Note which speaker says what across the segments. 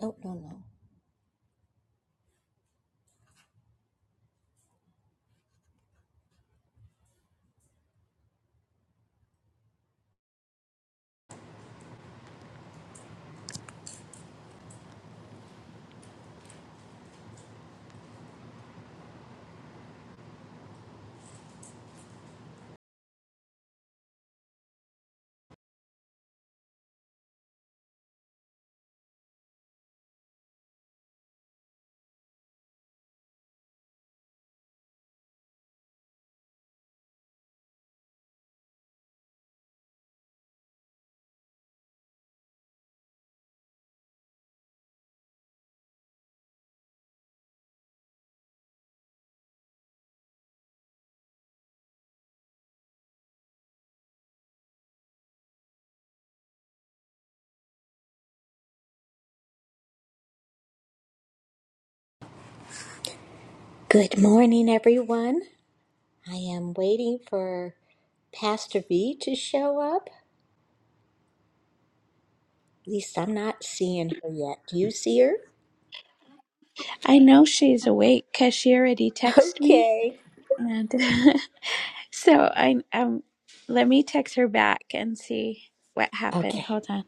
Speaker 1: Oh, no, no. Good morning, everyone. I am waiting for Pastor V to show up. At least I'm not seeing her yet. Do you see her?
Speaker 2: I know she's awake because she already texted me.
Speaker 1: Okay.
Speaker 2: And so I um let me text her back and see what happened.
Speaker 1: Okay.
Speaker 2: Hold on.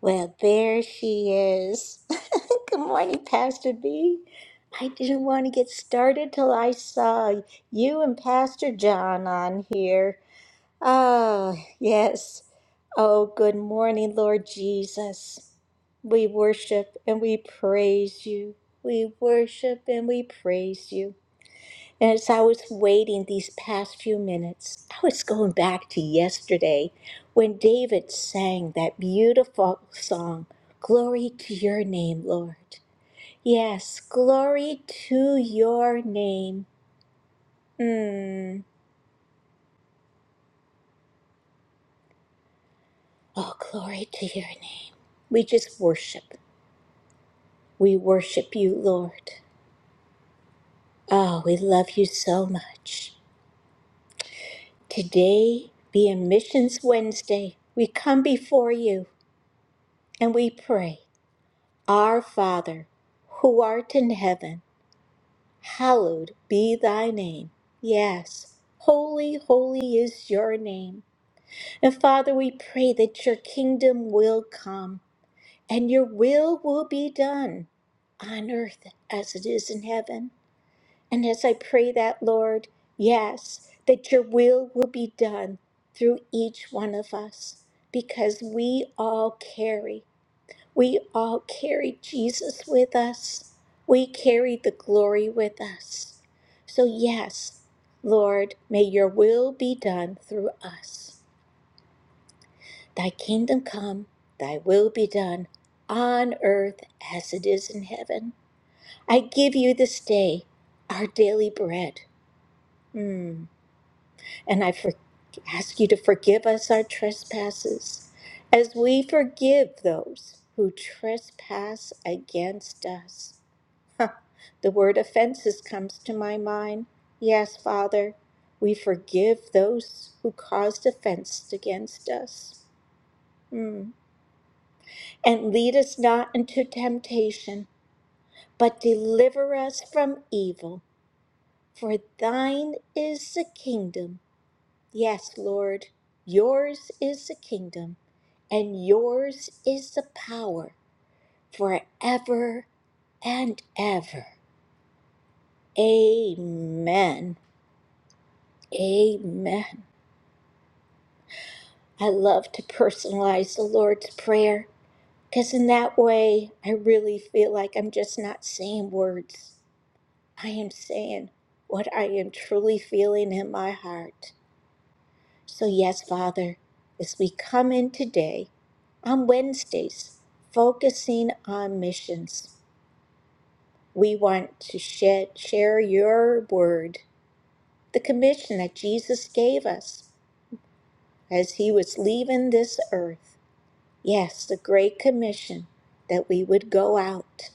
Speaker 1: Well, there she is. Good morning, Pastor V. I didn't want to get started till I saw you and Pastor John on here. Ah, yes. Oh, good morning, Lord Jesus. We worship and we praise you. We worship and we praise you. And as I was waiting these past few minutes, I was going back to yesterday when David sang that beautiful song, Glory to your name, Lord. Yes, glory to your name. Mm. Oh, glory to your name. We just worship. We worship you, Lord. Ah, we love you so much. Today, being Missions Wednesday, we come before you and we pray, Our Father, who art in heaven, hallowed be thy name. Yes, holy, holy is your name. And Father, we pray that your kingdom will come and your will will be done on earth as it is in heaven. And as I pray that, Lord, yes, that your will will be done through each one of us because we all carry, we all carry Jesus with us. We carry the glory with us. So, yes, Lord, may your will be done through us. Thy kingdom come, thy will be done on earth as it is in heaven. I give you this day our daily bread. Mm. And I for- ask you to forgive us our trespasses as we forgive those who trespass against us. Huh. The word offenses comes to my mind. Yes, Father, we forgive those who caused offense against us. Hmm. And lead us not into temptation, but deliver us from evil. For thine is the kingdom Yes, Lord, yours is the kingdom, and yours is the power forever and ever. Amen. Amen. I love to personalize the Lord's Prayer because, in that way, I really feel like I'm just not saying words. I am saying what I am truly feeling in my heart. So, yes, Father, as we come in today on Wednesdays, focusing on missions, we want to shed, share your word, the commission that Jesus gave us as he was leaving this earth. Yes, the great commission that we would go out.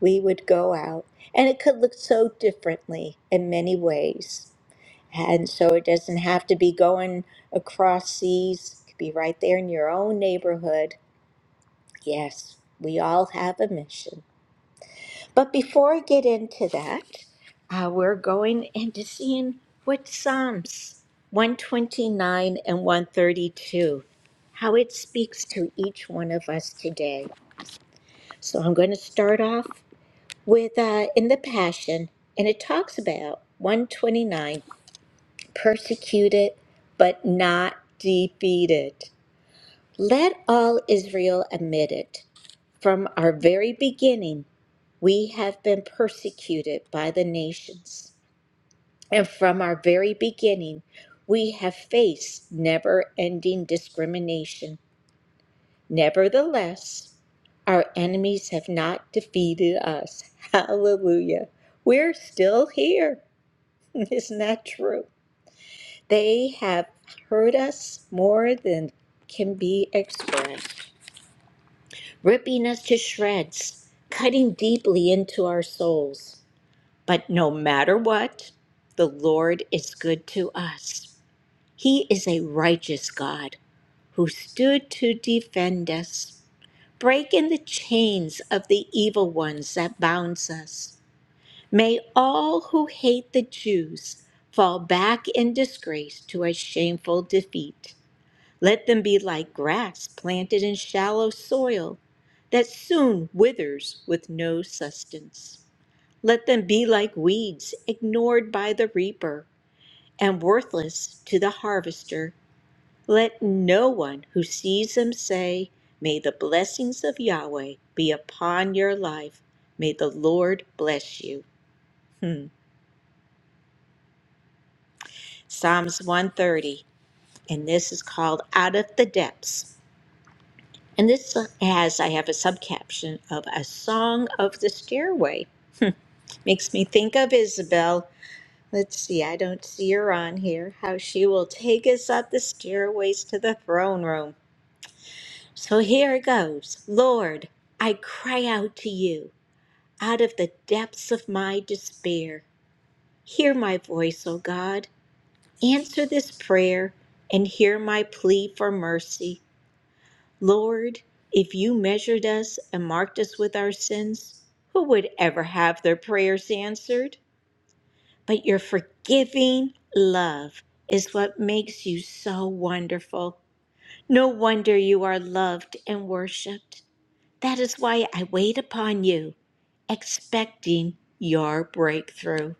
Speaker 1: We would go out. And it could look so differently in many ways. And so it doesn't have to be going across seas, it could be right there in your own neighborhood. Yes, we all have a mission. But before I get into that, uh, we're going into seeing what Psalms 129 and 132, how it speaks to each one of us today. So I'm going to start off with uh, in the Passion, and it talks about 129. persecuted, but not defeated. Let all Israel admit it. From our very beginning, we have been persecuted by the nations. And from our very beginning, we have faced never ending discrimination. Nevertheless, our enemies have not defeated us. Hallelujah. We're still here. Isn't that true? They have hurt us more than can be expressed, ripping us to shreds, cutting deeply into our souls. But no matter what, the Lord is good to us. He is a righteous God who stood to defend us. Break in the chains of the evil ones that bounds us. May all who hate the Jews fall back in disgrace to a shameful defeat. Let them be like grass planted in shallow soil that soon withers with no sustenance. Let them be like weeds ignored by the reaper and worthless to the harvester. Let no one who sees them say, May the blessings of Yahweh be upon your life. May the Lord bless you. Hmm. Psalms 130, and this is called Out of the Depths. And this has, I have a subcaption of A Song of the Stairway. Makes me think of Isabel. Let's see, I don't see her on here. How she will take us up the stairways to the throne room. So here it goes Lord, I cry out to you out of the depths of my despair. Hear my voice, O God. Answer this prayer and hear my plea for mercy. Lord, if you measured us and marked us with our sins, who would ever have their prayers answered? But your forgiving love is what makes you so wonderful. No wonder you are loved and worshiped. That is why I wait upon you, expecting your breakthrough.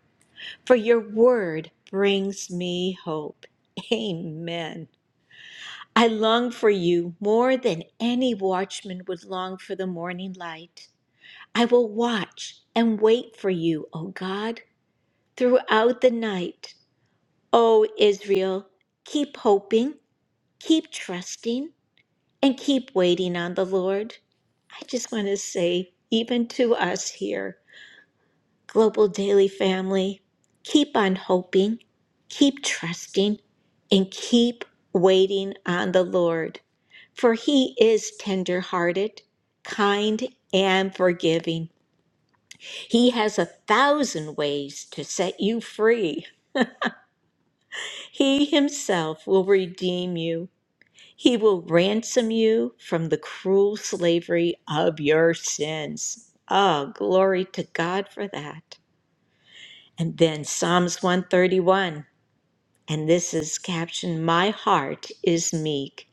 Speaker 1: For your word brings me hope. Amen. I long for you more than any watchman would long for the morning light. I will watch and wait for you, O God, throughout the night. O Israel, keep hoping, keep trusting, and keep waiting on the Lord. I just want to say, even to us here, Global Daily Family, keep on hoping, keep trusting, and keep waiting on the Lord, for He is tender-hearted, kind, and forgiving. He has a thousand ways to set you free. He Himself will redeem you. He will ransom you from the cruel slavery of your sins. Oh, glory to God for that. And then Psalms 131. And this is captioned My Heart is Meek,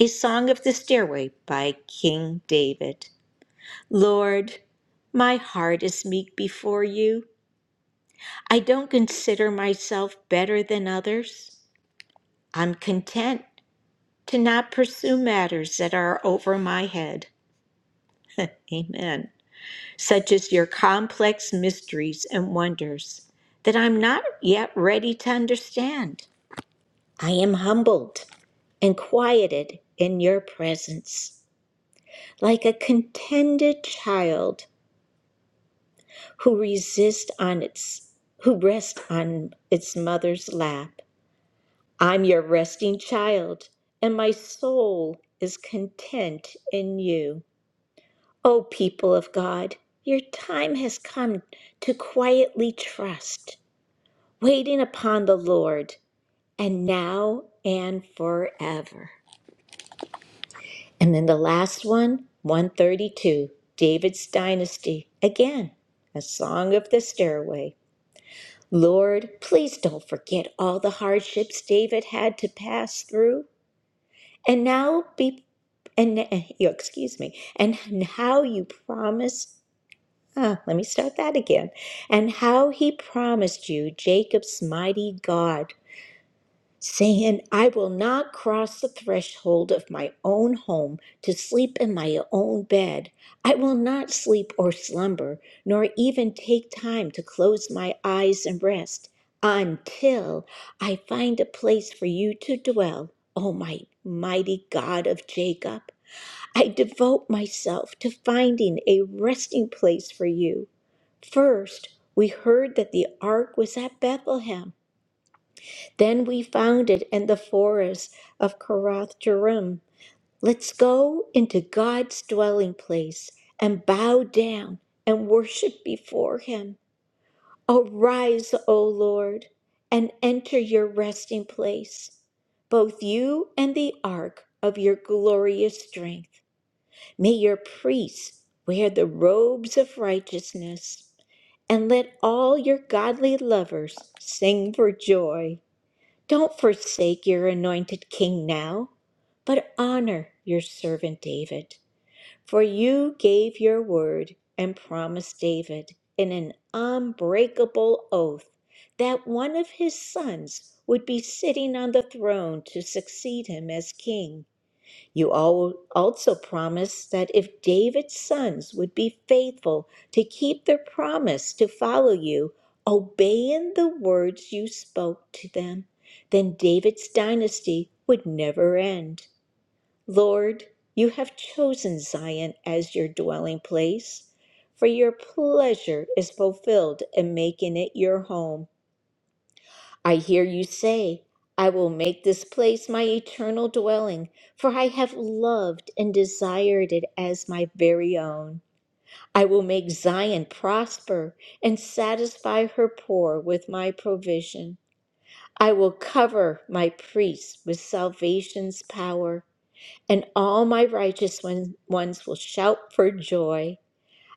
Speaker 1: a song of the stairway by King David. Lord, my heart is meek before you. I don't consider myself better than others. I'm content to not pursue matters that are over my head. Amen. Such as your complex mysteries and wonders that I'm not yet ready to understand. I am humbled and quieted in your presence, like a contented child who resists on its who rests on its mother's lap. I'm your resting child, and my soul is content in you. O people of God, your time has come to quietly trust, waiting upon the Lord, and now and forever. And then the last one, 132, David's Dynasty. Again, a song of the stairway. Lord, please don't forget all the hardships David had to pass through. And now be and and- you excuse me. And how you promised ah, let me start that again. And how he promised you Jacob's mighty God saying, I will not cross the threshold of my own home to sleep in my own bed. I will not sleep or slumber, nor even take time to close my eyes and rest until I find a place for you to dwell, O my mighty God of Jacob. I devote myself to finding a resting place for you. First, we heard that the ark was at Bethlehem. Then we found it in the forest of Karath Jerim. Let's go into God's dwelling place and bow down and worship before him. Arise, O Lord, and enter your resting place, both you and the ark of your glorious strength. May your priests wear the robes of righteousness, and let all your godly lovers sing for joy. Don't forsake your anointed king now, but honor your servant David. For you gave your word and promised David in an unbreakable oath that one of his sons would be sitting on the throne to succeed him as king. You al- also promised that if David's sons would be faithful to keep their promise to follow you, obeying the words you spoke to them, then David's dynasty would never end. Lord, you have chosen Zion as your dwelling place, for your pleasure is fulfilled in making it your home. I hear you say, I will make this place my eternal dwelling, for I have loved and desired it as my very own. I will make Zion prosper and satisfy her poor with my provision. I will cover my priests with salvation's power, and all my righteous one- ones will shout for joy.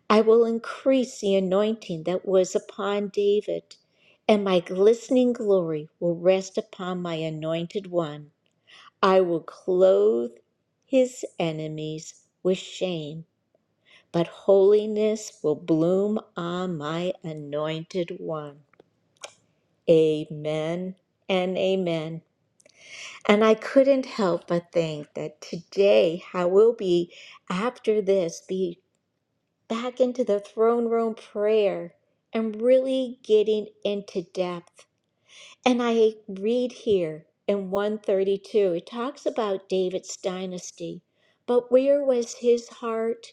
Speaker 1: I will increase the anointing that was upon David, and my glistening glory will rest upon my anointed one. I will clothe his enemies with shame, but holiness will bloom on my anointed one. Amen and amen. And I couldn't help but think that today I will be, after this, be back into the throne room prayer and really getting into depth. And I read here in 132, it talks about David's dynasty, but where was his heart?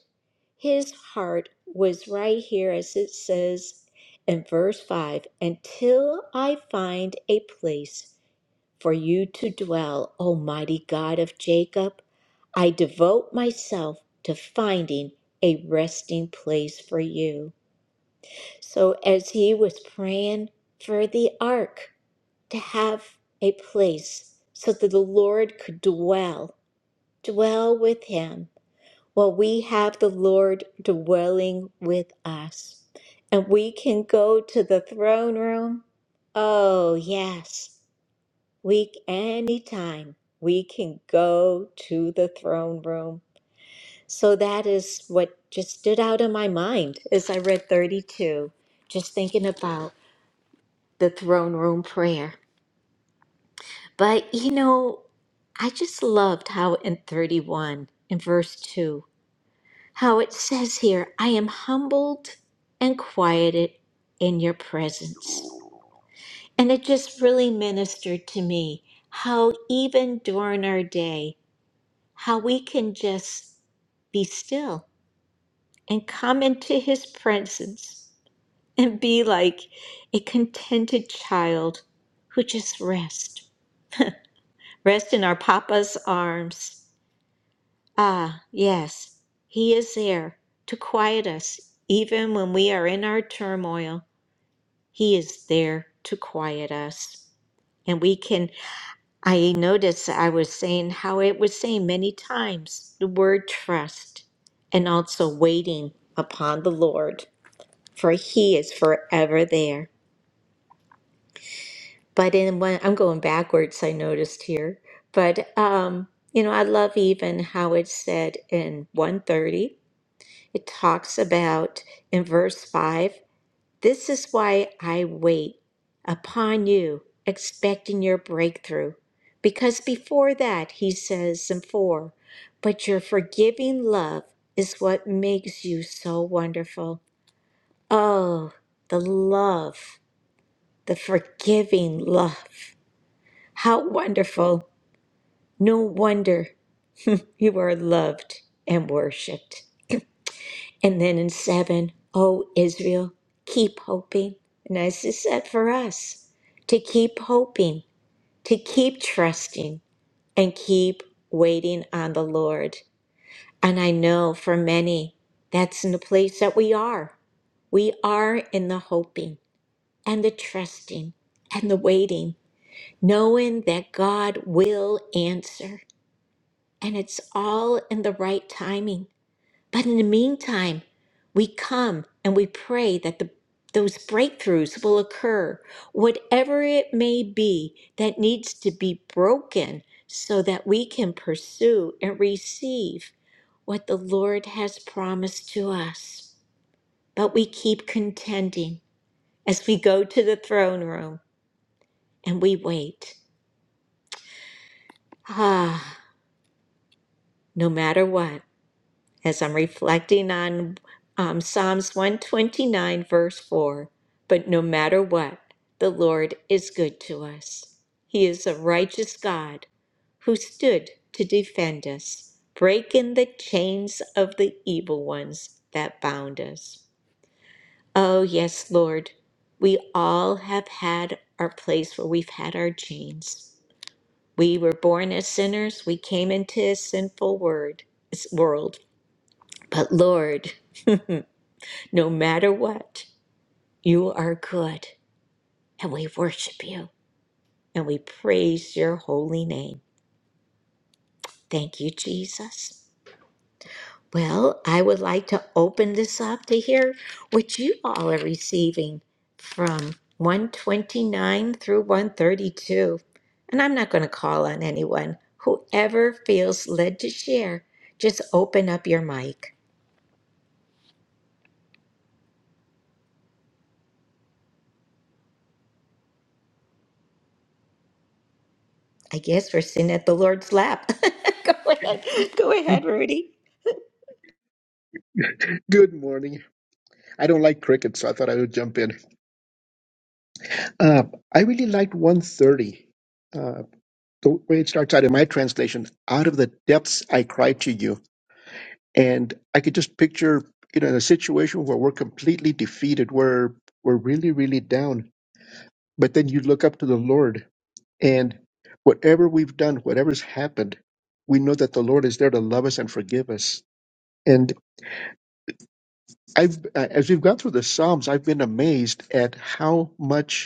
Speaker 1: His heart was right here, as it says in verse 5 until I find a place for you to dwell, Almighty God of Jacob. I devote myself to finding a resting place for you. So, as he was praying for the ark to have a place so that the Lord could dwell, dwell with him, while we have the Lord dwelling with us. And we can go to the throne room. Oh, yes week anytime we can go to the throne room so that is what just stood out in my mind as i read 32 just thinking about the throne room prayer but you know i just loved how in 31 in verse 2 how it says here i am humbled and quieted in your presence and it just really ministered to me how even during our day how we can just be still and come into his presence and be like a contented child who just rest rest in our papa's arms ah yes he is there to quiet us even when we are in our turmoil he is there to quiet us and we can I noticed I was saying how it was saying many times the word trust and also waiting upon the Lord, for he is forever there. But in when I'm going backwards, I noticed here. But um, you know, I love even how it's said in 130. It talks about in verse 5 This is why I wait upon you, expecting your breakthrough. Because before that, he says in 4, but your forgiving love is what makes you so wonderful. Oh, the love, the forgiving love. How wonderful. No wonder you are loved and worshiped. And then in seven, O Israel, keep hoping. And as is said for us, to keep hoping, to keep trusting, and keep waiting on the Lord. And I know for many, that's in the place that we are. We are in the hoping and the trusting and the waiting, knowing that God will answer. And it's all in the right timing. But in the meantime, we come and we pray that the, those breakthroughs will occur, whatever it may be that needs to be broken, so that we can pursue and receive what the Lord has promised to us. But we keep contending as we go to the throne room and we wait. Ah, no matter what. as I'm reflecting on um, Psalms 129, verse 4. But no matter what, the Lord is good to us. He is a righteous God who stood to defend us, breaking the chains of the evil ones that bound us. Oh, yes, Lord, we all have had our place where we've had our chains. We were born as sinners, we came into a sinful word, world. But Lord, No matter what, you are good, and we worship you and we praise your holy name. Thank you, Jesus. Well, I would like to open this up to hear what you all are receiving from 129 through 132. And I'm not going to call on anyone. Whoever feels led to share, just open up your mic. I guess we're sitting at the Lord's lap. go ahead. Go ahead, Rudy.
Speaker 3: Good morning. I don't like cricket, so I thought I would jump in. Uh, I really liked 130. Uh, the way it starts out in my translation, out of the depths I cry to you. And I could just picture, you know, in a situation where we're completely defeated, where we're really, really down. But then you look up to the Lord, and whatever we've done, whatever's happened, we know that the Lord is there to love us and forgive us. And I've, uh, as we've gone through the Psalms, I've been amazed at how much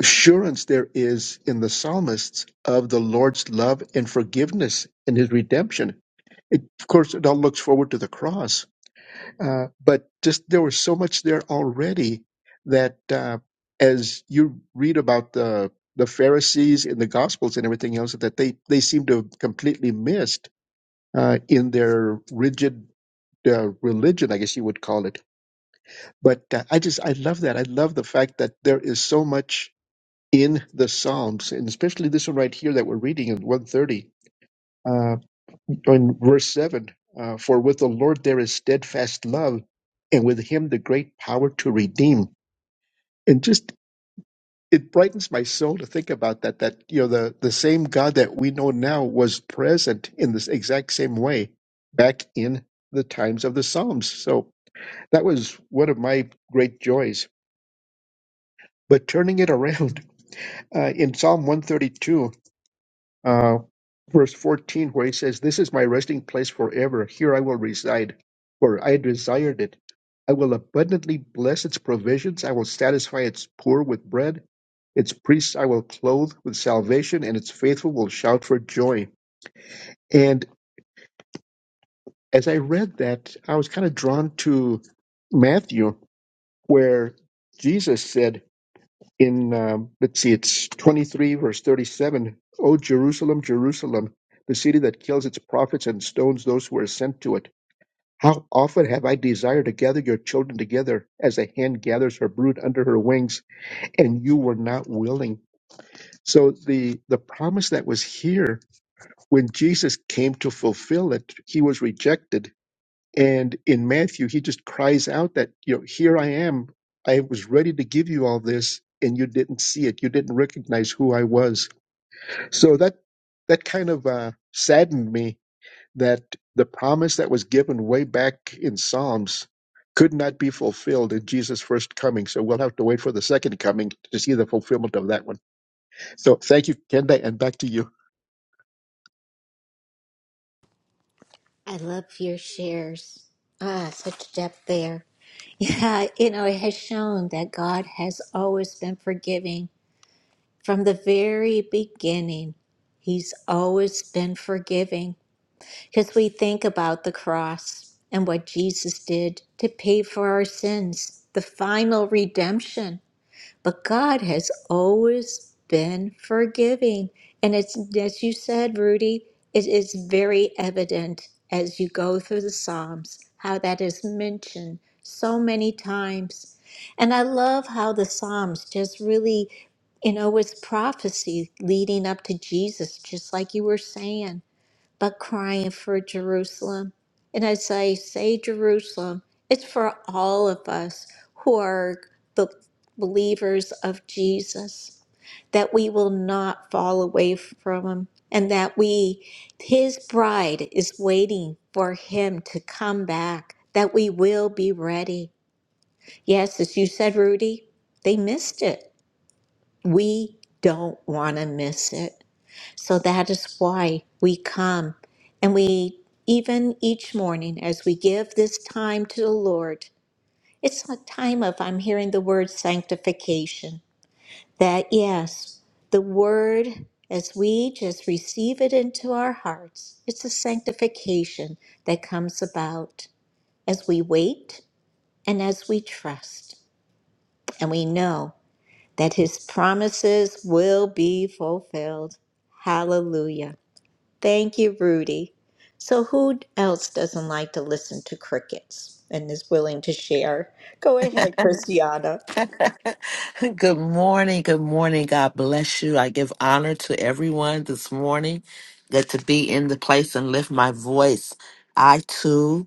Speaker 3: assurance there is in the psalmists of the Lord's love and forgiveness and his redemption. It, of course, it all looks forward to the cross, uh, but just there was so much there already that uh, as you read about the the Pharisees in the Gospels and everything else that they they seem to have completely missed uh, in their rigid uh, religion, I guess you would call it. But uh, I just I love that. I love the fact that there is so much in the Psalms, and especially this one right here that we're reading in 130, uh, in verse 7 uh, For with the Lord there is steadfast love, and with him the great power to redeem. And just it brightens my soul to think about that, that, you know, the, the same God that we know now was present in this exact same way back in the times of the Psalms. So that was one of my great joys. But turning it around uh, in Psalm 132, uh, verse 14, where he says, This is my resting place forever. Here I will reside, for I desired it. I will abundantly bless its provisions. I will satisfy its poor with bread. Its priests I will clothe with salvation, and its faithful will shout for joy. And as I read that, I was kind of drawn to Matthew, where Jesus said, in um, let's see, it's 23 verse 37. O Jerusalem, Jerusalem, the city that kills its prophets and stones those who are sent to it. How often have I desired to gather your children together as a hen gathers her brood under her wings, and you were not willing. So the the promise that was here when Jesus came to fulfill it, he was rejected and in Matthew, he just cries out that, you know, here I am. I was ready to give you all this and you didn't see it. You didn't recognize who I was. So that, that kind of uh, saddened me that the promise that was given way back in Psalms could not be fulfilled in Jesus' first coming. So we'll have to wait for the second coming to see the fulfillment of that one. So thank you, Kenda, and back to you.
Speaker 1: I love your shares. Ah, such depth there. Yeah, you know, it has shown that God has always been forgiving. From the very beginning, He's always been forgiving. Because we think about the cross and what Jesus did to pay for our sins, the final redemption. But God has always been forgiving. And it's, as you said, Rudy, it is very evident as you go through the Psalms how that is mentioned so many times. And I love how the Psalms just really, you know, was prophecy leading up to Jesus, just like you were saying but crying for Jerusalem. And as I say Jerusalem, it's for all of us who are the believers of Jesus, that we will not fall away from him and that we, his bride is waiting for him to come back, that we will be ready. Yes, as you said, Rudy, they missed it. We don't want to miss it. So that is why we come and we, even each morning, as we give this time to the Lord, it's a time of, I'm hearing the word sanctification. That, yes, the word, as we just receive it into our hearts, it's a sanctification that comes about as we wait and as we trust. And we know that his promises will be fulfilled. Hallelujah. Thank you, Rudy. So, who else doesn't like to listen to crickets and is willing to share? Go ahead, Christiana.
Speaker 4: Good morning. Good morning. God bless you. I give honor to everyone this morning. Good to be in the place and lift my voice. I too,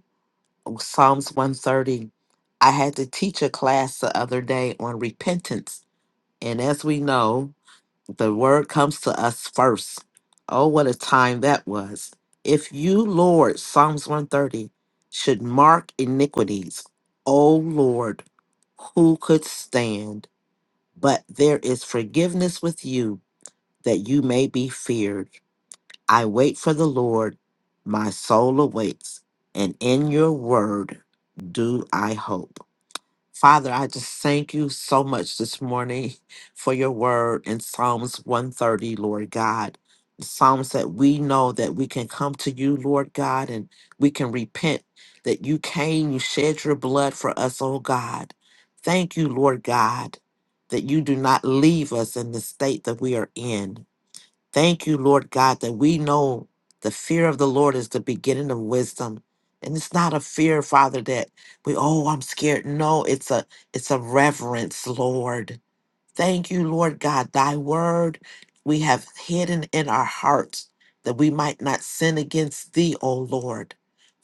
Speaker 4: Psalms 130. I had to teach a class the other day on repentance. And as we know, the word comes to us first. Oh, what a time that was. If you, Lord, Psalms 130, should mark iniquities, oh Lord, who could stand? but there is forgiveness with you that you may be feared. I wait for the Lord, my soul awaits, and in your word do I hope. Father, I just thank you so much this morning for your word in Psalms 130, Lord God. The Psalms that we know that we can come to you, Lord God, and we can repent that you came, you shed your blood for us, oh God. Thank you, Lord God, that you do not leave us in the state that we are in. Thank you, Lord God, that we know the fear of the Lord is the beginning of wisdom. And it's not a fear, Father, that we, oh, I'm scared. No, it's a it's a reverence, Lord. Thank you, Lord God. Thy word we have hidden in our hearts that we might not sin against thee, O Lord.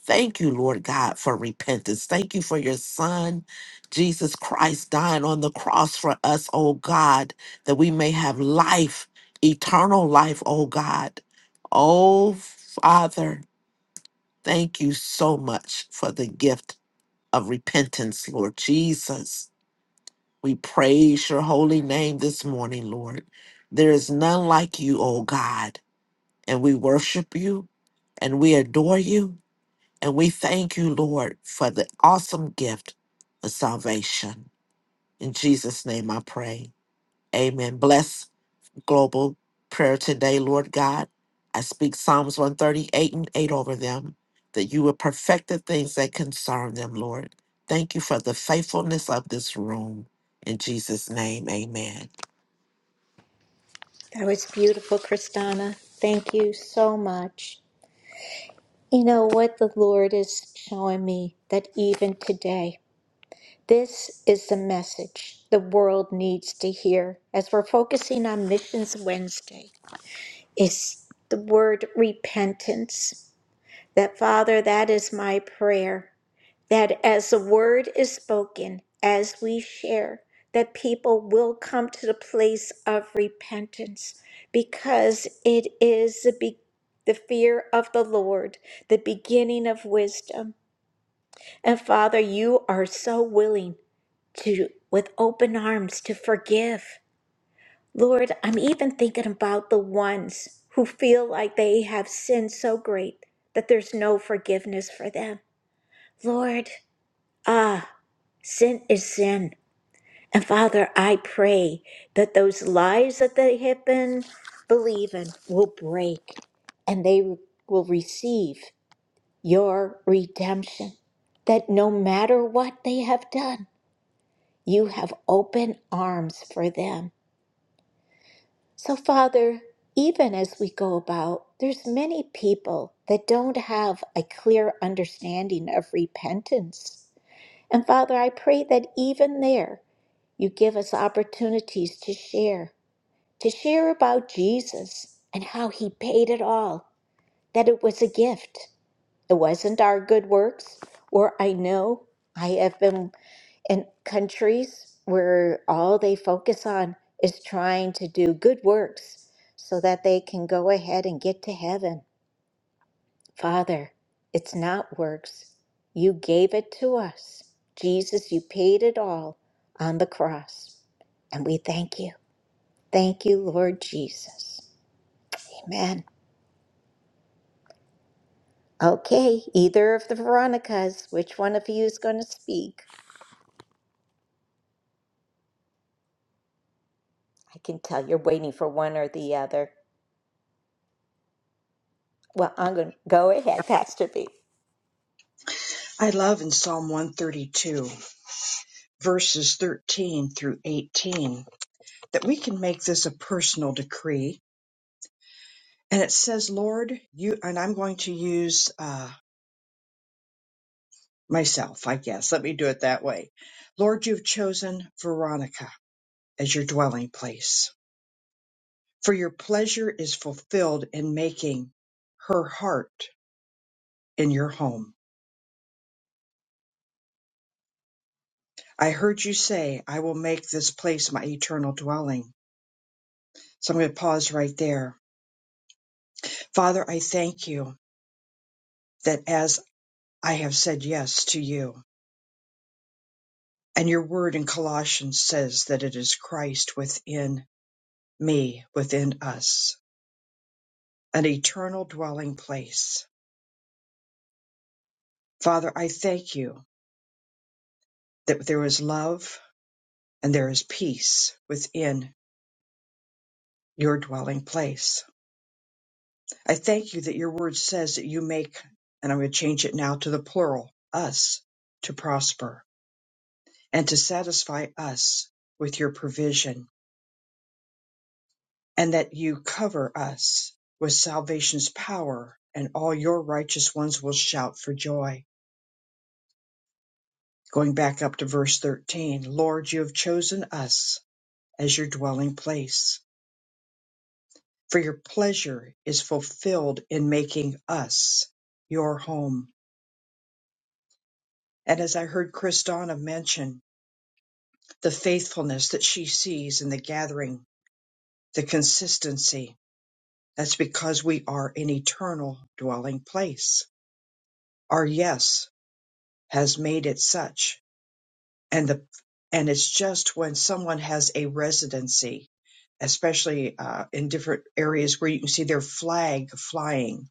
Speaker 4: Thank you, Lord God, for repentance. Thank you for your son, Jesus Christ, dying on the cross for us, O God, that we may have life, eternal life, O God. Oh, Father, thank you so much for the gift of repentance, Lord Jesus. We praise your holy name this morning, Lord. There is none like you, O God, and we worship you and we adore you and we thank you, Lord, for the awesome gift of salvation. In Jesus' name I pray. Amen. Bless global prayer today, Lord God. I speak Psalms 138 and 8 over them, that you will perfect the things that concern them, Lord. Thank you for the faithfulness of this room. In Jesus' name, amen.
Speaker 1: That was beautiful, Christiana. Thank you so much. You know what the Lord is showing me that even today, this is the message the world needs to hear as we're focusing on Missions Wednesday is the word repentance. That Father, that is my prayer that as the word is spoken, as we share, that people will come to the place of repentance because it is the, be- the fear of the Lord, the beginning of wisdom. And Father, you are so willing to, with open arms, to forgive. Lord, I'm even thinking about the ones who feel like they have sinned so great that there's no forgiveness for them. Lord, ah, Sin is sin. And Father, I pray that those lies that they have been believing will break and they will receive your redemption. That no matter what they have done, you have open arms for them. So, Father, even as we go about, there's many people that don't have a clear understanding of repentance. And Father, I pray that even there You give us opportunities to share, to share about Jesus and how he paid it all, that it was a gift. It wasn't our good works, or I know I have been in countries where all they focus on is trying to do good works so that they can go ahead and get to heaven. Father, it's not works. You gave it to us. Jesus, you paid it all on the cross. And we thank you. Thank you, Lord Jesus. Amen. Okay, either of the Veronicas, which one of you is going to speak? I can tell you're waiting for one or the other. Well, I'm going to go ahead, Pastor B.
Speaker 5: I love in Psalm 132, verses 13 through 18, that we can make this a personal decree. And it says, Lord, you, and I'm going to use uh, myself, I guess. Let me do it that way. Lord, you've chosen Veronica as your dwelling place, for your pleasure is fulfilled in making her heart in your home. I heard you say, I will make this place my eternal dwelling. So I'm going to pause right there. Father, I thank you. that as I have said yes to you, and your word in Colossians says that it is Christ within me, within us, an eternal dwelling place. Father, I thank you that there is love and there is peace within your dwelling place. I thank you that your word says that you make, and I'm going to change it now to the plural, us to prosper and to satisfy us with your provision and that you cover us with salvation's power, and all your righteous ones will shout for joy. Going back up to verse 13 Lord, you have chosen us as your dwelling place, for your pleasure is fulfilled in making us your home. And as I heard Christina mention, the faithfulness that she sees in the gathering, the consistency, that's because we are an eternal dwelling place. Our yes has made it such and the and it's just when someone has a residency especially uh, in different areas where you can see their flag flying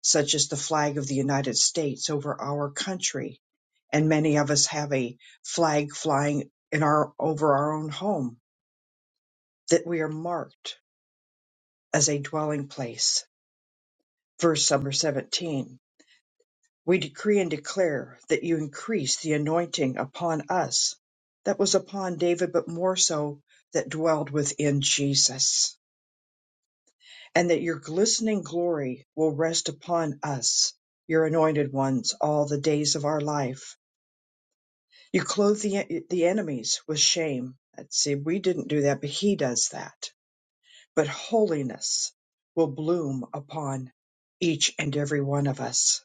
Speaker 5: such as the flag of the united states over our country and many of us have a flag flying in our over our own home that we are marked as a dwelling place verse number 17 We decree and declare that you increase the anointing upon us that was upon David, but more so that dwelled within Jesus, and that your glistening glory will rest upon us, your anointed ones, all the days of our life. You clothe the, the enemies with shame. Let's see, we didn't do that, but he does that. But holiness will bloom upon each and every one of us.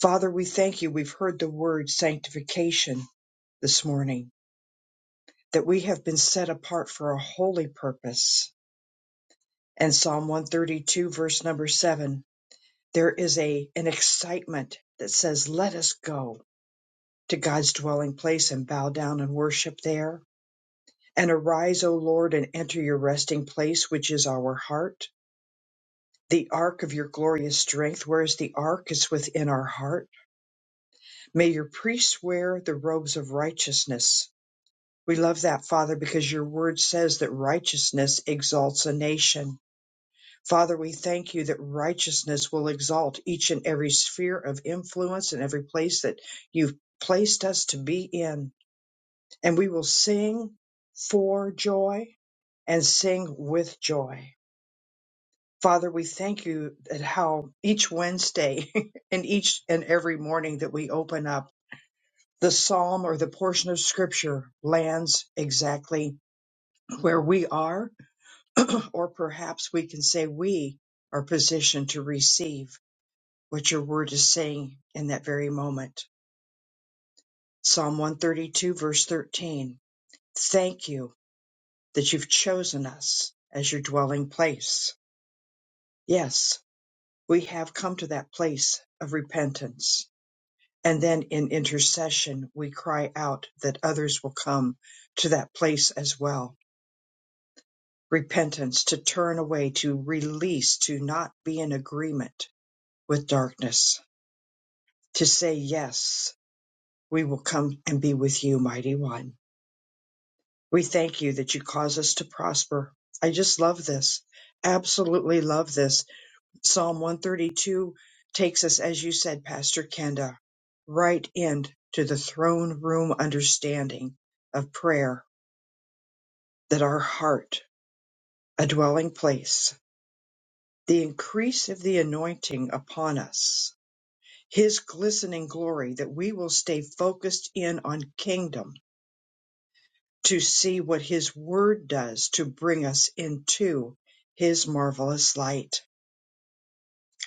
Speaker 5: Father, we thank you. We've heard the word sanctification this morning, that we have been set apart for a holy purpose. And Psalm 132, verse number seven, there is a, an excitement that says, let us go to God's dwelling place and bow down and worship there. And arise, O Lord, and enter your resting place, which is our heart. The ark of your glorious strength, where is the ark? It's within our heart. May your priests wear the robes of righteousness We love that, Father, because your word says that righteousness exalts a nation. Father, we thank you that righteousness will exalt each and every sphere of influence and every place that you've placed us to be in. And we will sing for joy and sing with joy. Father, we thank you that how each Wednesday and each and every morning that we open up, the psalm or the portion of scripture lands exactly where we are or perhaps we can say we are positioned to receive what your word is saying in that very moment. Psalm 132, verse 13. Thank you that you've chosen us as your dwelling place. Yes, we have come to that place of repentance. And then in intercession, we cry out that others will come to that place as well. Repentance, to turn away, to release, to not be in agreement with darkness to say, Yes, we will come and be with you, mighty one. We thank you that you cause us to prosper. I just love this. Absolutely love this. Psalm 132 takes us, as you said, Pastor Kenda, right into the throne room understanding of prayer, that our heart, a dwelling place, the increase of the anointing upon us, his glistening glory, that we will stay focused in on kingdom to see what His Word does to bring us into His marvelous light.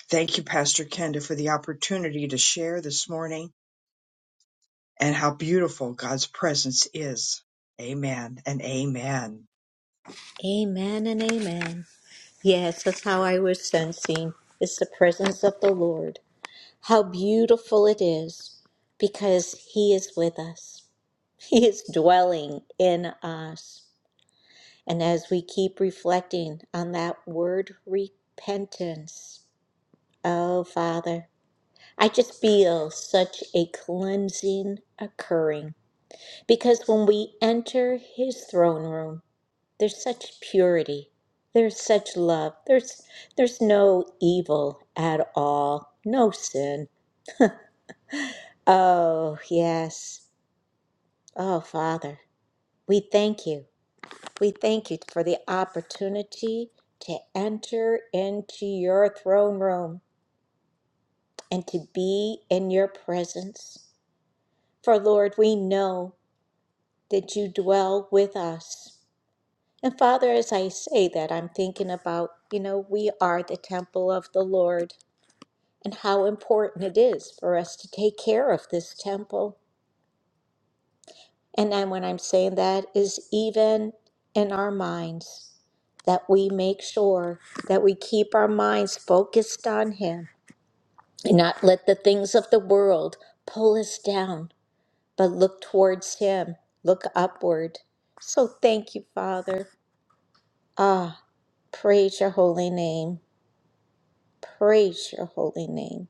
Speaker 5: Thank you, Pastor Kenda, for the opportunity to share this morning and how beautiful God's presence is. Amen and amen.
Speaker 1: Amen and amen. Yes, that's how I was sensing. It's the presence of the Lord. How beautiful it is because He is with us, He is dwelling in us. And as we keep reflecting on that word repentance, oh Father, I just feel such a cleansing occurring because when we enter His throne room, there's such purity, there's such love, there's there's no evil at all, no sin. Oh yes, oh Father, we thank you We thank you for the opportunity to enter into your throne room and to be in your presence. For Lord, we know that you dwell with us. And Father, as I say that, I'm thinking about, you know, we are the temple of the Lord and how important it is for us to take care of this temple. And then when I'm saying that is even in our minds, that we make sure that we keep our minds focused on Him and not let the things of the world pull us down, but look towards Him, look upward. So thank you, Father. Ah, praise your holy name. Praise your holy name.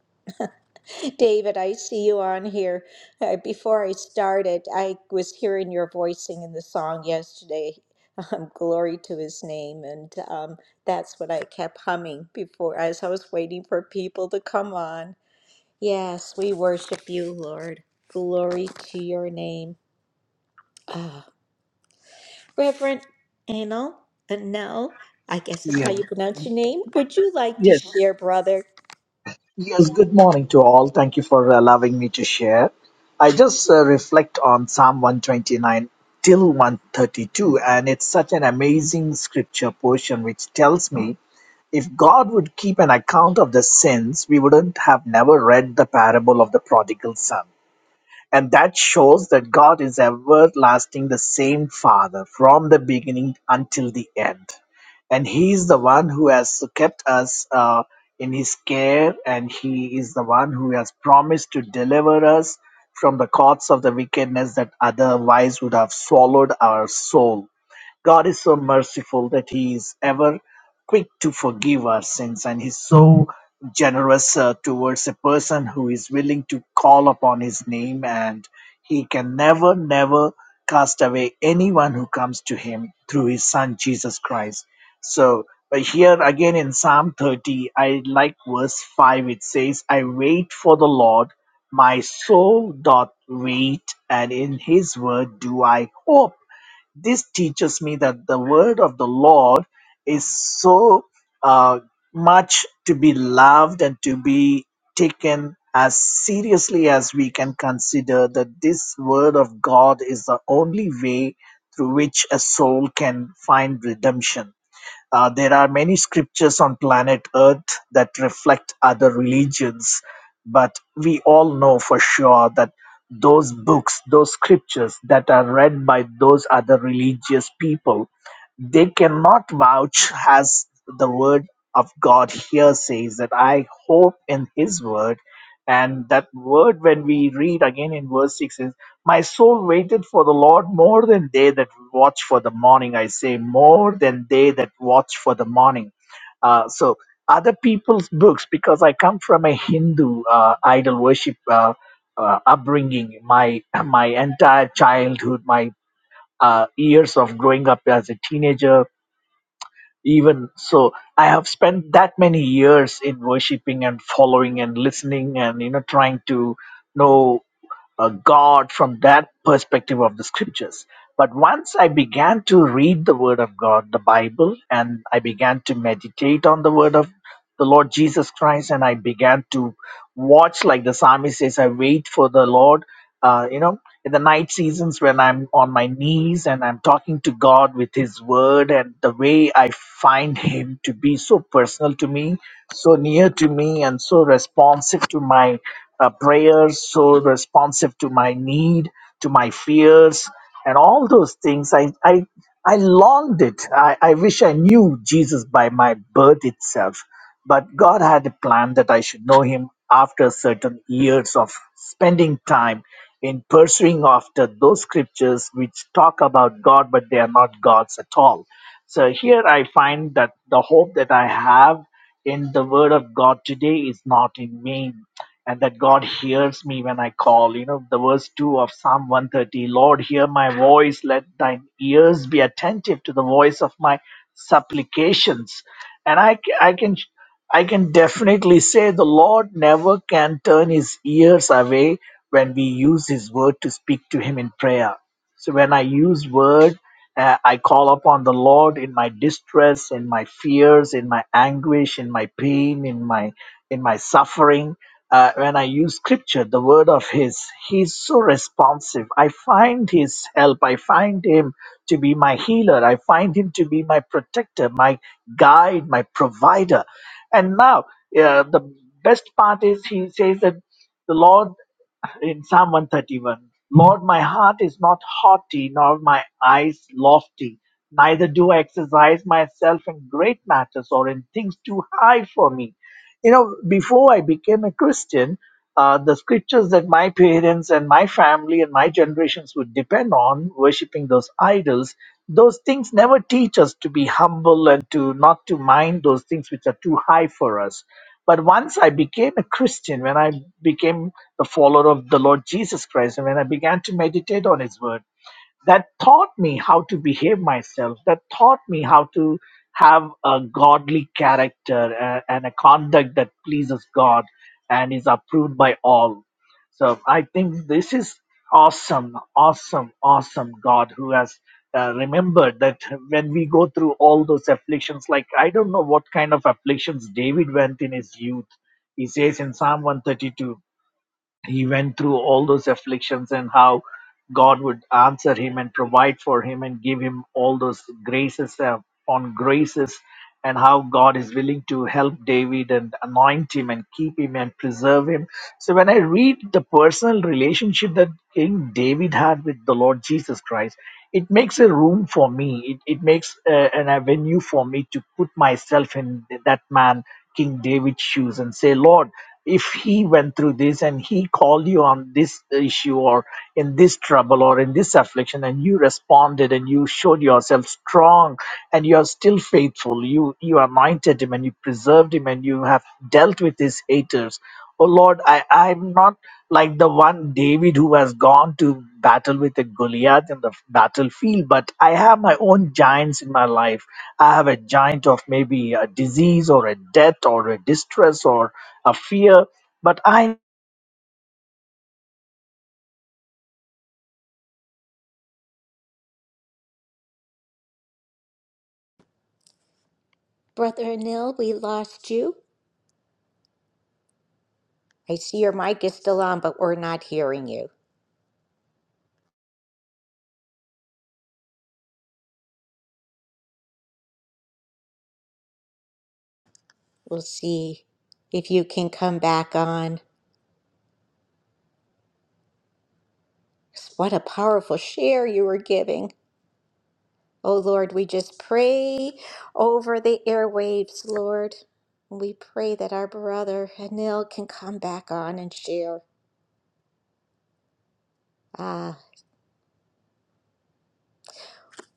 Speaker 1: David, I see you on here. Uh, before I started, I was hearing your voicing in the song yesterday, um, Glory to His Name, and um, that's what I kept humming before as I was waiting for people to come on. Yes, we worship you, Lord. Glory to your name. Ah, Reverend Anil, uh, no, I guess that's
Speaker 6: Yeah.
Speaker 1: how you pronounce your name. Would you like to
Speaker 6: Yes.
Speaker 1: share, brother?
Speaker 6: Yes. Good morning to all. Thank you for allowing me to share. I just uh, reflect on Psalm 129 till 132, and it's such an amazing scripture portion which tells me if God would keep an account of the sins, we wouldn't have never read the parable of the prodigal son. And that shows that God is everlasting, the same Father from the beginning until the end. And He is the one who has kept us uh, in His care, and He is the one who has promised to deliver us from the courts of the wickedness that otherwise would have swallowed our soul. God is so merciful that He is ever quick to forgive our sins, and He's so generous uh, towards a person who is willing to call upon His name, and He can never, never cast away anyone who comes to Him through His Son Jesus Christ. So, but here again in Psalm 30, I like verse 5, it says, I wait for the Lord, my soul doth wait, and in His word do I hope. This teaches me that the word of the Lord is so uh, much to be loved and to be taken as seriously as we can consider that this word of God is the only way through which a soul can find redemption uh, there are many scriptures on planet Earth that reflect other religions, but we all know for sure that those books, those scriptures that are read by those other religious people, they cannot vouch as the word of God here says that I hope in his word. And that word, when we read again in verse 6, my soul waited for the Lord more than they that watch for the morning. I say, more than they that watch for the morning. Uh, so, other people's books, because I come from a Hindu uh, idol worship uh, uh, upbringing, my, my entire childhood, my uh, years of growing up as a teenager, even so, I have spent that many years in worshiping and following and listening and, you know, trying to know a God from that perspective of the scriptures. But once I began to read the Word of God, the Bible, and I began to meditate on the Word of the Lord Jesus Christ, and I began to watch, like the psalmist says, I wait for the Lord. Uh, you know, in the night seasons when I'm on my knees and I'm talking to God with His Word, and the way I find Him to be so personal to me, so near to me, and so responsive to my a prayer so responsive to my need, to my fears, and all those things. I, I, I longed it. I, I wish I knew Jesus by my birth itself. But God had a plan that I should know Him after certain years of spending time in pursuing after those scriptures which talk about God, but they are not gods at all. So here I find that the hope that I have in the word of God today is not in me and that God hears me when I call. You know, the verse 2 of Psalm 130 Lord, hear my voice, let thine ears be attentive to the voice of my supplications. And I, c- I can. I can definitely say the Lord never can turn his ears away when we use his word to speak to him in prayer. So when I use word, uh, I call upon the Lord in my distress, in my fears, in my anguish, in my pain, in my in my suffering uh, when I use scripture, the word of His, He's so responsive. I find His help. I find Him to be my healer. I find Him to be my protector, my guide, my provider. And now, uh, the best part is He says that. the Lord in Psalm 131 Lord, my heart is not haughty, nor my eyes lofty. Neither do I exercise myself in great matters or in things too high for me. You know, before I became a Christian, uh, the scriptures that my parents and my family and my generations would depend on, worshipping those idols, those things never teach us to be humble and to not to mind those things which are too high for us but once I became a Christian, when I became the follower of the Lord Jesus Christ, and when I began to meditate on His Word, that taught me how to behave myself, that taught me how to have a godly character uh, and a conduct that pleases God and is approved by all. So I think this is awesome, awesome, awesome God who has uh, remembered that when we go through all those afflictions, like I don't know what kind of afflictions David went in his youth. He says in Psalm 132 he went through all those afflictions and how God would answer him and provide for him and give him all those graces uh, on graces, and how God is willing to help David and anoint him and keep him and preserve him. So, when I read the personal relationship that King David had with the Lord Jesus Christ, it makes a room for me. It, it makes uh, an avenue for me to put myself in that man, King David's shoes, and say, Lord, if he went through this and he called you on this issue or in this trouble or in this affliction and you responded and you showed yourself strong and you are still faithful you you anointed him and you preserved him and you have dealt with his haters oh lord i i'm not like the one david who has gone to battle with a goliath in the battlefield but i have my own giants in my life i have a giant of maybe a disease or a death or a distress or a fear. But I,
Speaker 1: Brother Anil, we lost you. I see your mic is still on, but we're not hearing you. We'll see if you can come back on. What a powerful share you were giving. Oh Lord, we just pray over the airwaves, Lord. We pray that our brother Anil can come back on and share. Ah,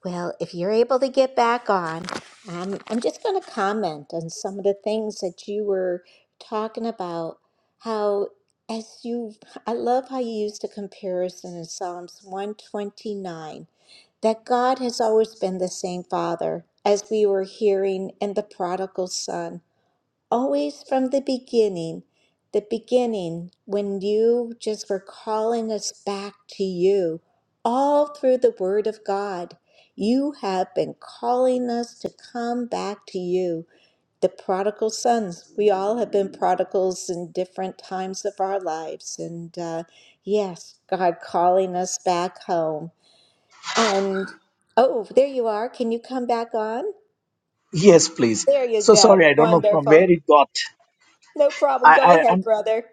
Speaker 1: Well, if you're able to get back on, um, I'm just going to comment on some of the things that you were talking about. How, as you, I love how you used the comparison in Psalms 129 that God has always been the same Father, as we were hearing in the prodigal son always from the beginning, the beginning when you just were calling us back to you, all through the Word of God. You have been calling us to come back to you, the prodigal sons. We all have been prodigals in different times of our lives. And uh, yes, God calling us back home. And oh, there you are. Can you come back on?
Speaker 6: yes, please.
Speaker 1: There you
Speaker 6: So
Speaker 1: go.
Speaker 6: sorry, I don't know from
Speaker 1: Wonderful.
Speaker 6: where it got.
Speaker 1: No problem.
Speaker 6: I,
Speaker 1: Go
Speaker 6: I,
Speaker 1: ahead,
Speaker 6: I'm,
Speaker 1: brother.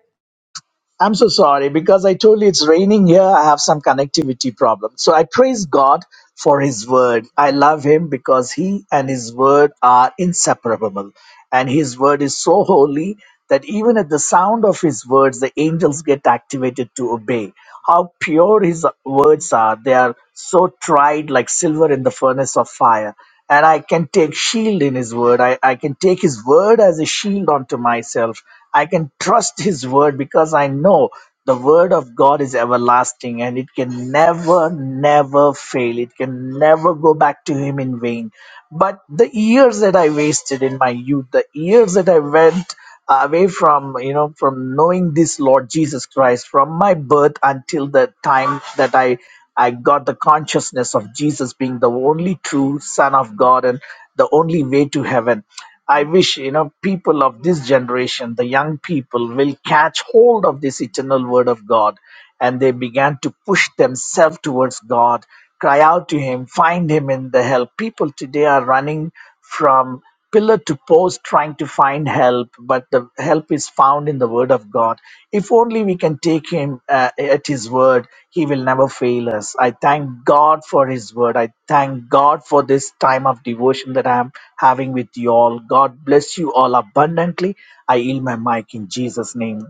Speaker 6: I'm so sorry because I told you it's raining here. I have some connectivity problem. So I praise God for His word. I love Him because He and His word are inseparable. And His word is so holy that even at the sound of His words, the angels get activated to obey. How pure His words are. They are so tried like silver in the furnace of fire and I can take shield in his word. I, I can take his word as a shield unto myself. I can trust his word because I know the word of God is everlasting and it can never, never fail. It can never go back to him in vain. But the years that I wasted in my youth, the years that I went away from you know from knowing this lord jesus christ from my birth until the time that i i got the consciousness of jesus being the only true son of god and the only way to heaven i wish you know people of this generation the young people will catch hold of this eternal word of god and they began to push themselves towards god cry out to him find him in the help people today are running from pillar to post trying to find help but the help is found in the word of god if only we can take him uh, at his word he will never fail us i thank god for his word i thank god for this time of devotion that i am having with you all god bless you all abundantly i yield my mic in jesus name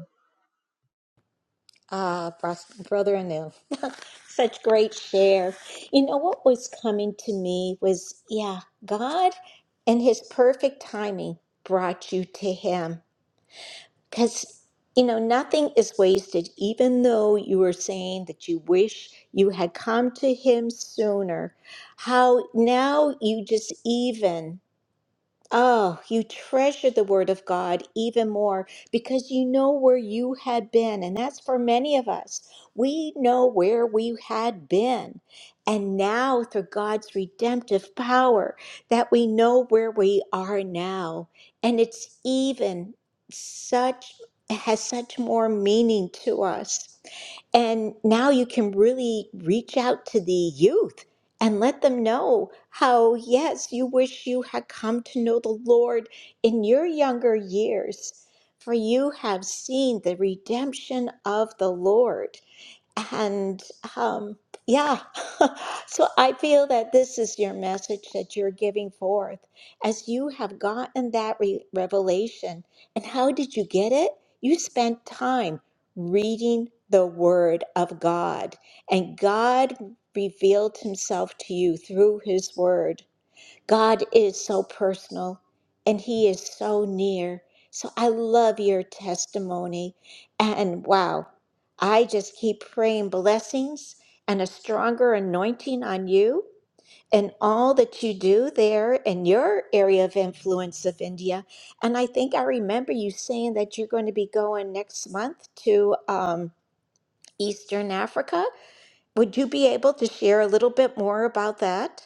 Speaker 1: Ah, bros- brother Anu, such great share. You know what was coming to me was, yeah, God and His perfect timing brought you to Him. Because, you know, nothing is wasted, even though you were saying that you wish you had come to Him sooner. How now you just even. Oh, you treasure the Word of God even more because you know where you had been. And that's for many of us. We know where we had been. And now, through God's redemptive power, that we know where we are now. And it's even such, has such more meaning to us. And now you can really reach out to the youth and let them know how, yes, you wish you had come to know the Lord in your younger years, for you have seen the redemption of the Lord and um, yeah, so I feel that this is your message that you're giving forth as you have gotten that re- revelation. And how did you get it? You spent time reading the Word of God, and God revealed Himself to you through His Word. God is so personal and He is so near. So I love your testimony. And wow, I just keep praying blessings and a stronger anointing on you and all that you do there in your area of influence of India. And I think I remember you saying that you're going to be going next month to um, Eastern Africa. Would you be able to share a little bit more about that?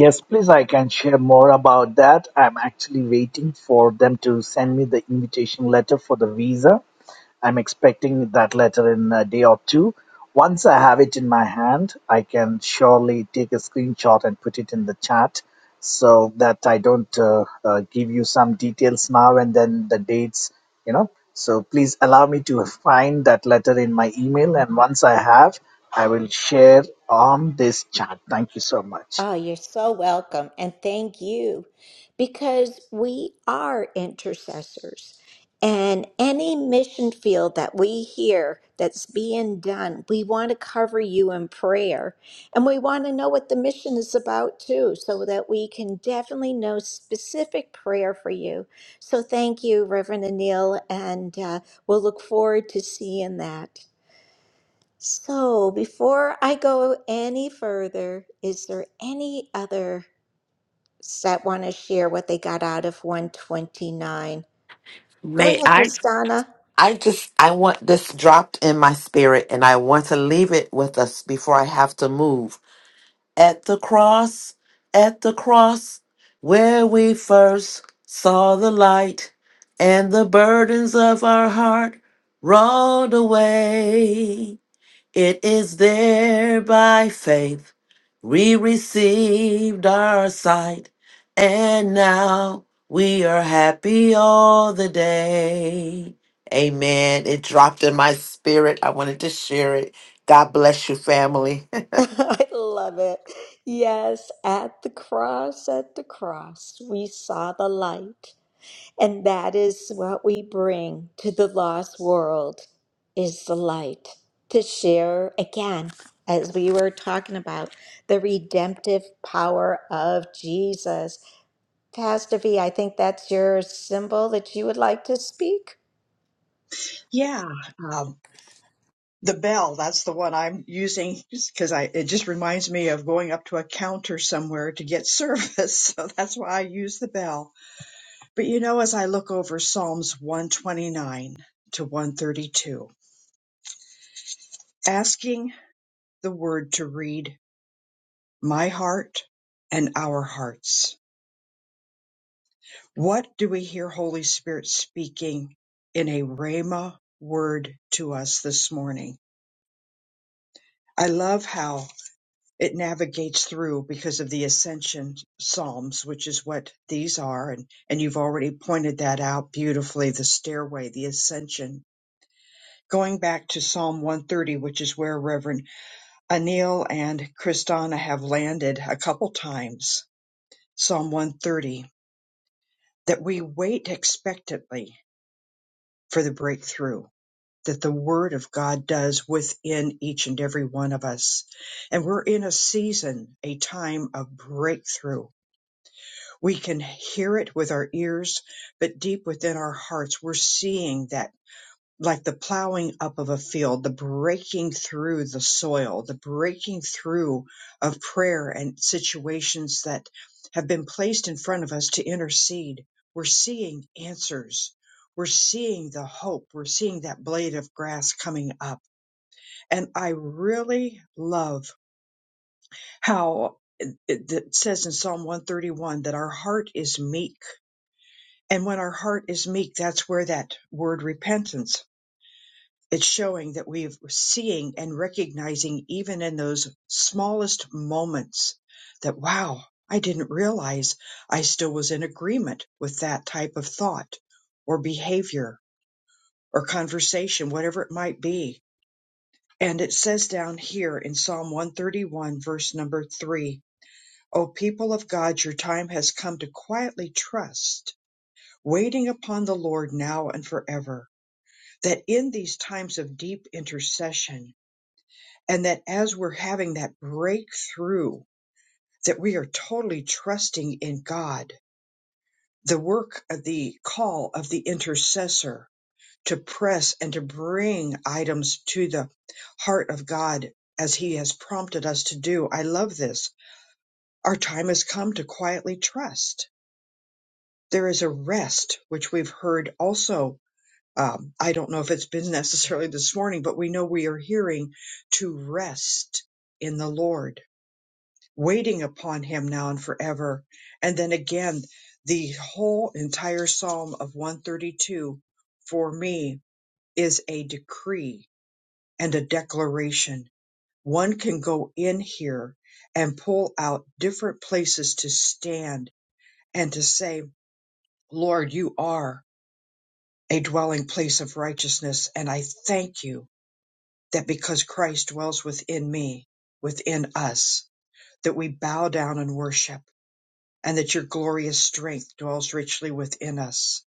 Speaker 6: yes please i can share more about that i'm actually waiting for them to send me the invitation letter for the visa I'm expecting that letter in a day or two. Once I have it in my hand, I can surely take a screenshot and put it in the chat so that I don't uh, uh, give you some details now and then the dates, you know. So please allow me to find that letter in my email, and once I have, I will share on this chat. Thank you so much.
Speaker 1: Oh, you're so welcome. And thank you because we are intercessors. And any mission field that we hear that's being done, we want to cover you in prayer. And we want to know what the mission is about too, so that we can definitely know specific prayer for you. So thank you, Reverend Anil. And uh, we'll look forward to seeing that. So, before I go any further, is there any other that want to share what they got out of 129? Go
Speaker 4: May
Speaker 1: ahead,
Speaker 4: I?
Speaker 1: Kristana.
Speaker 4: I just I want this dropped in my spirit and I want to leave it with us before I have to move. At the cross, at the cross where we first saw the light and the burdens of our heart rolled away. It is there by faith we received our sight, and now we are happy all the day. Amen. It dropped in my spirit. I wanted to share it. God bless you, family.
Speaker 1: I love it. Yes, at the cross, at the cross, we saw the light. And that is what we bring to the lost world is the light to share again, as we were talking about, the redemptive power of Jesus Pastor V, I think that's your symbol that you would like to speak.
Speaker 5: Yeah, um, the bell, that's the one I'm using because I, it just reminds me of going up to a counter somewhere to get service. So that's why I use the bell. But you know, as I look over Psalms 129 to 132, asking the word to read my heart and our hearts. What do we hear Holy Spirit speaking in a Rhema word to us this morning? I love how it navigates through because of the ascension psalms, which is what these are. And, and you've already pointed that out beautifully the stairway, the ascension. Going back to Psalm 130, which is where Reverend Anil and Kristana have landed a couple times. Psalm 130 that we wait expectantly for the breakthrough that the Word of God does within each and every one of us. And we're in a season, a time of breakthrough. We can hear it with our ears, but deep within our hearts, we're seeing that like the plowing up of a field, the breaking through the soil, the breaking through of prayer and situations that have been placed in front of us to intercede. We're seeing answers. We're seeing the hope. We're seeing that blade of grass coming up. And I really love how it it says in Psalm 131 that our heart is meek. And when our heart is meek, that's where that word repentance It's showing that we're seeing and recognizing even in those smallest moments that, wow, I didn't realize I still was in agreement with that type of thought or behavior or conversation, whatever it might be. And it says down here in Psalm 131, verse number three, O people of God, your time has come to quietly trust, waiting upon the Lord now and forever, that in these times of deep intercession, and that as we're having that breakthrough that we are totally trusting in god the work of the call of the intercessor to press and to bring items to the heart of god as he has prompted us to do i love this our time has come to quietly trust there is a rest which we've heard also um, i don't know if it's been necessarily this morning but we know we are hearing to rest in the lord waiting upon him now and forever. And then again, the whole entire Psalm of 132 for me is a decree and a declaration. One can go in here and pull out different places to stand and to say, Lord, you are a dwelling place of righteousness. And I thank you that because Christ dwells within me, within us, that we bow down and worship and that your glorious strength dwells richly within us.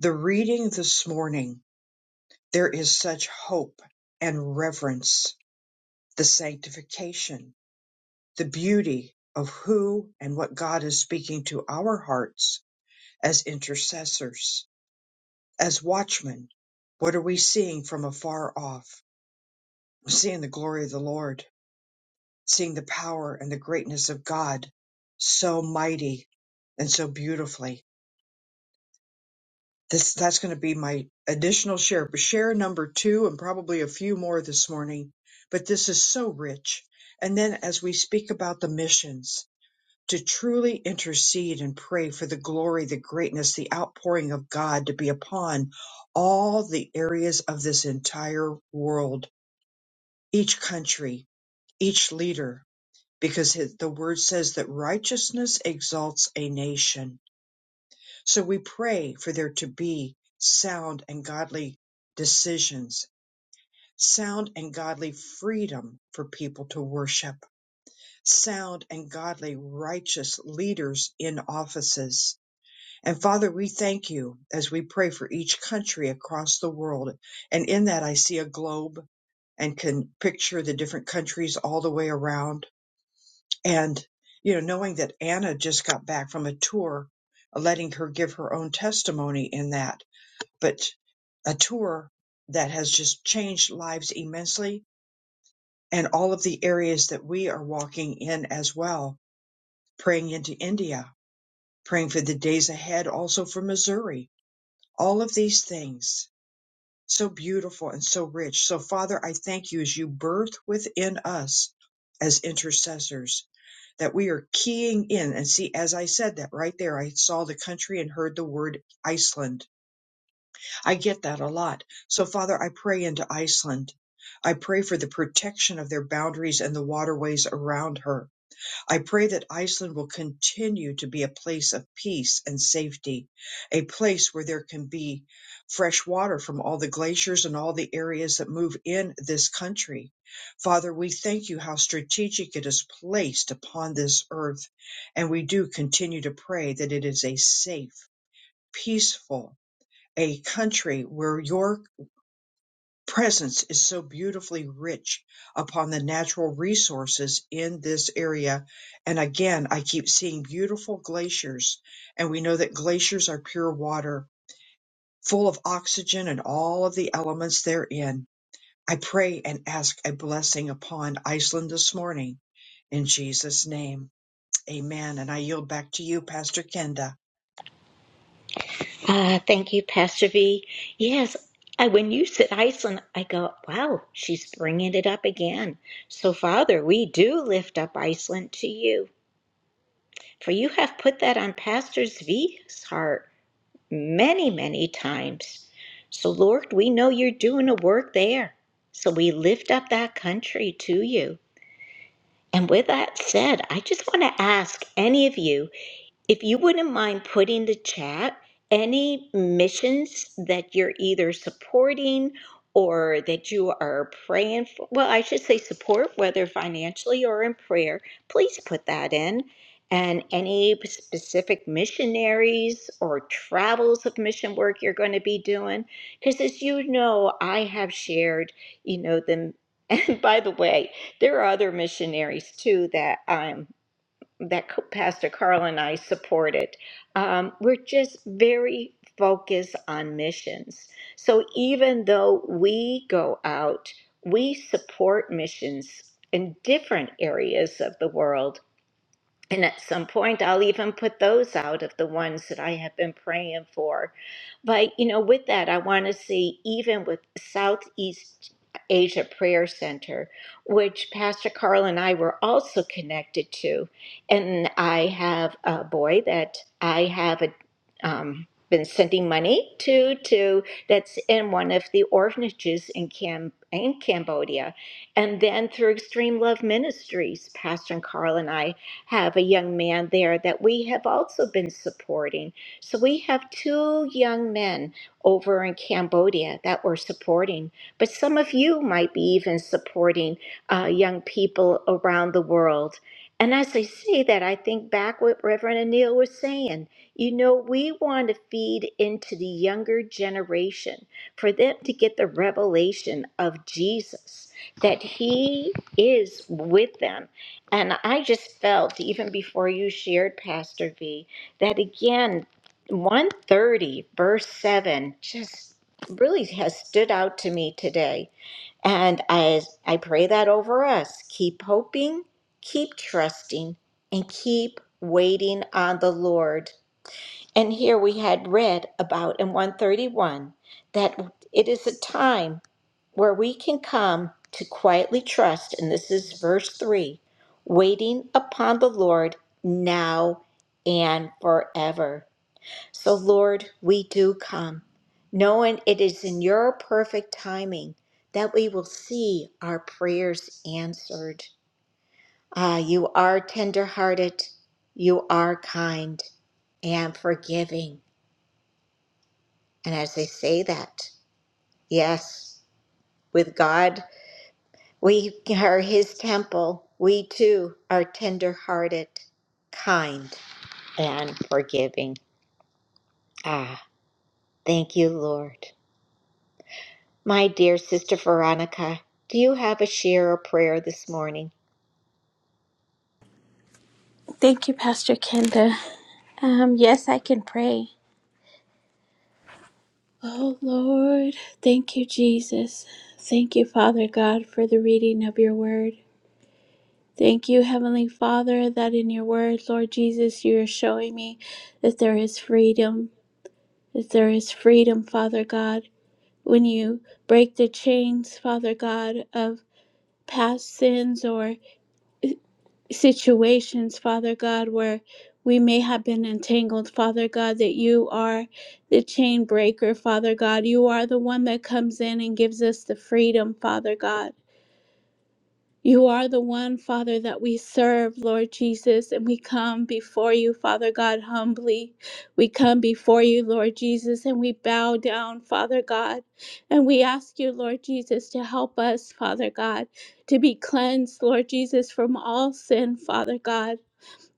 Speaker 5: The reading this morning, there is such hope and reverence, the sanctification, the beauty of who and what God is speaking to our hearts as intercessors, as watchmen. What are we seeing from afar off? We're seeing the glory of the Lord, seeing the power and the greatness of God so mighty and so beautifully This that's going to be my additional share, but share number two and probably a few more this morning. But this is so rich. And then as we speak about the missions, to truly intercede and pray for the glory, the greatness, the outpouring of God to be upon all the areas of this entire world, each country, each leader, because his- the word says that righteousness exalts a nation so we pray for there to be sound and godly decisions, sound and godly freedom for people to worship, sound and godly righteous leaders in offices. And Father, we thank you as we pray for each country across the world. And in that, I see a globe and can picture the different countries all the way around. And, you know, knowing that Anna just got back from a tour, letting her give her own testimony in that but a tour that has just changed lives immensely and all of the areas that we are walking in as well, praying into India, praying for the days ahead, also for Missouri, all of these things. So beautiful and so rich. So, Father, I thank you as you birth within us as intercessors that we are keying in. And see, as I said that right there, I saw the country and heard the word Iceland I get that a lot. So, Father, I pray into Iceland. I pray for the protection of their boundaries and the waterways around her. I pray that Iceland will continue to be a place of peace and safety, a place where there can be fresh water from all the glaciers and all the areas that move in this country. Father, we thank you how strategic it is placed upon this earth, and we do continue to pray that it is a safe, peaceful, a country where your presence is so beautifully rich upon the natural resources in this area. And again, I keep seeing beautiful glaciers, and we know that glaciers are pure water, full of oxygen and all of the elements therein. I pray and ask a blessing upon Iceland this morning in Jesus' name. Amen. And I yield back to you, Pastor Kenda.
Speaker 1: Ah, thank you, Pastor V. Yes, I, when you said Iceland, I go, wow, she's bringing it up again. So, Father, we do lift up Iceland to you, for you have put that on Pastor V's heart many, many times. So, Lord, we know you're doing a work there. So, we lift up that country to you. And with that said, I just want to ask any of you if you wouldn't mind putting the chat any missions that you're either supporting or that you are praying for well i should say support whether financially or in prayer please put that in and any specific missionaries or travels of mission work you're going to be doing because as you know i have shared you know them and by the way there are other missionaries too that i'm that Pastor Carl and I supported. Um, we're just very focused on missions. So even though we go out, we support missions in different areas of the world and at some point, I'll even put those out of the ones that I have been praying for. But, you know, with that, I want to see, even with Southeast Asia Prayer Center, which Pastor Carl and I were also connected to. And I have a boy that I have a, um, been sending money to, to that's in one of the orphanages in, Cam- in Cambodia. And then through Extreme Love Ministries, Pastor Carl and I have a young man there that we have also been supporting. So we have two young men over in Cambodia that we're supporting. But some of you might be even supporting uh, young people around the world. And as I say that, I think back what Reverend Anil was saying. You know, we want to feed into the younger generation for them to get the revelation of Jesus, that He is with them and I just felt, even before you shared, Pastor V, that again, 130, verse 7, just really has stood out to me today. And as I pray that over us, keep hoping, keep trusting, and keep waiting on the Lord. And here we had read about in 131 that it is a time where we can come to quietly trust, and this is verse 3 waiting upon the Lord now and forever. So, Lord, we do come, knowing it is in your perfect timing that we will see our prayers answered. Ah, you are tenderhearted, you are kind and forgiving. And as they say that, yes, with God. We are his temple. We too are tender hearted, kind, and forgiving. Ah, thank you, Lord. My dear sister Veronica, do you have a share or prayer this morning?
Speaker 2: Thank you, Pastor Kenda. Um yes, I can pray. Oh Lord, thank you, Jesus. Thank you, Father God, for the reading of your word. Thank you, Heavenly Father, that in your word, Lord Jesus, you are showing me that there is freedom. That there is freedom, Father God. when you break the chains, Father God, of past sins or situations, Father God, where we may have been entangled, Father God, that you are the chain breaker, Father God. You are the one that comes in and gives us the freedom, Father God. You are the one, Father, that we serve, Lord Jesus, and we come before you, Father God, humbly. We come before you, Lord Jesus, and we bow down, Father God. And we ask you, Lord Jesus, to help us, Father God, to be cleansed, Lord Jesus, from all sin, Father God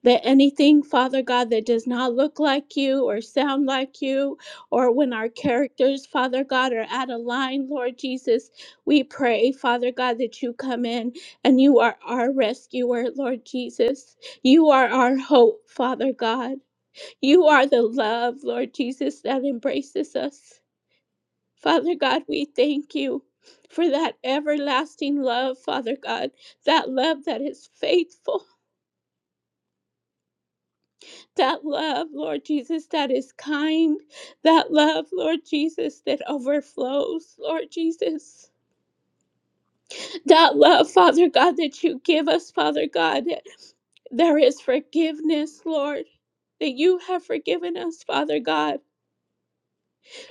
Speaker 2: that anything, Father God, that does not look like you or sound like you, or when our characters, Father God, are out of line, Lord Jesus, we pray, Father God, that you come in and you are our rescuer, Lord Jesus. You are our hope, Father God. You are the love, Lord Jesus, that embraces us. Father God, we thank you. For that everlasting love, Father God, that love that is faithful, That love, Lord Jesus, that is kind. That love, Lord Jesus, that overflows, Lord Jesus. That love, Father God, that you give us, Father God, that there is forgiveness, Lord, that you have forgiven us, Father God.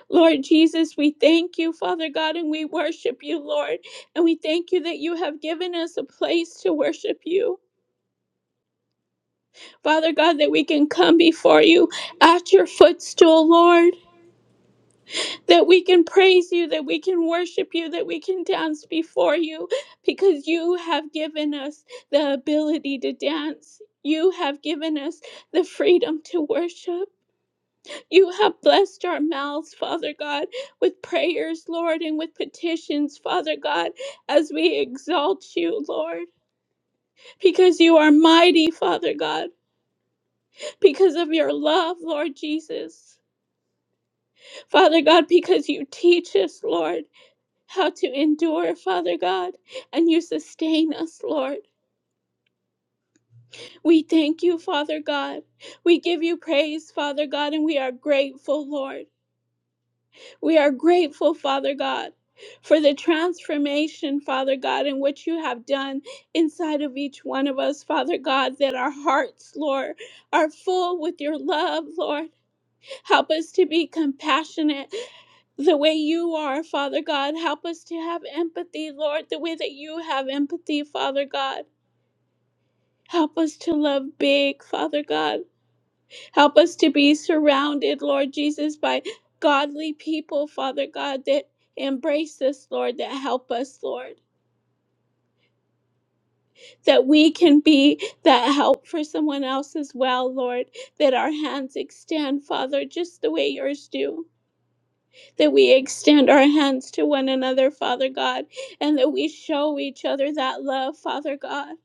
Speaker 2: Lord Jesus, we thank you, Father God, and we worship you, Lord. And we thank you that you have given us a place to worship you. Father God, that we can come before you at your footstool, Lord. that we can praise you, that we can worship you, that we can dance before you, because you have given us the ability to dance. You have given us the freedom to worship. You have blessed our mouths, Father God, with prayers, Lord, and with petitions, Father God, as we exalt you, Lord, because you are mighty, Father God, because of your love, Lord Jesus. Father God, because you teach us, Lord. how to endure, Father God, and you sustain us, Lord. We thank you, Father God. We give you praise, Father God, and we are grateful, Lord. We are grateful, Father God. For the transformation, Father God, in which you have done inside of each one of us, Father God, that our hearts, Lord, are full with your love, Lord. Help us to be compassionate the way you are, Father God. Help us to have empathy, Lord, the way that you have empathy, Father God. Help us to love big, Father God. Help us to be surrounded, Lord Jesus, by godly people, Father God, that embrace us, Lord, that help us, Lord, that we can be that help for someone else as well, Lord, that our hands extend, Father, just the way yours do. that we extend our hands to one another, Father God, and that we show each other that love, Father God.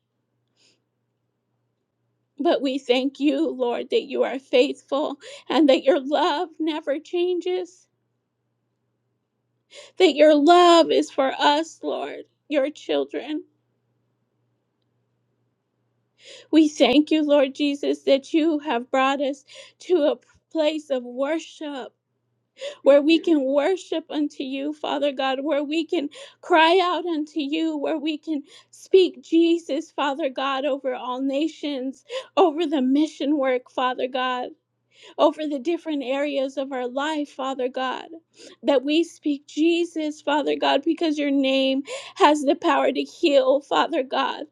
Speaker 2: But we thank you, Lord, that you are faithful and that your love never changes, that your love is for us, Lord, your children. We thank you, Lord Jesus, that you have brought us to a place of worship where we can worship unto you, Father God, where we can cry out unto you, where we can speak Jesus, Father God, over all nations, over the mission work, Father God, over the different areas of our life, Father God, that we speak Jesus, Father God, because your name has the power to heal, Father God.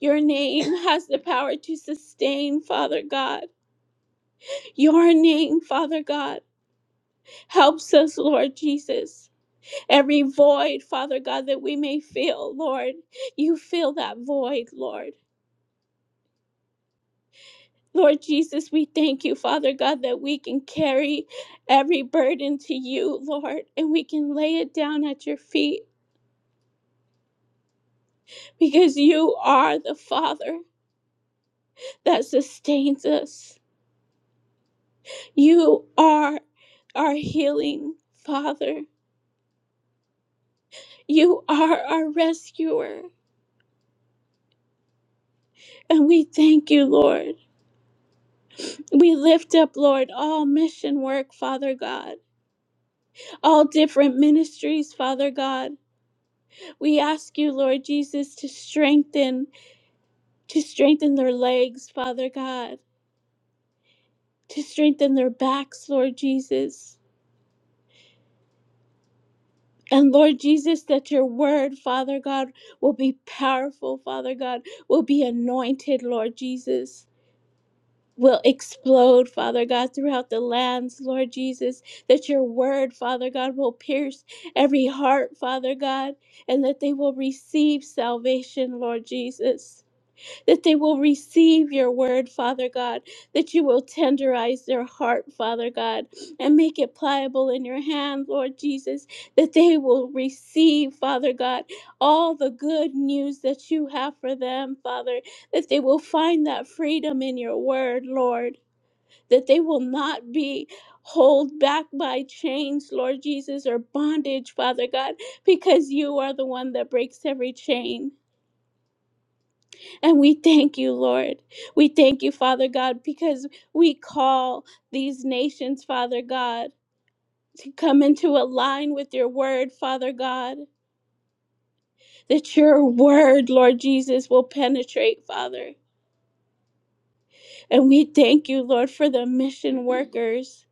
Speaker 2: Your name has the power to sustain, Father God. Your name, Father God, helps us, Lord Jesus. Every void, Father God, that we may feel, Lord, you fill that void, Lord. Lord Jesus, we thank you, Father God, that we can carry every burden to you, Lord, and we can lay it down at your feet because you are the Father that sustains us. You are our healing Father. You are our rescuer. And we thank you, Lord. We lift up, Lord, all mission work, Father God. all different ministries, Father God. We ask you, Lord Jesus, to strengthen, to strengthen their legs, Father God, to strengthen their backs, Lord Jesus. And Lord Jesus, that your word, Father God, will be powerful, Father God, will be anointed, Lord Jesus. will explode, Father God, throughout the lands, Lord Jesus, that your word, Father God, will pierce every heart, Father God, and that they will receive salvation, Lord Jesus that they will receive your word, Father God, that you will tenderize their heart, Father God, and make it pliable in your hand, Lord Jesus, that they will receive, Father God, all the good news that you have for them, Father, that they will find that freedom in your word, Lord, that they will not be. Hold back by chains, Lord Jesus, or bondage, Father God, because you are the one that breaks every chain. And we thank you, Lord. We thank you, Father God, because we call these nations, Father God, to come into a line with your word, Father God, that your word, Lord Jesus, will penetrate, Father. And we thank you, Lord, for the mission workers.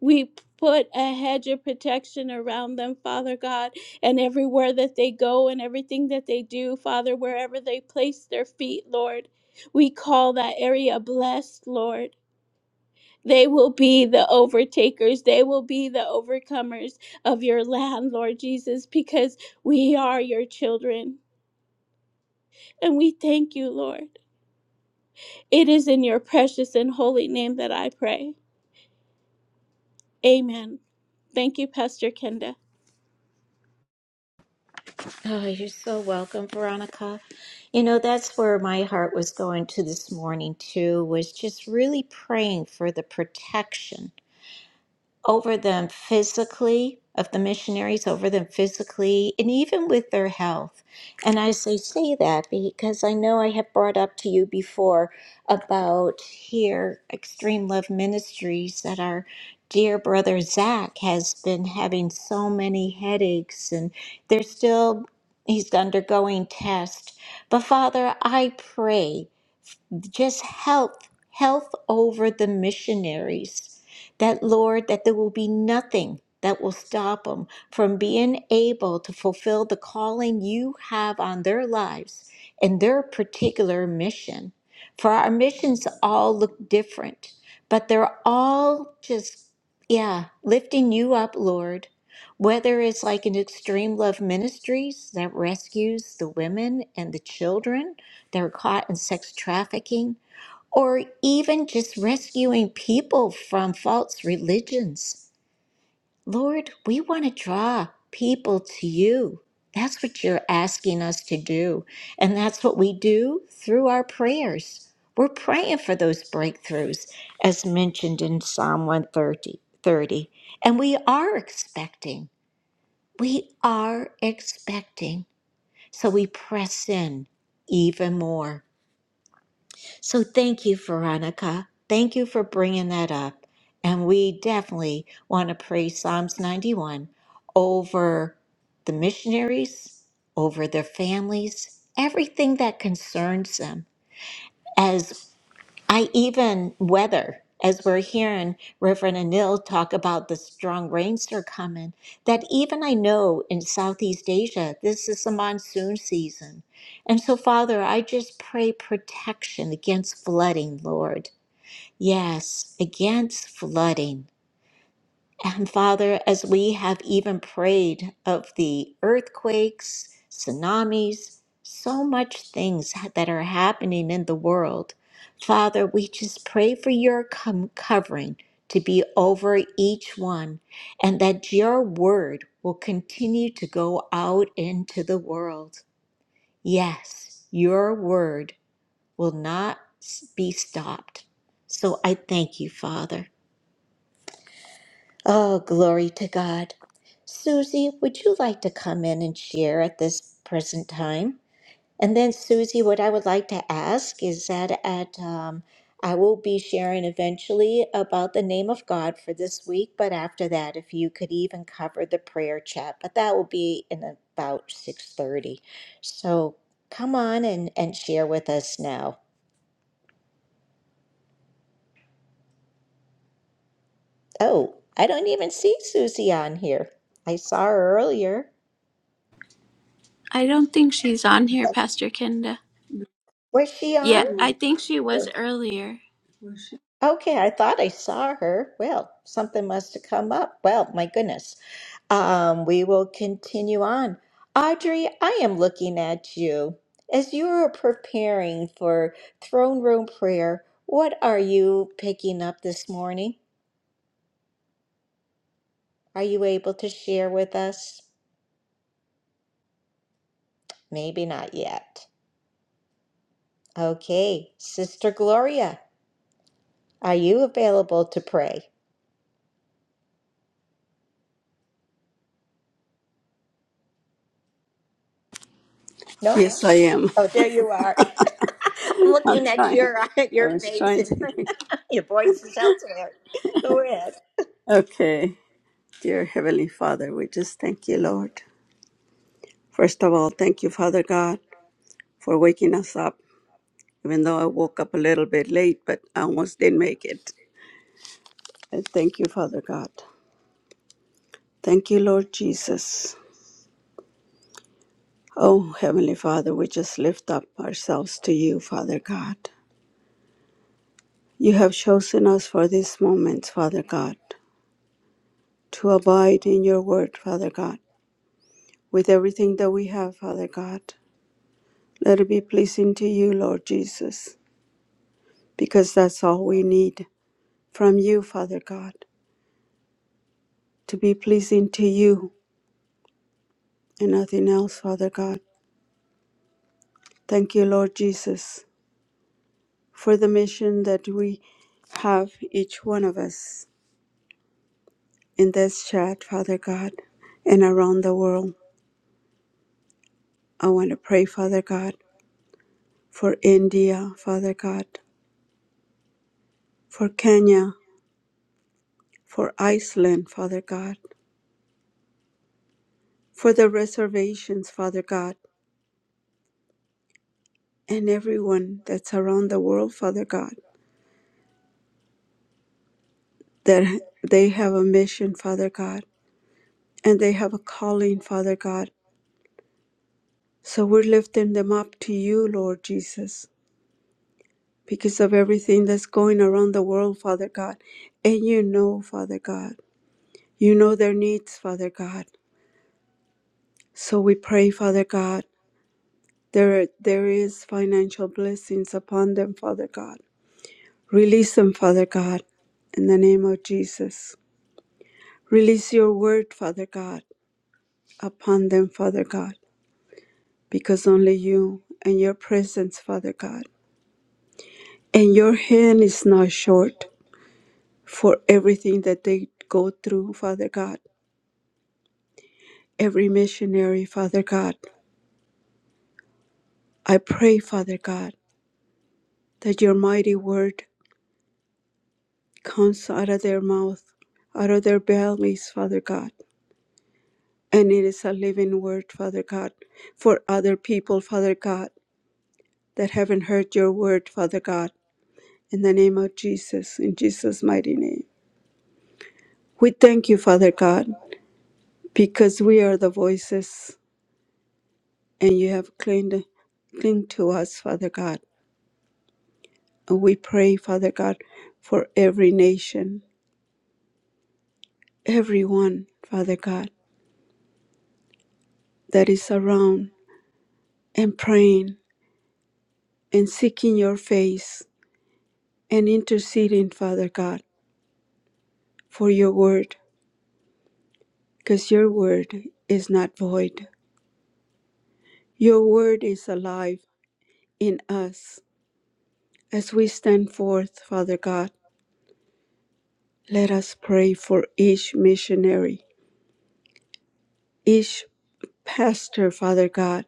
Speaker 2: We put a hedge of protection around them, Father God, and everywhere that they go and everything that they do, Father, wherever they place their feet, Lord. We call that area blessed, Lord. They will be the overtakers. They will be the overcomers of your land, Lord Jesus, because we are your children. And we thank you, Lord. It is in your precious and holy name that I pray. Amen. Thank you, Pastor Kenda.
Speaker 1: Oh, you're so welcome, Veronica. You know, that's where my heart was going to this morning, too, was just really praying for the protection over them physically, of the missionaries over them physically, and even with their health. And I say, say that because I know I have brought up to you before about here, Extreme Love Ministries, that our dear brother Zach has been having so many headaches, and they're still, he's undergoing tests. But Father, I pray just health, health over the missionaries. That, Lord, that there will be nothing that will stop them from being able to fulfill the calling you have on their lives and their particular mission. For our missions all look different, but they're all just, yeah, lifting you up, Lord. Whether it's like an extreme love ministries that rescues the women and the children, that are caught in sex trafficking, or even just rescuing people from false religions. Lord, we want to draw people to you. That's what you're asking us to do. And that's what we do through our prayers. We're praying for those breakthroughs, as mentioned in Psalm 130. 30. And we are expecting. We are expecting. So we press in even more. So thank you, Veronica. Thank you for bringing that up. And we definitely want to pray Psalms 91 over the missionaries, over their families, everything that concerns them I even weather, as we're hearing Reverend Anil talk about the strong rains that are coming, that even I know in Southeast Asia, this is the monsoon season. And so, Father, I just pray protection against flooding, Lord. Yes, against flooding. And Father, as we have even prayed of the earthquakes, tsunamis, so much things that are happening in the world, Father, we just pray for your com- covering to be over each one and that your word will continue to go out into the world. Yes, your word will not s- be stopped. So I thank you, Father. Oh, glory to God. Susie, would you like to come in and share at this present time? And then, Susie, what I would like to ask is that at um, I will be sharing eventually about the name of God for this week, but after that, if you could even cover the prayer chat, but that will be in about six thirty. So come on and and share with us now. Oh, I don't even see Susie on here. I saw her earlier.
Speaker 2: I don't think she's on here, Pastor Kenda.
Speaker 1: Was she on?
Speaker 2: Yeah, I think she was
Speaker 1: Sure.
Speaker 2: earlier.
Speaker 1: Okay, I thought I saw her. Well, something must have come up. Well, my goodness. Um, we will continue on. Audrey, I am looking at you. As you are preparing for throne room prayer, what are you picking up this morning? Are you able to share with us? Maybe not yet. Okay, Sister Gloria, are you available to pray? No?
Speaker 2: Yes, I am.
Speaker 1: Oh, there you are. I'm
Speaker 2: I'm
Speaker 1: looking at
Speaker 2: trying.
Speaker 1: your
Speaker 2: I
Speaker 1: your
Speaker 2: was
Speaker 1: face.
Speaker 2: trying to.
Speaker 1: Your voice is elsewhere. Go ahead.
Speaker 2: Okay. Dear Heavenly Father, we just thank you, Lord. First of all, thank you, Father God. for waking us up, even though I woke up a little bit late, but I almost didn't make it. I thank you, Father God. Thank you, Lord Jesus. Oh, Heavenly Father, we just lift up ourselves to you, Father God. You have chosen us for this moment, Father God, to abide in your word, Father God, with everything that we have, Father God. Let it be pleasing to you, Lord Jesus, because that's all we need from you, Father God, to be pleasing to you and nothing else, Father God. Thank you, Lord Jesus, for the mission that we have, each one of us, in this chat, Father God, and around the world. I want to pray, Father God, for India, Father God, for Kenya, for Iceland, Father God, for the reservations, Father God, and everyone that's around the world, Father God, that they have a mission, Father God, and they have a calling, Father God So we're lifting them up to you, Lord Jesus, because of everything that's going around the world, Father God. And you know, Father God, you know their needs, Father God. So we pray, Father God, there, there is financial blessings upon them, Father God. Release them, Father God, in the name of Jesus. Release your word, Father God, upon them, Father God, because only you and your presence, Father God. And your hand is not short. for everything that they go through, Father God. Every missionary, Father God. I pray, Father God, that your mighty word comes out of their mouth, out of their bellies, Father God. And it is a living word, Father God, for other people, Father God, that haven't heard your word, Father God. In the name of Jesus, in Jesus' mighty name. We thank you, Father God, because we are the voices and you have clinged, clinged to us, Father God. we pray, Father God, for every nation, everyone, Father God, that is around and praying and seeking your face and interceding, Father God, for your word, because your word is not void. Your word is alive in us. As we stand forth, Father God, let us pray for each missionary, each pastor, Father God,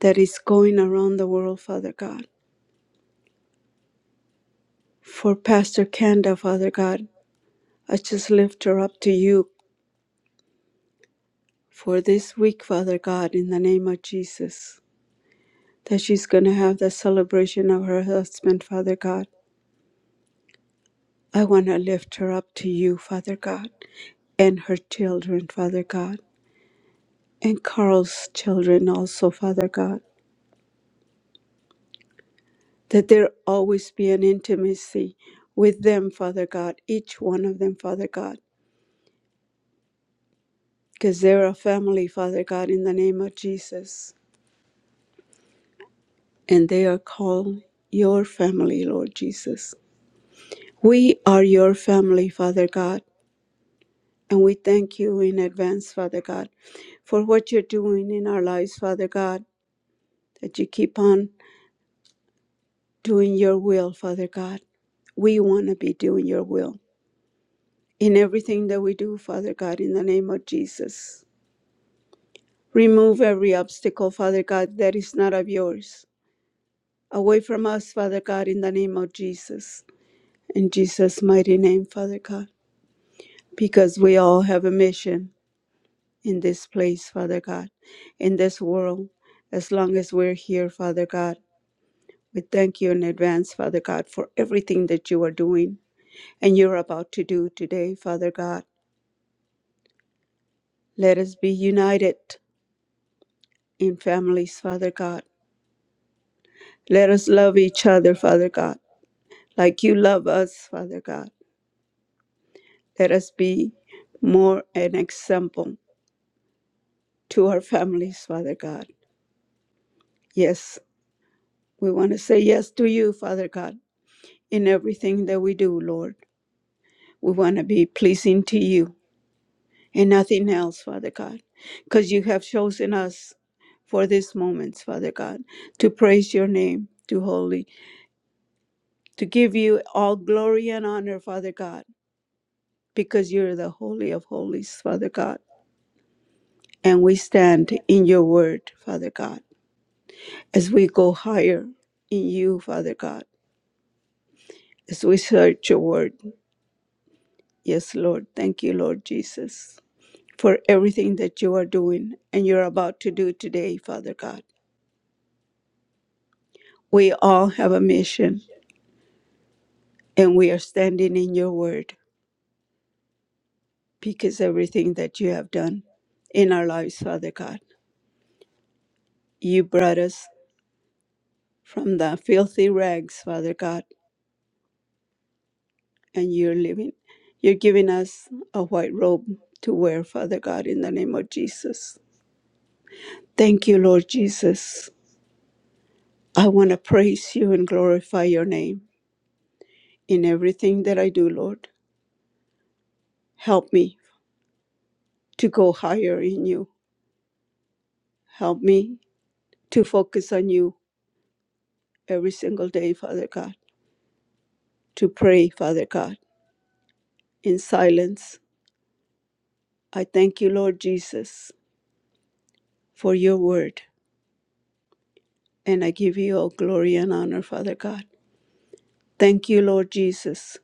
Speaker 2: that is going around the world, Father God. For Pastor Kanda, Father God, I just lift her up to you for this week, Father God, in the name of Jesus, that she's going to have the celebration of her husband, Father God. I want to lift her up to you, Father God, and her children, Father God, and Carl's children also, Father God, that there always be an intimacy with them, Father God, each one of them, Father God, because they're a family, Father God, in the name of Jesus. and they are called your family, Lord Jesus. We are your family, Father God, and we thank you in advance, Father God, for what you're doing in our lives, Father God, that you keep on doing your will, Father God. We want to be doing your will in everything that we do, Father God, in the name of Jesus. Remove every obstacle, Father God, that is not of yours. Away from us, Father God, in the name of Jesus. In Jesus' mighty name, Father God. because we all have a mission in this place, Father God, in this world, as long as we're here, Father God. We thank you in advance, Father God, for everything that you are doing and you're about to do today, Father God. Let us be united in families, Father God. Let us love each other, Father God, like you love us, Father God. Let us be more an example to our families, Father God. Yes, we want to say yes to you, Father God in everything that we do, Lord. We want to be pleasing to you and nothing else, Father God, because you have chosen us for these moments, Father God, to praise your name, to holy, to give you all glory and honor, Father God, because you're the holy of holies, Father God. And we stand in your word, Father God, as we go higher in you, Father God, as we search your word. Yes, Lord. Thank you, Lord Jesus. for everything that you are doing and you're about to do today, Father God. We all have a mission and we are standing in your word because everything that you have done in our lives, Father God. You brought us from the filthy rags, Father God, and you're living. You're giving us a white robe to wear, Father God, in the name of Jesus. Thank you, Lord Jesus. I want to praise you and glorify your name in everything that I do, Lord. Help me to go higher in you. Help me to focus on you every single day, Father God, to pray, Father God, in silence. I thank you, Lord Jesus, for your word, and I give you all glory and honor, Father God. Thank you, Lord Jesus,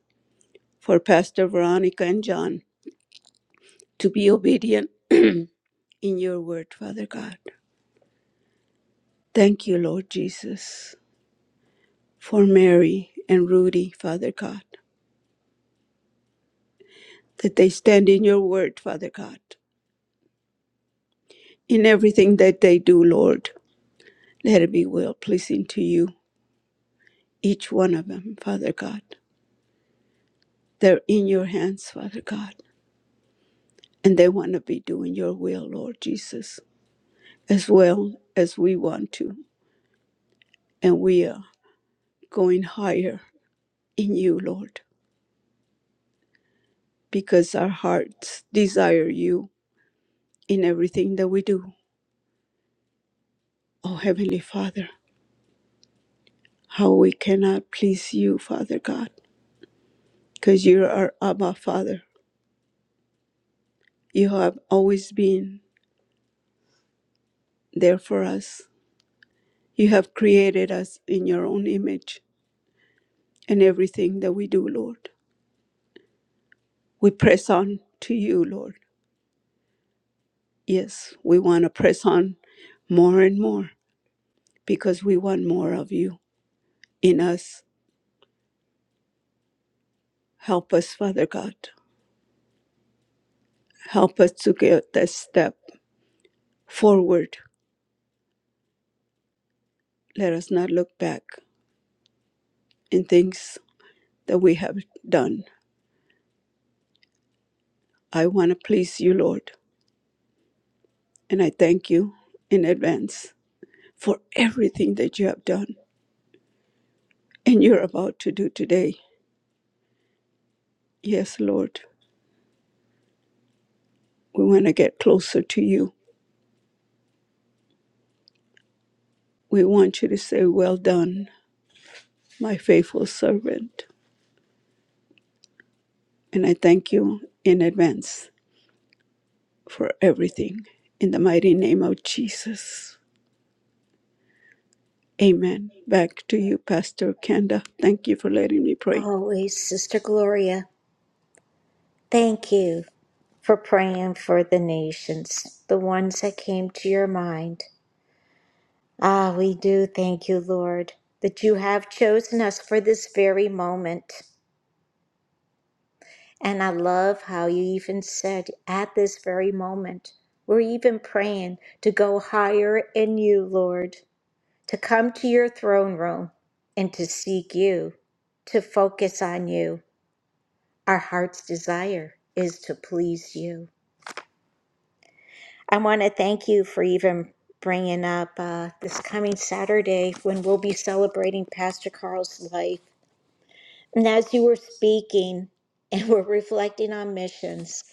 Speaker 2: for Pastor Veronica and John to be obedient in your word, Father God. Thank you, Lord Jesus, for Mary and Rudy, Father God, that they stand in your word, Father God In everything that they do, Lord, let it be well pleasing to you, each one of them, Father God. They're in your hands, Father God, and they want to be doing your will, Lord Jesus, as well as we want to. And we are going higher in you, Lord, because our hearts desire you in everything that we do. Oh, Heavenly Father, how we cannot please you, Father God, because you're our Abba Father. You have always been there for us You have created us in your own image and everything that we do, Lord. We press on to you, Lord. Yes, we want to press on more and more because we want more of you in us. Help us, Father God. Help us to get that step forward. Let us not look back in things that we have done. I want to please you, Lord, and I thank you in advance for everything that you have done and you're about to do today Yes, Lord, we want to get closer to you. We want you to say, Well done, my faithful servant. And I thank you in advance for everything. In the mighty name of Jesus. Amen. Back to you, Pastor Kenda. Thank you for letting me pray.
Speaker 1: Always, Sister Gloria, thank you for praying for the nations, the ones that came to your mind. Ah, we do thank you, Lord, that you have chosen us for this very moment. And I love how you even said at this very moment, we're even praying to go higher in you, Lord, to come to your throne room and to seek you, to focus on you. Our heart's desire is to please you. I want to thank you for even bringing up uh, this coming Saturday when we'll be celebrating Pastor Carl's life. And as you were speaking and were reflecting on missions,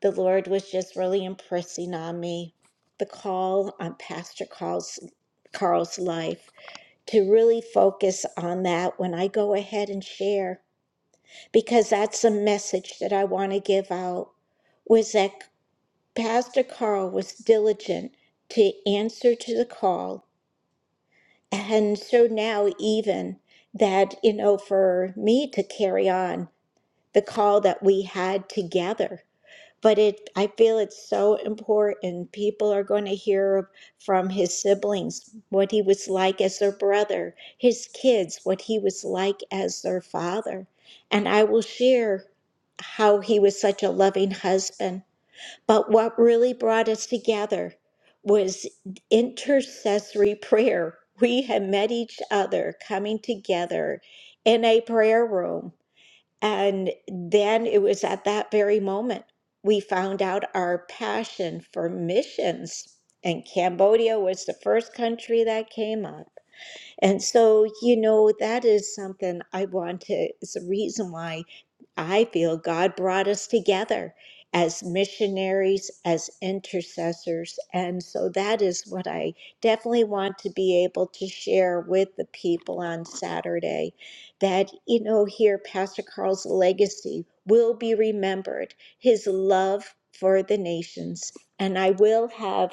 Speaker 1: the Lord was just really impressing on me the call on Pastor Carl's Carl's life to really focus on that when I go ahead and share because that's a message that I want to give out. Was that Pastor Carl was diligent to answer to the call. And so now, even that, you know, for me to carry on the call that we had together. But it, I feel it's so important. People are going to hear from his siblings what he was like as their brother, his kids, what he was like as their father. And I will share how he was such a loving husband but what really brought us together was intercessory prayer. We had met each other coming together in a prayer room. And then it was at that very moment we found out our passion for missions. And Cambodia was the first country that came up. And so, you know, that is something I want to, it's a reason why I feel God brought us together as missionaries, as intercessors. And so that is what I definitely want to be able to share with the people on Saturday that, you know, here Pastor Carl's legacy will be remembered, his love for the nations. And I will have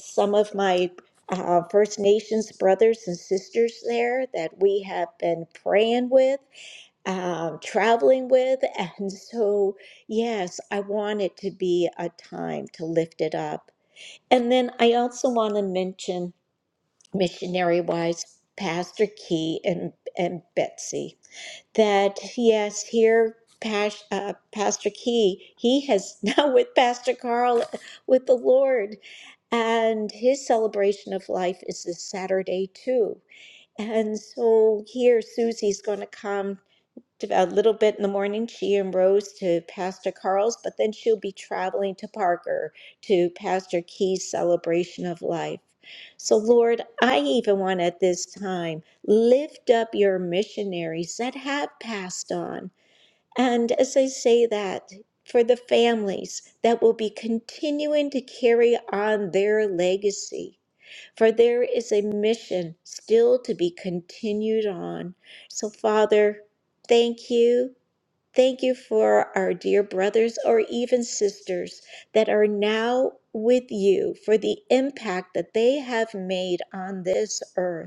Speaker 1: some of my uh, First Nations brothers and sisters there that we have been praying with, um, traveling with. And so, yes, I want it to be a time to lift it up. And then I also want to mention, missionary wise, Pastor Key and, and Betsy, that yes, here. Pas- uh, Pastor Key, he has now with Pastor Carl, with the Lord, and his celebration of life is this Saturday too. And so here Susie's going to come to, a little bit in the morning, she and Rose to Pastor Carl's, but then she'll be traveling to Parker to Pastor Key's celebration of life. So, Lord, I even want at this time lift up your missionaries that have passed on and as I say that, for the families that will be continuing to carry on their legacy, for there is a mission still to be continued on. So, Father, thank you. Thank you for our dear brothers or even sisters that are now with you for the impact that they have made on this earth.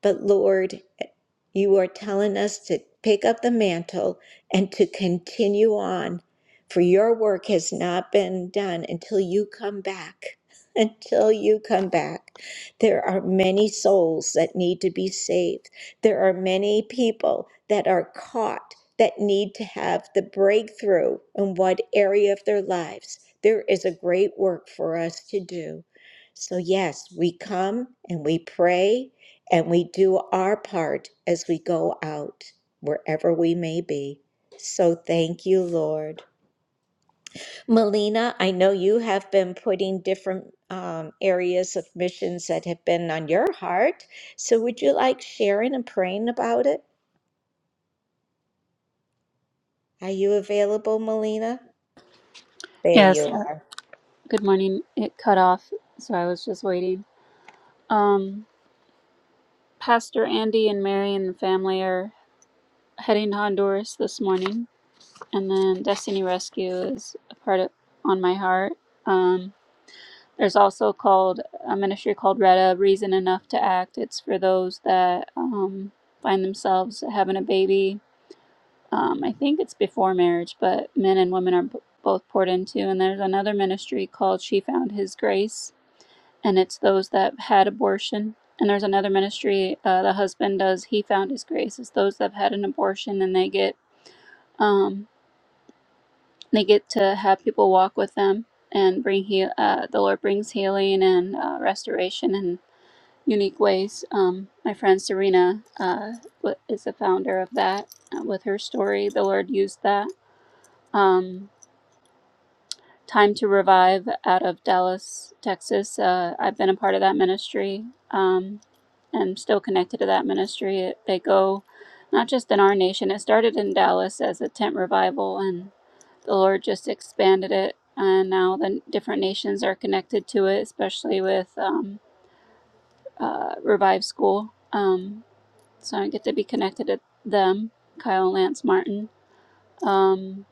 Speaker 1: But Lord, you are telling us to pick up the mantle and to continue on, for your work has not been done until you come back. Until you come back, there are many souls that need to be saved. There are many people that are caught that need to have the breakthrough in what area of their lives. There is a great work for us to do. So, yes, we come and we pray and we do our part as we go out, wherever we may be. So thank you, Lord. Melina, I know you have been putting different um, areas of missions that have been on your heart. So would you like sharing and praying about it? Are you available, Melina? There you
Speaker 7: Yes, uh,
Speaker 1: are.
Speaker 7: good morning. It cut off, so I was just waiting. Um, Pastor Andy and Mary and the family are heading to Honduras this morning, and then Destiny Rescue is a part of, on my heart. Um, there's also called a ministry called Retta Reason Enough to Act. It's for those that um, find themselves having a baby. Um, I think it's before marriage, but men and women are b- both poured into. And there's another ministry called She Found His Grace and it's those that had abortion. And there's another ministry uh, the husband does. He found his grace. It's those that have had an abortion, and they get um, they get to have people walk with them and bring heal. Uh, the Lord brings healing and uh, restoration in unique ways. Um, my friend Serena uh, wa- is the founder of that. Uh, With her story, the Lord used that. Um, Time to Revive out of Dallas, Texas. Uh, I've been a part of that ministry. Um, am still connected to that ministry. It, they go not just in our nation. It started in Dallas as a tent revival, and the Lord just expanded it. And now the different nations are connected to it, especially with um, uh, Revive School. Um, so I get to be connected to them, Kyle and Lance Martin. Um,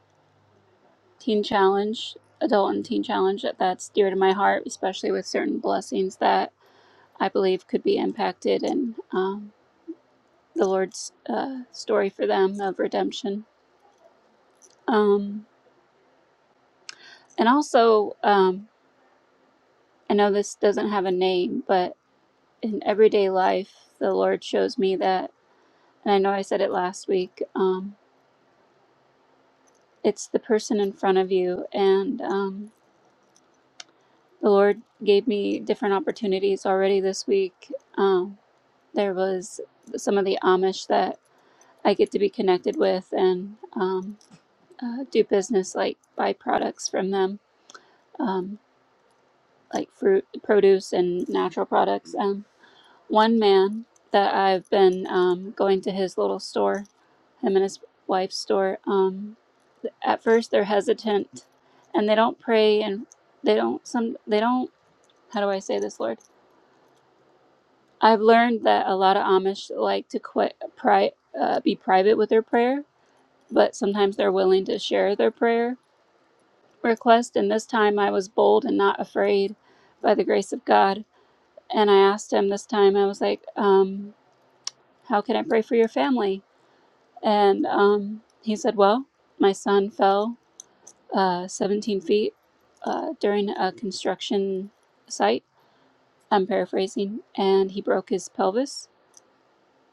Speaker 7: teen challenge, adult and teen challenge, that's dear to my heart, especially with certain blessings that I believe could be impacted and um, the Lord's uh, story for them of redemption. Um, and also, um, I know this doesn't have a name, but in everyday life, the Lord shows me that, and I know I said it last week, um, it's the person in front of you. And um, the Lord gave me different opportunities already this week. um, there was some of the Amish that I get to be connected with and um, uh, do business like buy products from them, um, like fruit, produce, and natural products. Um, one man that I've been um, going to his little store, him and his wife's store. Um, at first, they're hesitant, and they don't pray, and they don't some they don't. How do I say this, Lord? I've learned that a lot of Amish like to quit, pri- uh, be private with their prayer but sometimes they're willing to share their prayer request. And this time I was bold and not afraid by the grace of God. And I asked him this time, I was like, um, How can I pray for your family? And um, he said, Well, my son fell uh, 17 feet uh, during a construction site. I'm paraphrasing, and he broke his pelvis.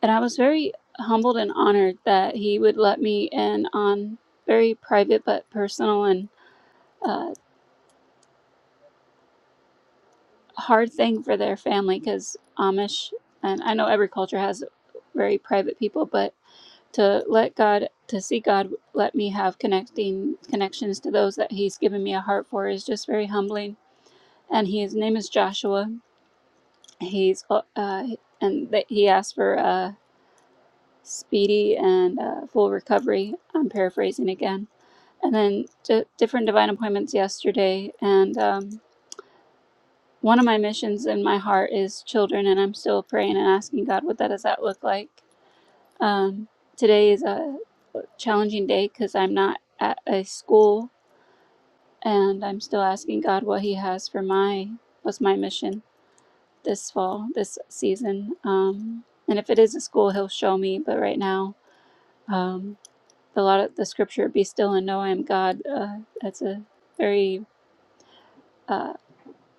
Speaker 7: And I was very humbled and honored that he would let me in on very private but personal and uh, hard thing for their family because Amish, and I know every culture has very private people, but to let God, to see God let me have connecting connections to those that He's given me a heart for is just very humbling. And his name is Joshua. He's uh, uh, and that he asked for a speedy and uh, full recovery. I'm paraphrasing again. And then d- different divine appointments yesterday, and um, One of my missions in my heart is children, and I'm still praying and asking God what that does that look like. Um, today is a challenging day because I'm not at a school, and I'm still asking God what He has for my what's my mission this fall, this season. Um, and if it is a school, He'll show me. But right now, um, a lot of the scripture "Be still and know I am God." Uh, that's a very uh,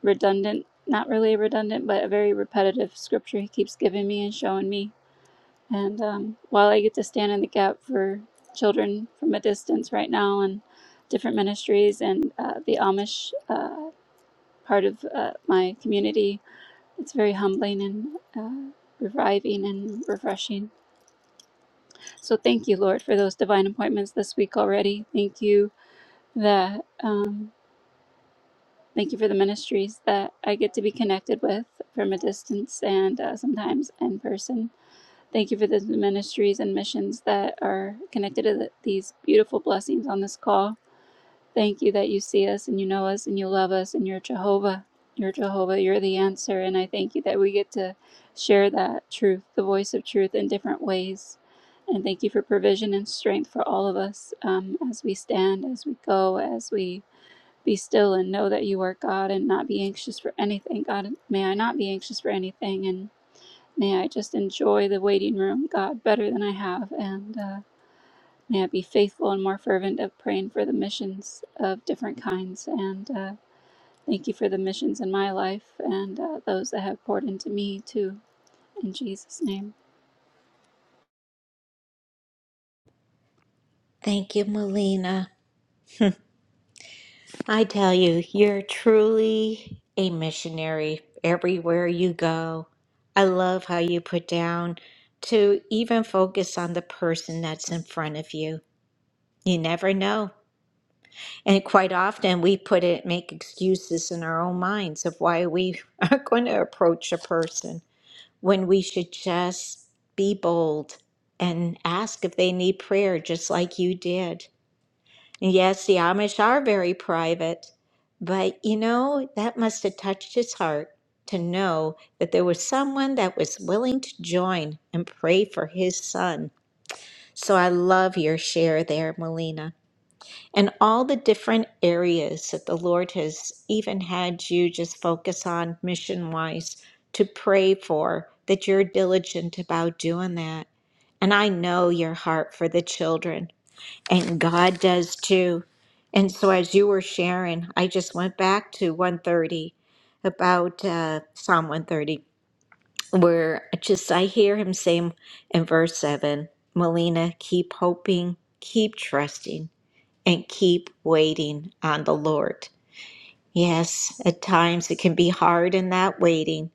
Speaker 7: redundant, not really redundant, but a very repetitive scripture he keeps giving me and showing me. And um, while I get to stand in the gap for children from a distance right now and different ministries and uh, the Amish uh, part of uh, my community, it's very humbling and uh, reviving and refreshing. So thank you, Lord, for those divine appointments this week already. Thank you that. Um, Thank you for the ministries that I get to be connected with from a distance and uh, sometimes in person. Thank you for the ministries and missions that are connected to the, these beautiful blessings on this call. Thank you that you see us and you know us and you love us and you're Jehovah. You're Jehovah. You're the answer. And I thank you that we get to share that truth, the voice of truth, in different ways. And thank you for provision and strength for all of us um, as we stand, as we go, as we be still and know that you are God and not be anxious for anything. God, may I not be anxious for anything and may I just enjoy the waiting room, God, better than I have. And uh, may I be faithful and more fervent of praying for the missions of different kinds. And uh, thank you for the missions in my life and uh, those that have poured into me too. In Jesus' name.
Speaker 1: Thank you, Melina. I tell you, you're truly a missionary everywhere you go. I love how you put down to even focus on the person that's in front of you. You never know. And quite often we put it, make excuses in our own minds of why we are going to approach a person when we should just be bold and ask if they need prayer, just like you did. Yes, the Amish are very private, but you know, that must have touched his heart to know that there was someone that was willing to join and pray for his son. So I love your share there, Melina, and all the different areas that the Lord has even had you just focus on mission wise to pray for, that you're diligent about doing that. And I know your heart for the children and God does too. And so, as you were sharing, I just went back to 130 about uh, Psalm 130, where just I hear him saying in verse 7 Melina, keep hoping, keep trusting, and keep waiting on the Lord. Yes, at times it can be hard in that waiting,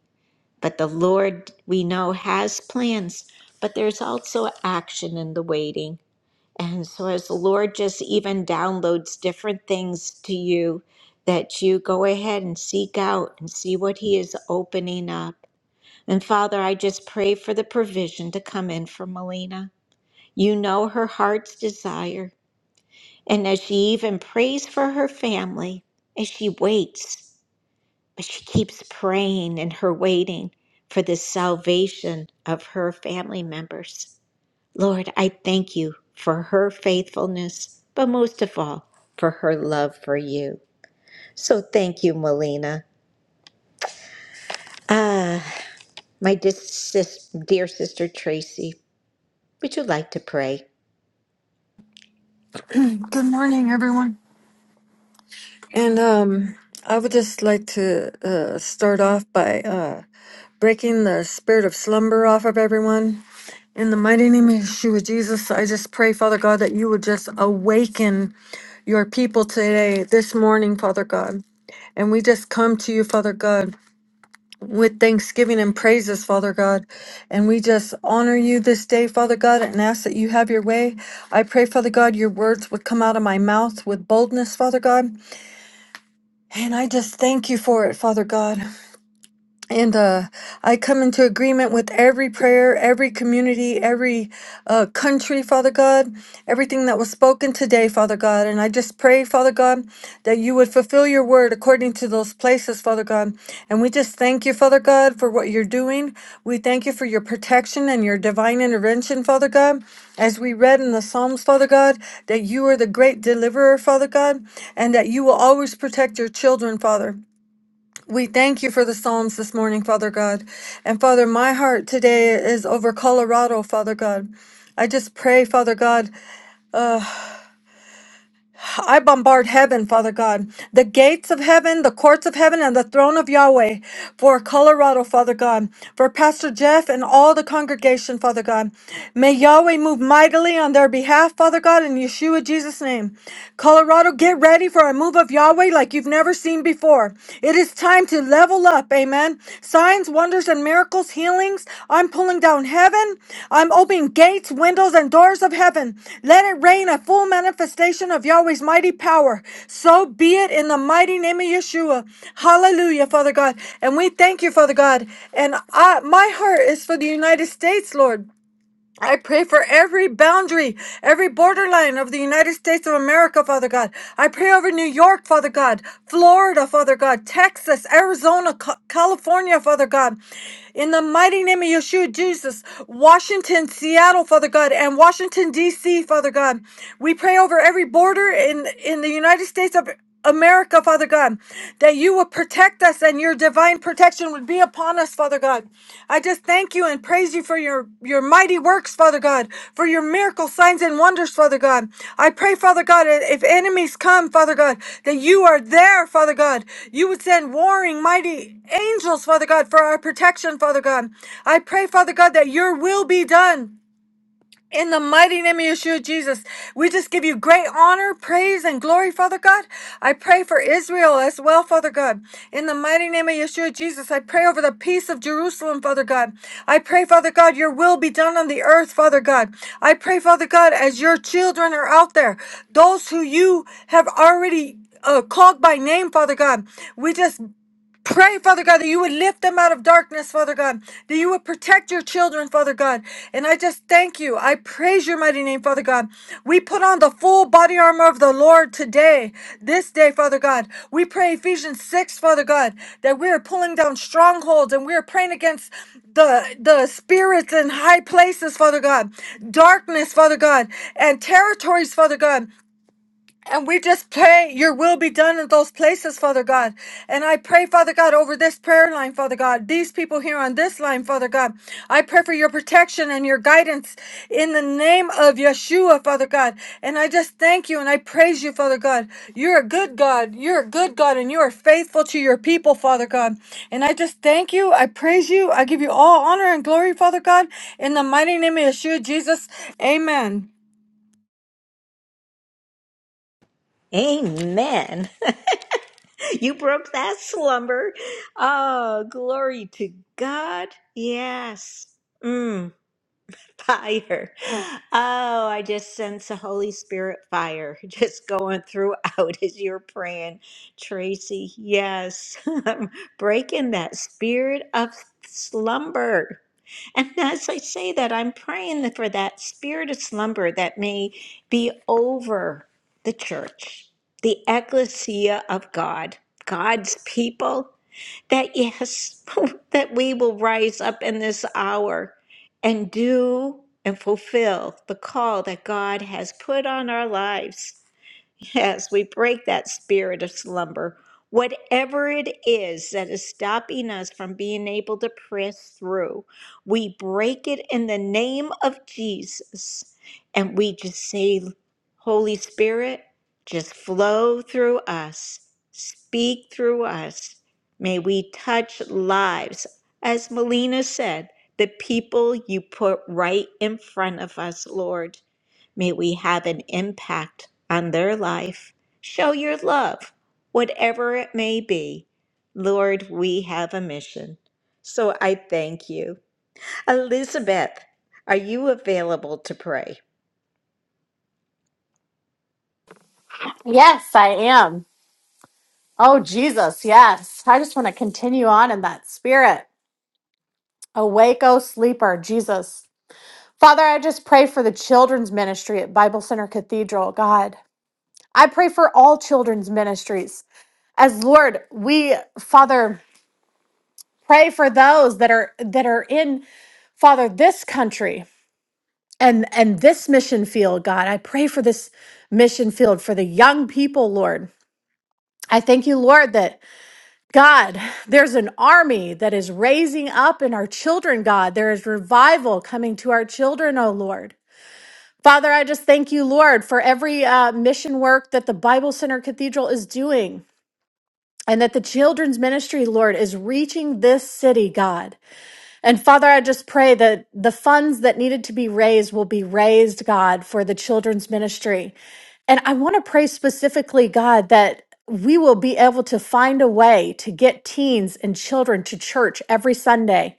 Speaker 1: but the Lord we know has plans, but there's also action in the waiting. And so, as the Lord just even downloads different things to you, that you go ahead and seek out and see what He is opening up. And Father, I just pray for the provision to come in for Melina. You know her heart's desire. And as she even prays for her family, as she waits, but she keeps praying and her waiting for the salvation of her family members. Lord, I thank you for her faithfulness, but most of all, for her love for you. So thank you, Melina. My dis- sis- dear sister Tracy, would you like to pray?
Speaker 8: Good morning, everyone. And um, I would just like to uh, start off by uh, breaking the spirit of slumber off of everyone. In the mighty name of Yeshua Jesus, I just pray, Father God, that you would just awaken your people today, this morning, Father God. And we just come to you, Father God, with thanksgiving and praises, Father God. And we just honor you this day, Father God, and ask that you have your way. I pray, Father God, your words would come out of my mouth with boldness, Father God. And I just thank you for it, Father God. And uh, I come into agreement with every prayer, every community, every uh, country, Father God, everything that was spoken today, Father God. And I just pray, Father God, that you would fulfill your word according to those places, Father God. And we just thank you, Father God, for what you're doing. We thank you for your protection and your divine intervention, Father God. As we read in the Psalms, Father God, that you are the great deliverer, Father God, and that you will always protect your children, Father. We thank you for the Psalms this morning, Father God. And Father, my heart today is over Colorado, Father God. I just pray, Father God, I bombard heaven, Father God, the gates of heaven, the courts of heaven, and the throne of Yahweh for Colorado, Father God, for Pastor Jeff and all the congregation, Father God. May Yahweh move mightily on their behalf, Father God, in Yeshua Jesus' name. Colorado, get ready for a move of Yahweh like you've never seen before. It is time to level level up. Amen. Signs, wonders, and miracles, healings. I'm pulling down heaven. I'm opening gates, windows, and doors of heaven. Let it rain a full manifestation of Yahweh's mighty power. So be it in the mighty name of Yeshua. Hallelujah, Father God. And we thank you, Father God. And I, my heart is for the United States, Lord. I pray for every boundary, every borderline of the United States of America, Father God. I pray over New York, Father God, Florida, Father God, Texas, Arizona, Ca- California, Father God. In the mighty name of Yeshua Jesus, Washington, Seattle, Father God, and Washington, D.C., Father God. We pray over every border in, in the United States of America, Father God, that you would protect us and your divine protection would be upon us, Father God. I just thank you and praise you for your, your mighty works, Father God, for your miracle signs and wonders, Father God. I pray, Father God, if enemies come, Father God, that you are there, Father God. You would send warring, mighty angels, Father God, for our protection, Father God. I pray, Father God, that your will be done. In the mighty name of Yeshua Jesus, we just give you great honor, praise, and glory, Father God. I pray for Israel as well, Father God. In the mighty name of Yeshua Jesus, I pray over the peace of Jerusalem, Father God. I pray, Father God, your will be done on the earth, Father God. I pray, Father God, as your children are out there, those who you have already uh, called by name, Father God. We just Pray, Father God, that you would lift them out of darkness, Father God, that you would protect your children, Father God. And I just thank you. I praise your mighty name, Father God. We put on the full body armor of the Lord today, this day, Father God. We pray Ephesians 6, Father God, that we are pulling down strongholds and we are praying against the, the spirits in high places, Father God, darkness, Father God, and territories, Father God. And we just pray, Your will be done in those places, Father God. And I pray, Father God, over this prayer line, Father God, these people here on this line, Father God. I pray for your protection and your guidance in the name of Yeshua, Father God. And I just thank you and I praise you, Father God. You're a good God. You're a good God and you are faithful to your people, Father God. And I just thank you. I praise you. I give you all honor and glory, Father God. In the mighty name of Yeshua, Jesus. Amen.
Speaker 1: Amen. you broke that slumber. Oh, glory to God. Yes. Mm. fire. Oh, I just sense the Holy Spirit fire just going throughout as you're praying, Tracy. Yes, breaking that spirit of slumber. And as I say that, I'm praying for that spirit of slumber that may be over the church, the ecclesia of God, God's people that yes, that we will rise up in this hour and do and fulfill the call that God has put on our lives. Yes, we break that spirit of slumber. Whatever it is that is stopping us from being able to press through, we break it in the name of Jesus. And we just say, Holy Spirit, just flow through us, speak through us. May we touch lives. As Melina said, the people you put right in front of us, Lord. May we have an impact on their life. Show your love, whatever it may be. Lord, we have a mission. So I thank you. Elizabeth, are you available to pray?
Speaker 9: Yes, I am. Oh, Jesus, yes. I just want to continue on in that spirit. Awake, O sleeper, Jesus. Father, I just pray for the children's ministry at Bible Center Cathedral, God. I pray for all children's ministries. As Lord, we, Father, pray for those that are that are in Father this country and and this mission field, God. I pray for this mission field for the young people, Lord. I thank you, Lord, that God, there's an army that is raising up in our children, God. There is revival coming to our children, oh Lord. Father, I just thank you, Lord, for every uh, mission work that the Bible Center Cathedral is doing and that the children's ministry, Lord, is reaching this city, God. And Father, I just pray that the funds that needed to be raised will be raised, God, for the children's ministry. And I want to pray specifically, God, that we will be able to find a way to get teens and children to church every Sunday.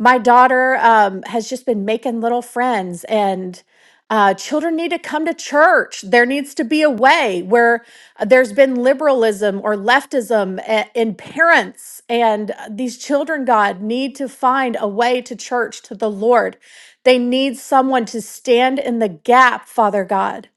Speaker 9: My daughter um, has just been making little friends, and uh, children need to come to church. There needs to be a way where uh, there's been liberalism or leftism a- in parents. And uh, these children, God, need to find a way to church, to the Lord. They need someone to stand in the gap, Father God.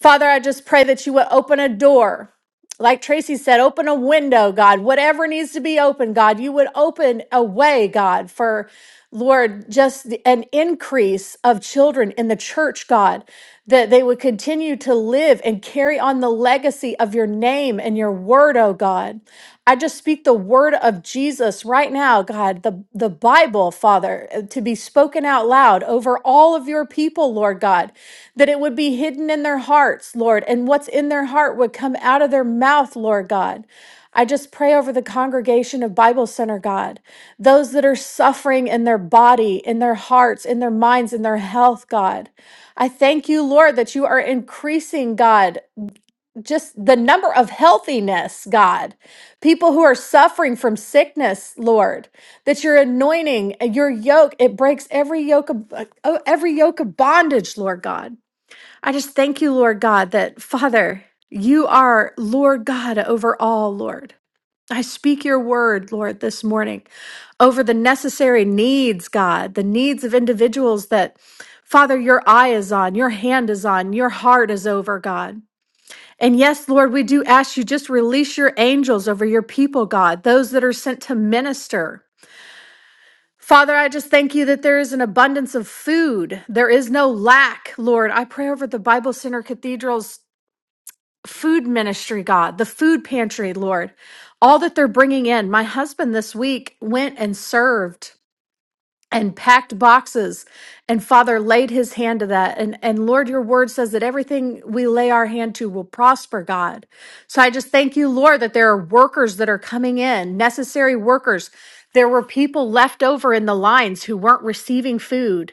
Speaker 9: Father, I just pray that you would open a door. Like Tracy said, open a window, God. Whatever needs to be open, God, you would open a way, God, for Lord, just the- an increase of children in the church, God, that they would continue to live and carry on the legacy of your name and your word word, oh God. I just speak the word of Jesus right now, God, the, the Bible, Father, uh, to be spoken out loud over all of your people, Lord God, that it would be hidden in their hearts, Lord, and what's in their heart would come out of their mouth, Lord God. I just pray over the congregation of Bible Center, God, those that are suffering in their body, in their hearts, in their minds, in their health, God. I thank you, Lord, that you are increasing, God just the number of healthiness, God, people who are suffering from sickness, Lord, that your anointing, and your yoke, it breaks every yoke of uh, oh, every yoke of bondage, Lord God. I just thank you, Lord God, that Father, you are Lord God over all, Lord. I speak your word, Lord, this morning over the necessary needs, God, the needs of individuals that, Father, your eye is on, your hand is on, your heart is over, God. And yes, Lord, we do ask you just release your angels over your people, God, those that are sent to minister. Father, I just thank you that there is an abundance of food. There is no lack, Lord. I pray over the Bible Center Cathedral's food ministry, God, the food pantry, Lord, all that they're bringing in. My husband this week went and served and packed boxes and father laid his hand to that and and lord your word says that everything we lay our hand to will prosper god so i just thank you lord that there are workers that are coming in necessary workers there were people left over in the lines who weren't receiving food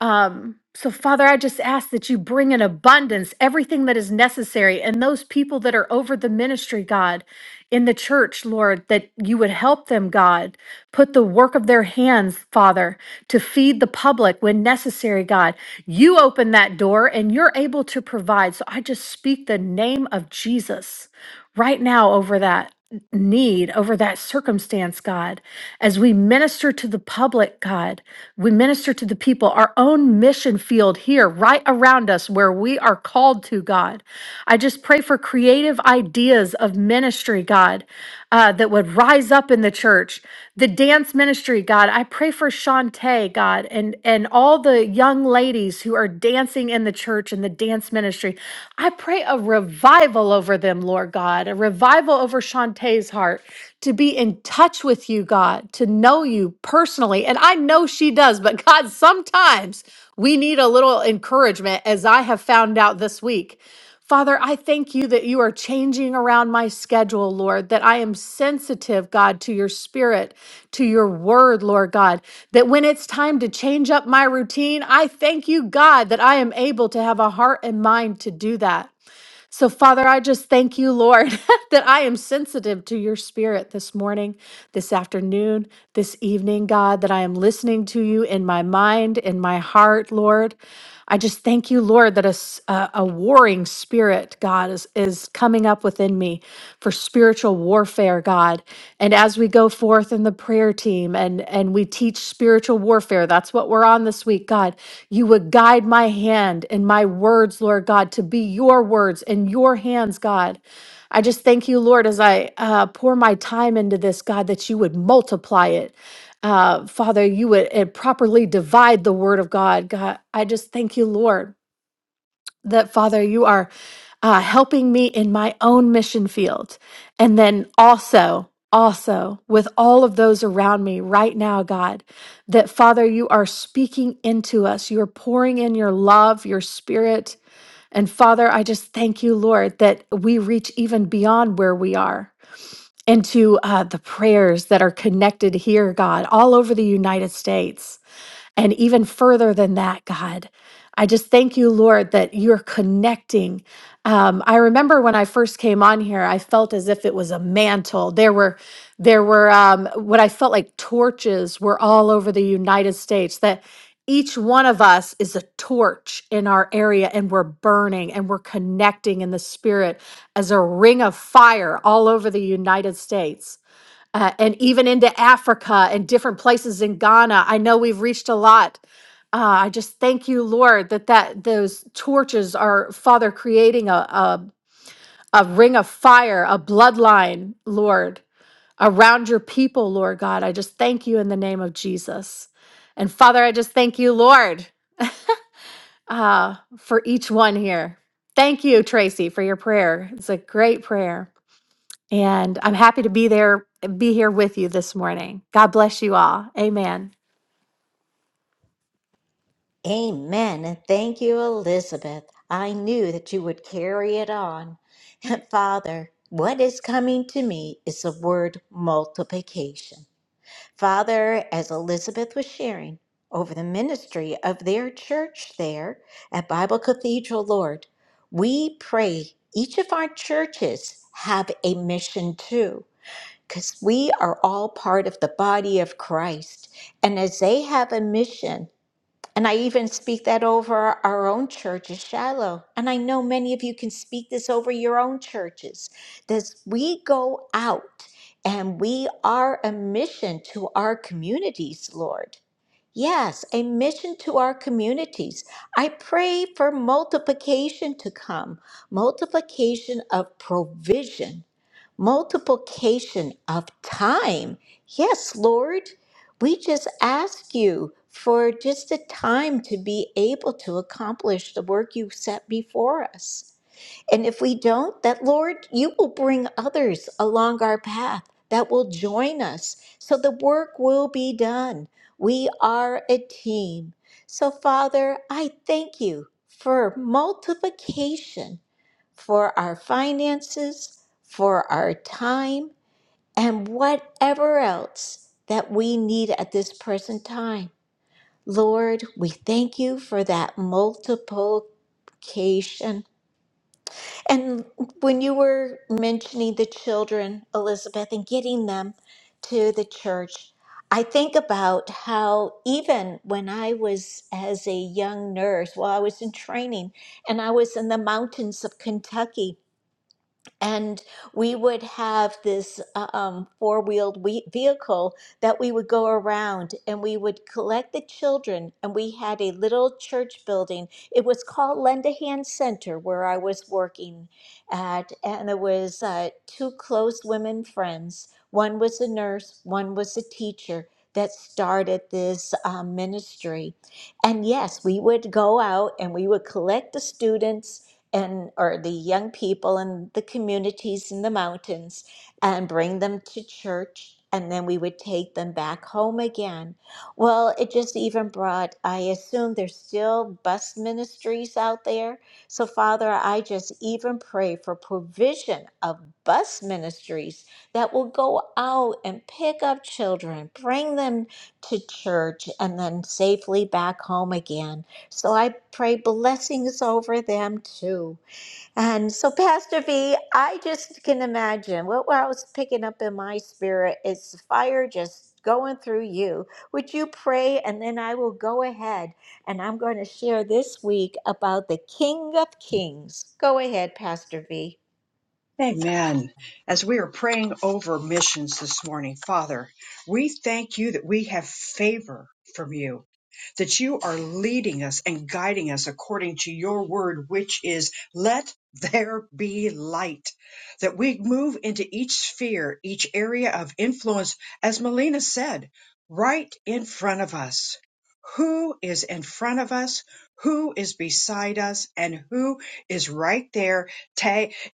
Speaker 9: um, so, Father, I just ask that you bring in abundance everything that is necessary. And those people that are over the ministry, God, in the church, Lord, that you would help them, God, put the work of their hands, Father, to feed the public when necessary, God. You open that door and you're able to provide. So, I just speak the name of Jesus right now over that need, over that circumstance, God. As we minister to the public, God, we minister to the people, our own mission field here, right around us, where we are called to, God. I just pray for creative ideas of ministry, God uh, that would rise up in the church. The dance ministry, God, I pray for Shantae, God, and and all the young ladies who are dancing in the church and the dance ministry. I pray a revival over them, Lord God, a revival over Shantae's heart to be in touch with you, God, to know you personally. And I know she does, but God, sometimes we need a little encouragement, as I have found out this week. Father, I thank you that you are changing around my schedule, Lord, that I am sensitive, God, to your spirit, to your word, Lord God, that when it's time to change up my routine, I thank you, God, that I am able to have a heart and mind to do that. So, Father, I just thank you, Lord, that I am sensitive to your spirit this morning, this afternoon, this evening, God, that I am listening to you in my mind, in my heart, Lord. I just thank you, Lord, that a, s- a- a warring spirit, God, is, is coming up within me for spiritual warfare, God. And as we go forth in the prayer team and, and we teach spiritual warfare, that's what we're on this week, God. You would guide my hand and my words, Lord God, to be your words and your hands, God. I just thank you, Lord, as I uh, pour my time into this, God, that you would multiply it. Uh, Father, you would uh, properly divide the word of God. God, I just thank you, Lord that Father, you are uh, helping me in my own mission field. And then also, also with all of those around me right now, God, that Father, you are speaking into us. You are pouring in your love, your spirit. And Father, I just thank you, Lord, that we reach even beyond where we are into uh, the prayers that are connected here, God, all over the United States. And even further than that, God, I just thank you, Lord, that you're connecting. Um, I remember when I first came on here, I felt as if it was a mantle. There were, there were um, what I felt like torches were all over the United States. That each one of us is a torch in our area, and we're burning and we're connecting in the spirit as a ring of fire all over the United States uh, and even into Africa and different places in Ghana. I know we've reached a lot. Uh, I just thank you, Lord, that that those torches are, Father, creating a, a a ring of fire, a bloodline, Lord, around your people, Lord God. I just thank you in the name of Jesus, and Father, I just thank you, Lord, uh, for each one here. Thank you, Tracy, for your prayer. It's a great prayer. And I'm happy to be there, be here with you this morning. God bless you all. Amen.
Speaker 1: Amen. And thank you, Elizabeth. I knew that you would carry it on. Father, what is coming to me is the word multiplication. Father, as Elizabeth was sharing over the ministry of their church there at Bible Cathedral, Lord, we pray each of our churches have a mission too, because we are all part of the body of Christ. And as they have a mission, and I even speak that over our own church at Shiloh. And I know many of you can speak this over your own churches. That we go out and we are a mission to our communities, Lord. Yes, a mission to our communities. I pray for multiplication to come, multiplication of provision multiplication of time. Yes, Lord, we just ask you for just the time to be able to accomplish the work you've set before us. And if we don't, that Lord, you will bring others along our path that will join us so the work will be done. We are a team. So, Father, I thank you for multiplication for our finances, for our time, and whatever else that we need at this present time. Lord, we thank you for that multiplication. And when you were mentioning the children, Elizabeth, and getting them to the church, I think about how even when I was as a young nurse, while I was in training, and I was in the mountains of Kentucky and we would have this uh, um, four-wheeled we- vehicle that we would go around and we would collect the children and we had a little church building it was called lend a hand center where i was working at and there was uh, two close women friends one was a nurse one was a teacher that started this um, ministry and yes we would go out and we would collect the students and or the young people in the communities in the mountains and bring them to church and then we would take them back home again well it just even brought i assume there's still bus ministries out there so father i just even pray for provision of bus ministries that will go out and pick up children bring them to church and then safely back home again so I pray blessings over them too. And so, Pastor V, I just can imagine what I was picking up in my spirit is fire just going through you. Would you pray? And then I will go ahead and I'm going to share this week about the King of Kings. Go ahead, Pastor V.
Speaker 5: Amen. As we are praying over missions this morning, Father, we thank you that we have favor from you, that you are leading us and guiding us according to your word, which is let there be light, that we move into each sphere, each area of influence, as Melina said, right in front of us. Who is in front of us? Who is beside us? And who is right there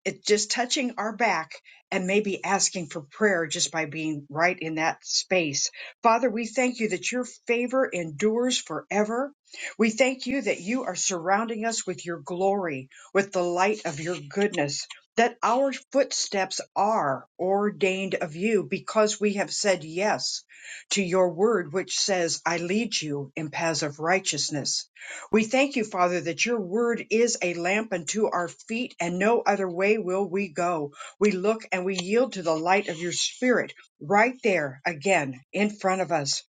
Speaker 5: it's just touching our back and maybe asking for prayer just by being right in that space. Father, we thank you that your favor endures forever. We thank you that you are surrounding us with your glory, with the light of your goodness, that our footsteps are ordained of you because we have said yes to your word, which says, I lead you in paths of righteousness we thank you, Father, that your word is a lamp unto our feet, and no other way will we go. We look and we yield to the light of your spirit right there again in front of us.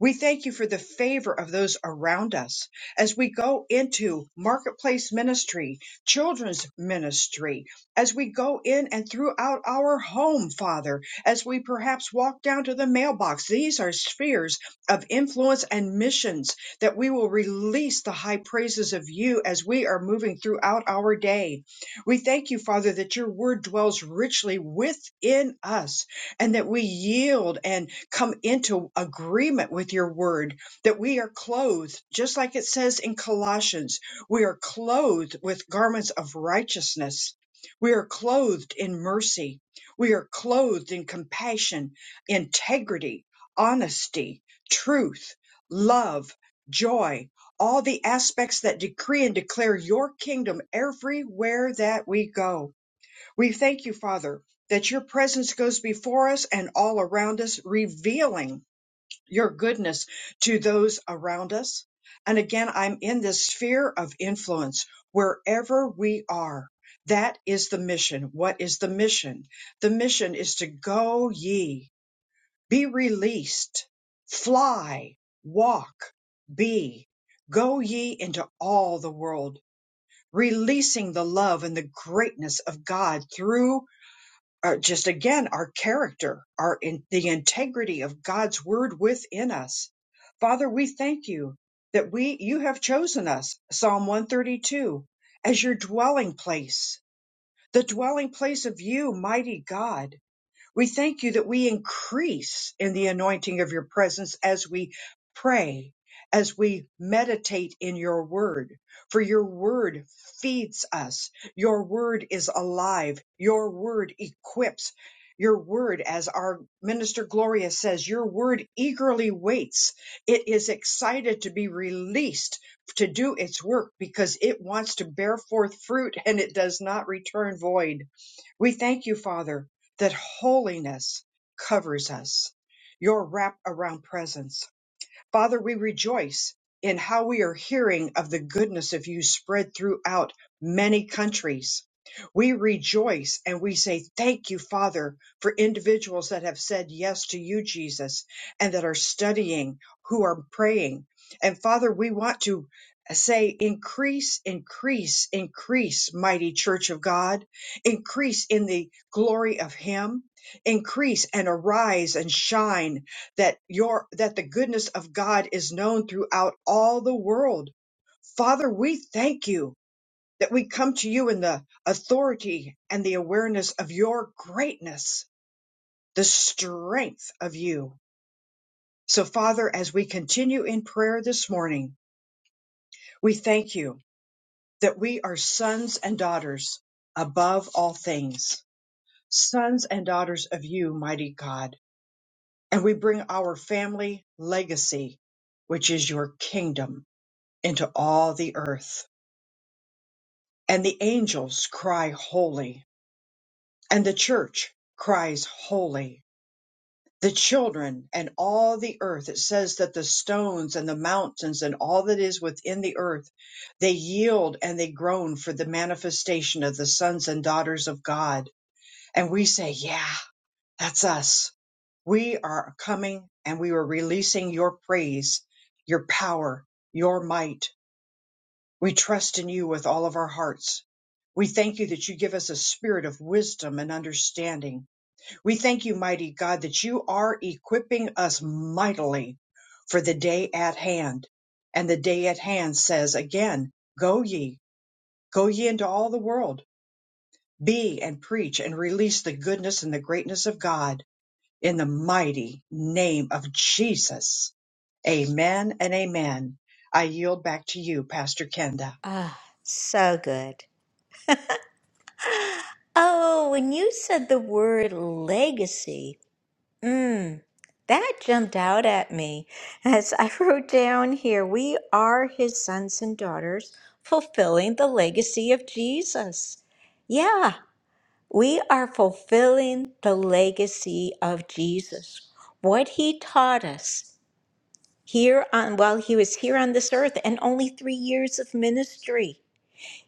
Speaker 5: We thank you for the favor of those around us as we go into marketplace ministry, children's ministry, as we go in and throughout our home, Father, as we perhaps walk down to the mailbox. These are spheres of influence and missions that we will release the high praises of you as we are moving throughout our day. We thank you, Father, that your word dwells richly within us and that we yield and come into agreement with your word, that we are clothed, just like it says in Colossians, we are clothed with garments of righteousness. We are clothed in mercy. We are clothed in compassion, integrity, honesty, truth, love, joy, all the aspects that decree and declare your kingdom everywhere that we go. We thank you, Father, that your presence goes before us and all around us, revealing your goodness to those around us. And again, I'm in this sphere of influence wherever we are. That is the mission. What is the mission? The mission is to go ye. Be released. Fly. Walk. Be. Go ye into all the world, releasing the love and the greatness of God through uh, just again our character, our in, the integrity of God's word within us. Father, we thank you that we you have chosen us, Psalm 132, as your dwelling place, the dwelling place of you, mighty God we thank you that we increase in the anointing of your presence as we pray, as we meditate in your word. For your word feeds us. Your word is alive. Your word equips. Your word, as our minister Gloria says, your word eagerly waits. It is excited to be released to do its work because it wants to bear forth fruit and it does not return void. We thank you, Father, that holiness covers us. Your wrap around presence Father, we rejoice in how we are hearing of the goodness of you spread throughout many countries. We rejoice and we say, Thank you, Father, for individuals that have said yes to you, Jesus, and that are studying, who are praying. And Father, we want to say, Increase, increase, increase, mighty church of God, increase in the glory of Him, increase and arise and shine that your that the goodness of God is known throughout all the world. Father, we thank you that we come to you in the authority and the awareness of your greatness, the strength of you. So Father, as we continue in prayer this morning, we thank you that we are sons and daughters above all things, sons and daughters of you, mighty God. And we bring our family legacy, which is your kingdom into all the earth. And the angels cry holy, and the church cries holy. The children and all the earth, it says that the stones and the mountains and all that is within the earth, they yield and they groan for the manifestation of the sons and daughters of God. And we say, Yeah, that's us. We are coming and we are releasing your praise, your power, your might We trust in you with all of our hearts. We thank you that you give us a spirit of wisdom and understanding. We thank you, mighty God, that you are equipping us mightily for the day at hand. And the day at hand says again, go ye, go ye into all the world, be and preach and release the goodness and the greatness of God in the mighty name of Jesus. Amen and amen. I yield back to you, Pastor Kenda.
Speaker 1: Ah, so good. Oh, when you said the word legacy, mm, that jumped out at me as I wrote down here, we are his sons and daughters fulfilling the legacy of Jesus. Yeah, we are fulfilling the legacy of Jesus. What he taught us here on while he was here on this earth and only 3 years of ministry.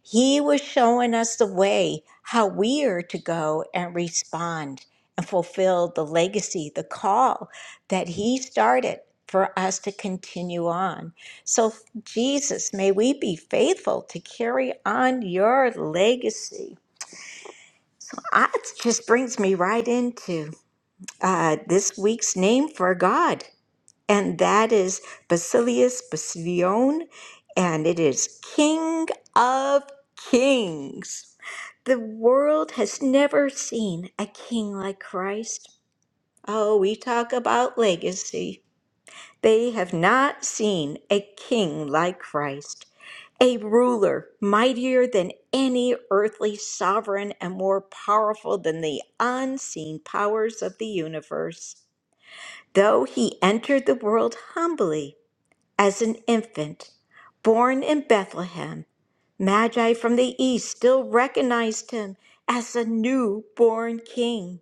Speaker 1: He was showing us the way how we are to go and respond and fulfill the legacy, the call that He started for us to continue on. So, Jesus, may we be faithful to carry on your legacy. That just brings me right into uh, this week's name for God and that is Basilius Basilion, and it is King of Kings. The world has never seen a king like Christ. Oh, we talk about legacy. They have not seen a king like Christ, a ruler mightier than any earthly sovereign and more powerful than the unseen powers of the universe. Though he entered the world humbly, as an infant, born in Bethlehem, Magi from the east still recognized him as a newborn king.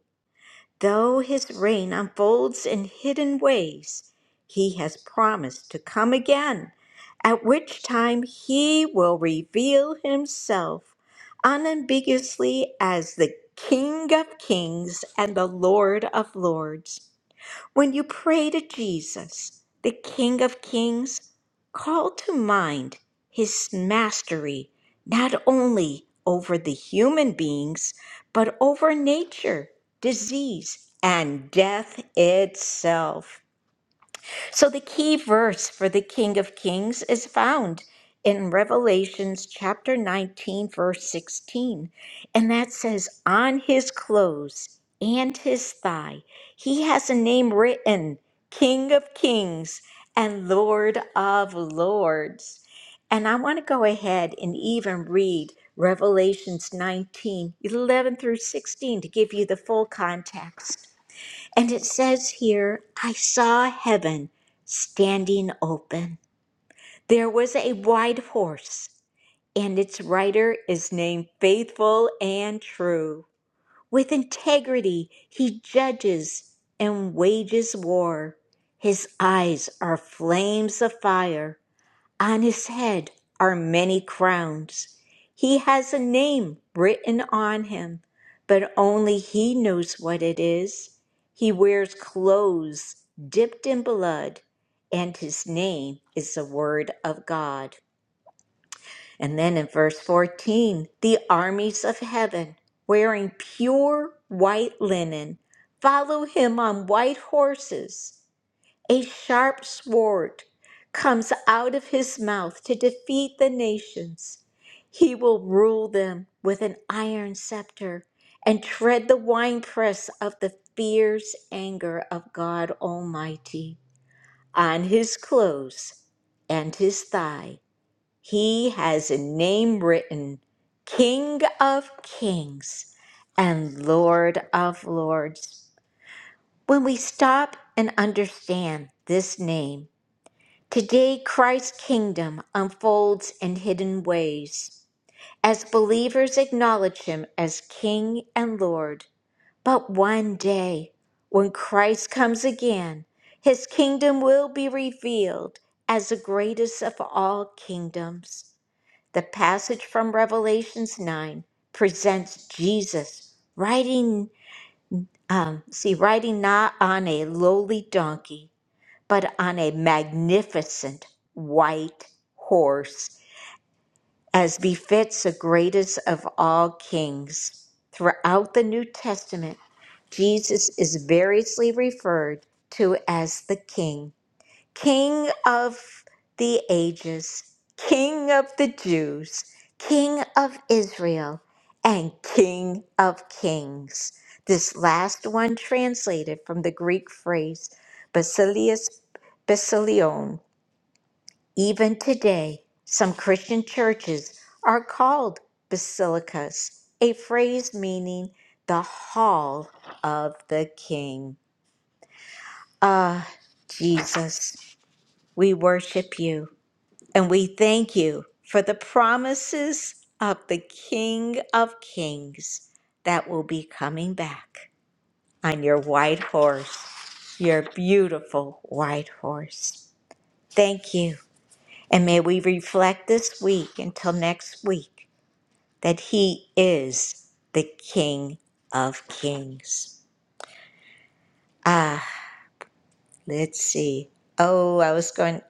Speaker 1: Though his reign unfolds in hidden ways, he has promised to come again, at which time he will reveal himself unambiguously as the King of kings and the Lord of lords. When you pray to Jesus, the King of Kings, call to mind his mastery not only over the human beings, but over nature, disease, and death itself. So the key verse for the King of Kings is found in Revelations chapter 19, verse 16. And that says, On his clothes and his thigh, he has a name written King of Kings and Lord of Lords. And I want to go ahead and even read Revelations 19 11 through 16 to give you the full context. And it says here, I saw heaven standing open. There was a white horse, and its rider is named Faithful and True. With integrity, he judges and wages war. His eyes are flames of fire. On his head are many crowns. He has a name written on him, but only he knows what it is. He wears clothes dipped in blood, and his name is the Word of God. And then in verse 14, the armies of heaven, wearing pure white linen, follow him on white horses. A sharp sword comes out of his mouth to defeat the nations. He will rule them with an iron scepter and tread the winepress of the fierce anger of God Almighty. On his clothes and his thigh, he has a name written King of Kings and Lord of Lords. When we stop and understand this name, Today, Christ's kingdom unfolds in hidden ways as believers acknowledge him as King and Lord. But one day, when Christ comes again, his kingdom will be revealed as the greatest of all kingdoms. The passage from Revelations 9 presents Jesus riding, um, see, riding not on a lowly donkey, but on a magnificent white horse, as befits the greatest of all kings. Throughout the New Testament, Jesus is variously referred to as the King King of the ages, King of the Jews, King of Israel, and King of kings. This last one translated from the Greek phrase Basilius Basilion. Even today, some Christian churches are called basilicas, a phrase meaning the hall of the king. Ah, Jesus, we worship you. And we thank you for the promises of the King of Kings that will be coming back on your white horse, your beautiful white horse. Thank you. And may we reflect this week until next week that he is the King of Kings. Ah, let's see. Oh, I was going.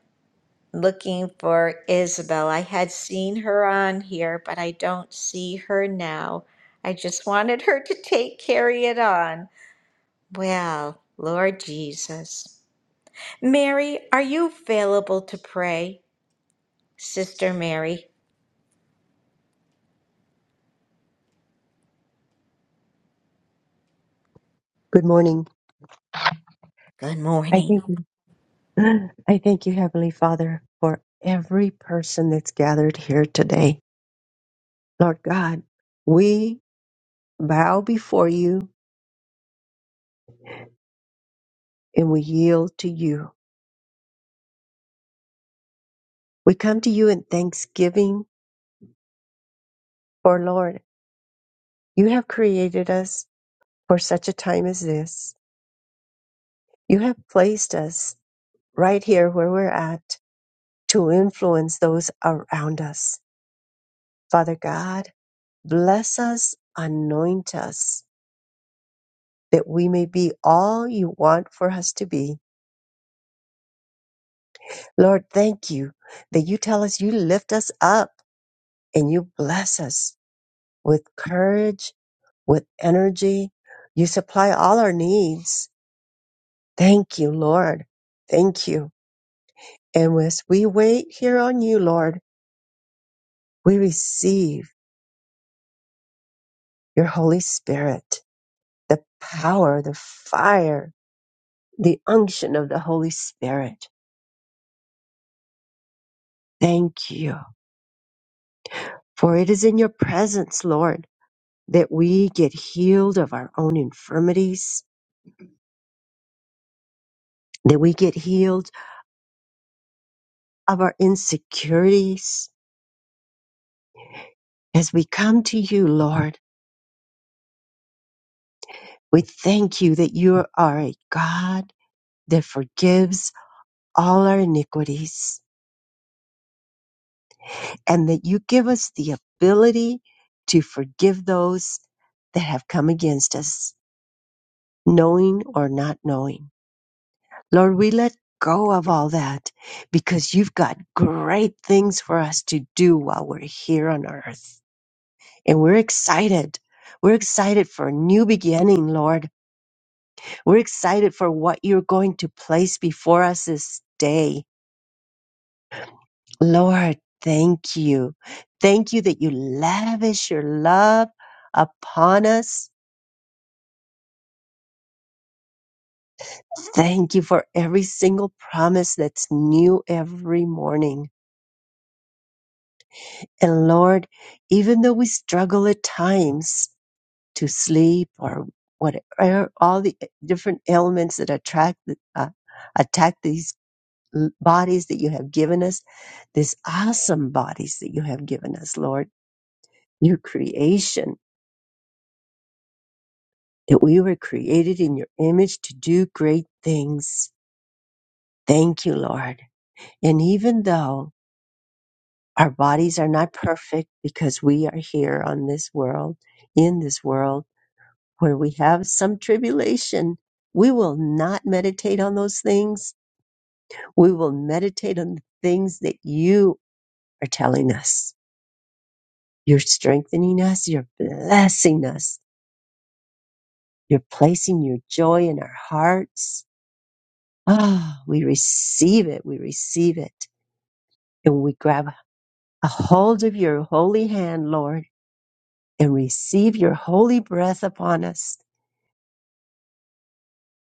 Speaker 1: looking for Isabel. I had seen her on here, but I don't see her now. I just wanted her to take carry it on. Well, Lord Jesus. Mary, are you available to pray? Sister Mary.
Speaker 3: Good morning.
Speaker 1: Good
Speaker 3: I
Speaker 1: morning.
Speaker 3: thank you. I thank you, Heavenly Father, for every person that's gathered here today. Lord God, we bow before you and we yield to you. We come to you in thanksgiving, for Lord, you have created us for such a time as this. You have placed us right here where we're at to influence those around us. Father God, bless us, anoint us, that we may be all you want for us to be. Lord, thank you that you tell us you lift us up and you bless us with courage, with energy. You supply all our needs. Thank you, Lord. Thank you. And as we wait here on you, Lord, we receive your Holy Spirit, the power, the fire, the unction of the Holy Spirit. Thank you. For it is in your presence, Lord that we get healed of our own infirmities, that we get healed of our insecurities. As we come to you, Lord, we thank you that you are a God that forgives all our iniquities and that you give us the ability to forgive those that have come against us, knowing or not knowing. Lord, we let go of all that because you've got great things for us to do while we're here on earth. And we're excited. We're excited for a new beginning, Lord. We're excited for what you're going to place before us this day. Lord, thank you. Thank you that you lavish your love upon us. Thank you for every single promise that's new every morning. And Lord, even though we struggle at times to sleep or whatever, all the different ailments that attract, uh, attack these l- bodies that you have given us, this awesome bodies that you have given us, Lord, your creation, that we were created in your image to do great things. Thank you, Lord. And even though our bodies are not perfect because we are here on this world, in this world where we have some tribulation, we will not meditate on those things. We will meditate on the things that you are telling us You're strengthening us. You're blessing us. You're placing your joy in our hearts. Ah, we receive it. We receive it. And we grab a hold of your holy hand, Lord, and receive your holy breath upon us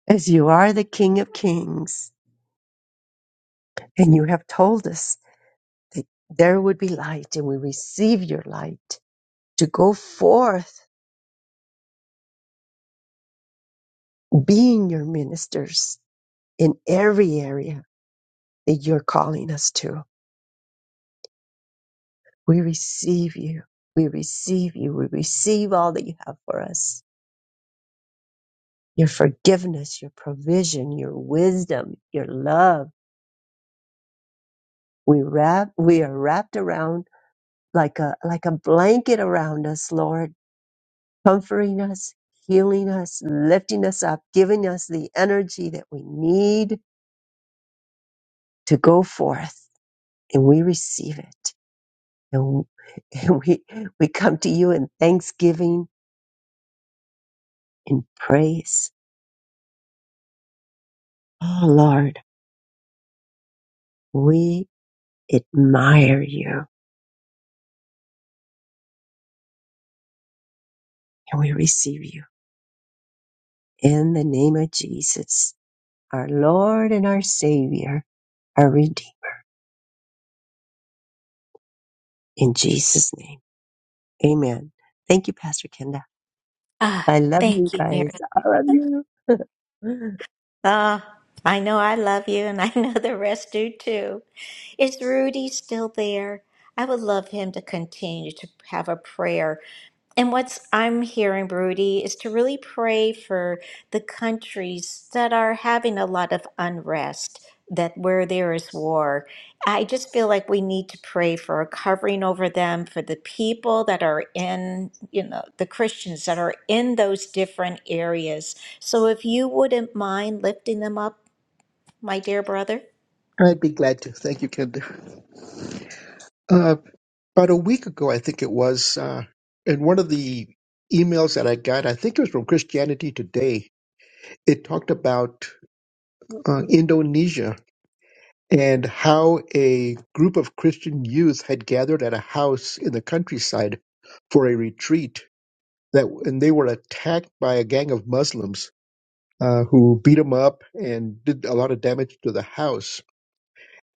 Speaker 3: as you are the King of Kings. And you have told us that there would be light and we receive your light to go forth being your ministers in every area that you're calling us to. We receive you. We receive you. We receive all that you have for us. Your forgiveness, your provision, your wisdom, your love. We wrap, we are wrapped around like a, like a blanket around us, Lord, comforting us, healing us, lifting us up, giving us the energy that we need to go forth. And we receive it. And, and we, we come to you in thanksgiving, in praise. Oh, Lord. We. admire you and we receive you. In the name of Jesus, our Lord and our Savior, our Redeemer. In Jesus' name, amen. Thank you, Pastor Kenda.
Speaker 1: Ah,
Speaker 3: I love you
Speaker 1: thank you, Mary.
Speaker 3: guys. I love you.
Speaker 1: Ah, I know I love you and I know the rest do too. Is Rudy still there? I would love him to continue to have a prayer And what's I'm hearing, Rudy, is to really pray for the countries that are having a lot of unrest, that where there is war. I just feel like we need to pray for a covering over them, for the people that are in, you know, the Christians that are in those different areas. So if you wouldn't mind lifting them up, my dear brother.
Speaker 3: I'd be glad to. Thank you, Kenda. Uh, about a week ago, I think it was, uh, in one of the emails that I got, I think it was from Christianity Today, it talked about uh, Indonesia and how a group of Christian youth had gathered at a house in the countryside for a retreat. That and they were attacked by a gang of Muslims uh, who beat them up and did a lot of damage to the house.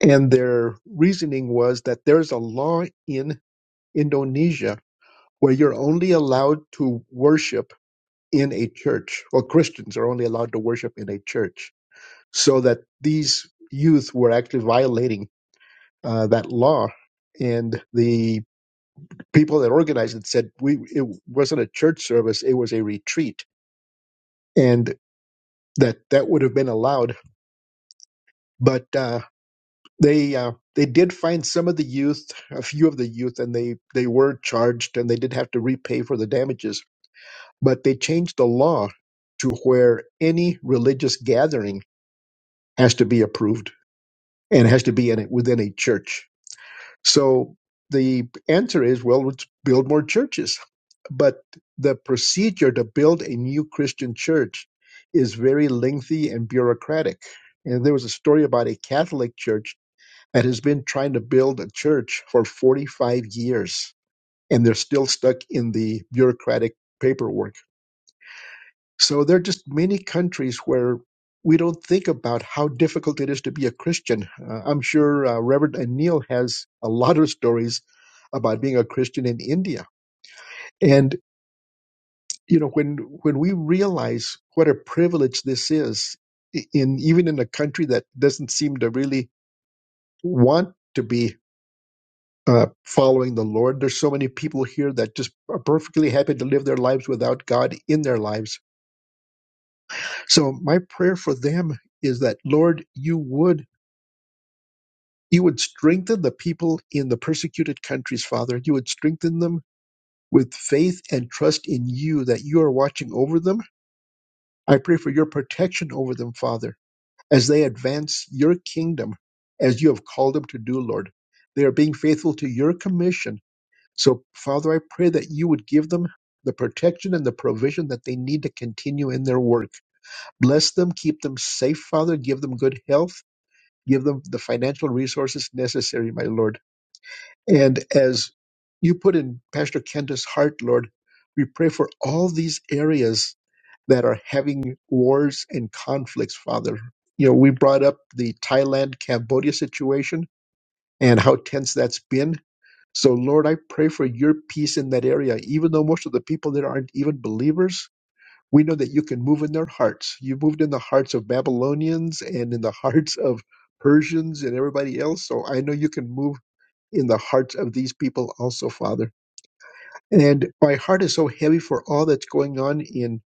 Speaker 3: And their reasoning was that there's a law in Indonesia where you're only allowed to worship in a church, or Christians are only allowed to worship in a church. So that these youth were actually violating uh, that law. And the people that organized it said we it wasn't a church service; it was a retreat, and that that would have been allowed. But uh, they uh, they did find some of the youth, a few of the youth, and they they were charged, and they did have to repay for the damages. But they changed the law to where any religious gathering has to be approved and has to be in it within a church So the answer is, well, let's build more churches. But the procedure to build a new Christian church is very lengthy and bureaucratic. And there was a story about a Catholic church that has been trying to build a church for 45 years, and they're still stuck in the bureaucratic paperwork. So there are just many countries where we don't think about how difficult it is to be a Christian. Uh, I'm sure uh, Reverend Anil has a lot of stories about being a Christian in India. And you know, when when we realize what a privilege this is, i- in even in a country that doesn't seem to really want to be uh, following the Lord, there's so many people here that just are perfectly happy to live their lives without God in their lives So my prayer for them is that Lord, you would you would strengthen the people in the persecuted countries, Father. You would strengthen them with faith and trust in you that you are watching over them. I pray for your protection over them, Father, as they advance your kingdom as you have called them to do, Lord. They are being faithful to your commission. So, Father, I pray that you would give them the protection and the provision that they need to continue in their work. Bless them, keep them safe, Father. Give them good health Give them the financial resources necessary, my Lord. And as you put in Pastor Kenda's heart, Lord, we pray for all these areas that are having wars and conflicts, Father. You know, we brought up the Thailand Cambodia situation and how tense that's been. So, Lord, I pray for your peace in that area, even though most of the people there aren't even believers we know that you can move in their hearts. You moved in the hearts of Babylonians and in the hearts of Persians and everybody else. So I know you can move in the hearts of these people also, Father. And my heart is so heavy for all that's going on in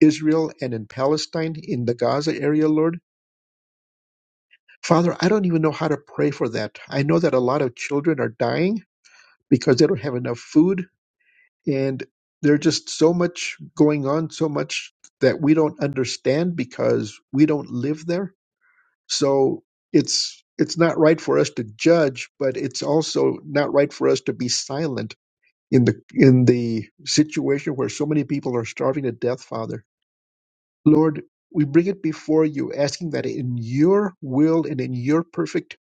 Speaker 3: Israel and in Palestine, in the Gaza area, Lord. Father, I don't even know how to pray for that. I know that a lot of children are dying because they don't have enough food. And there's just so much going on, so much that we don't understand because we don't live there So it's it's not right for us to judge, but it's also not right for us to be silent in the in the situation where so many people are starving to death, Father. Lord, we bring it before you, asking that in your will and in your perfect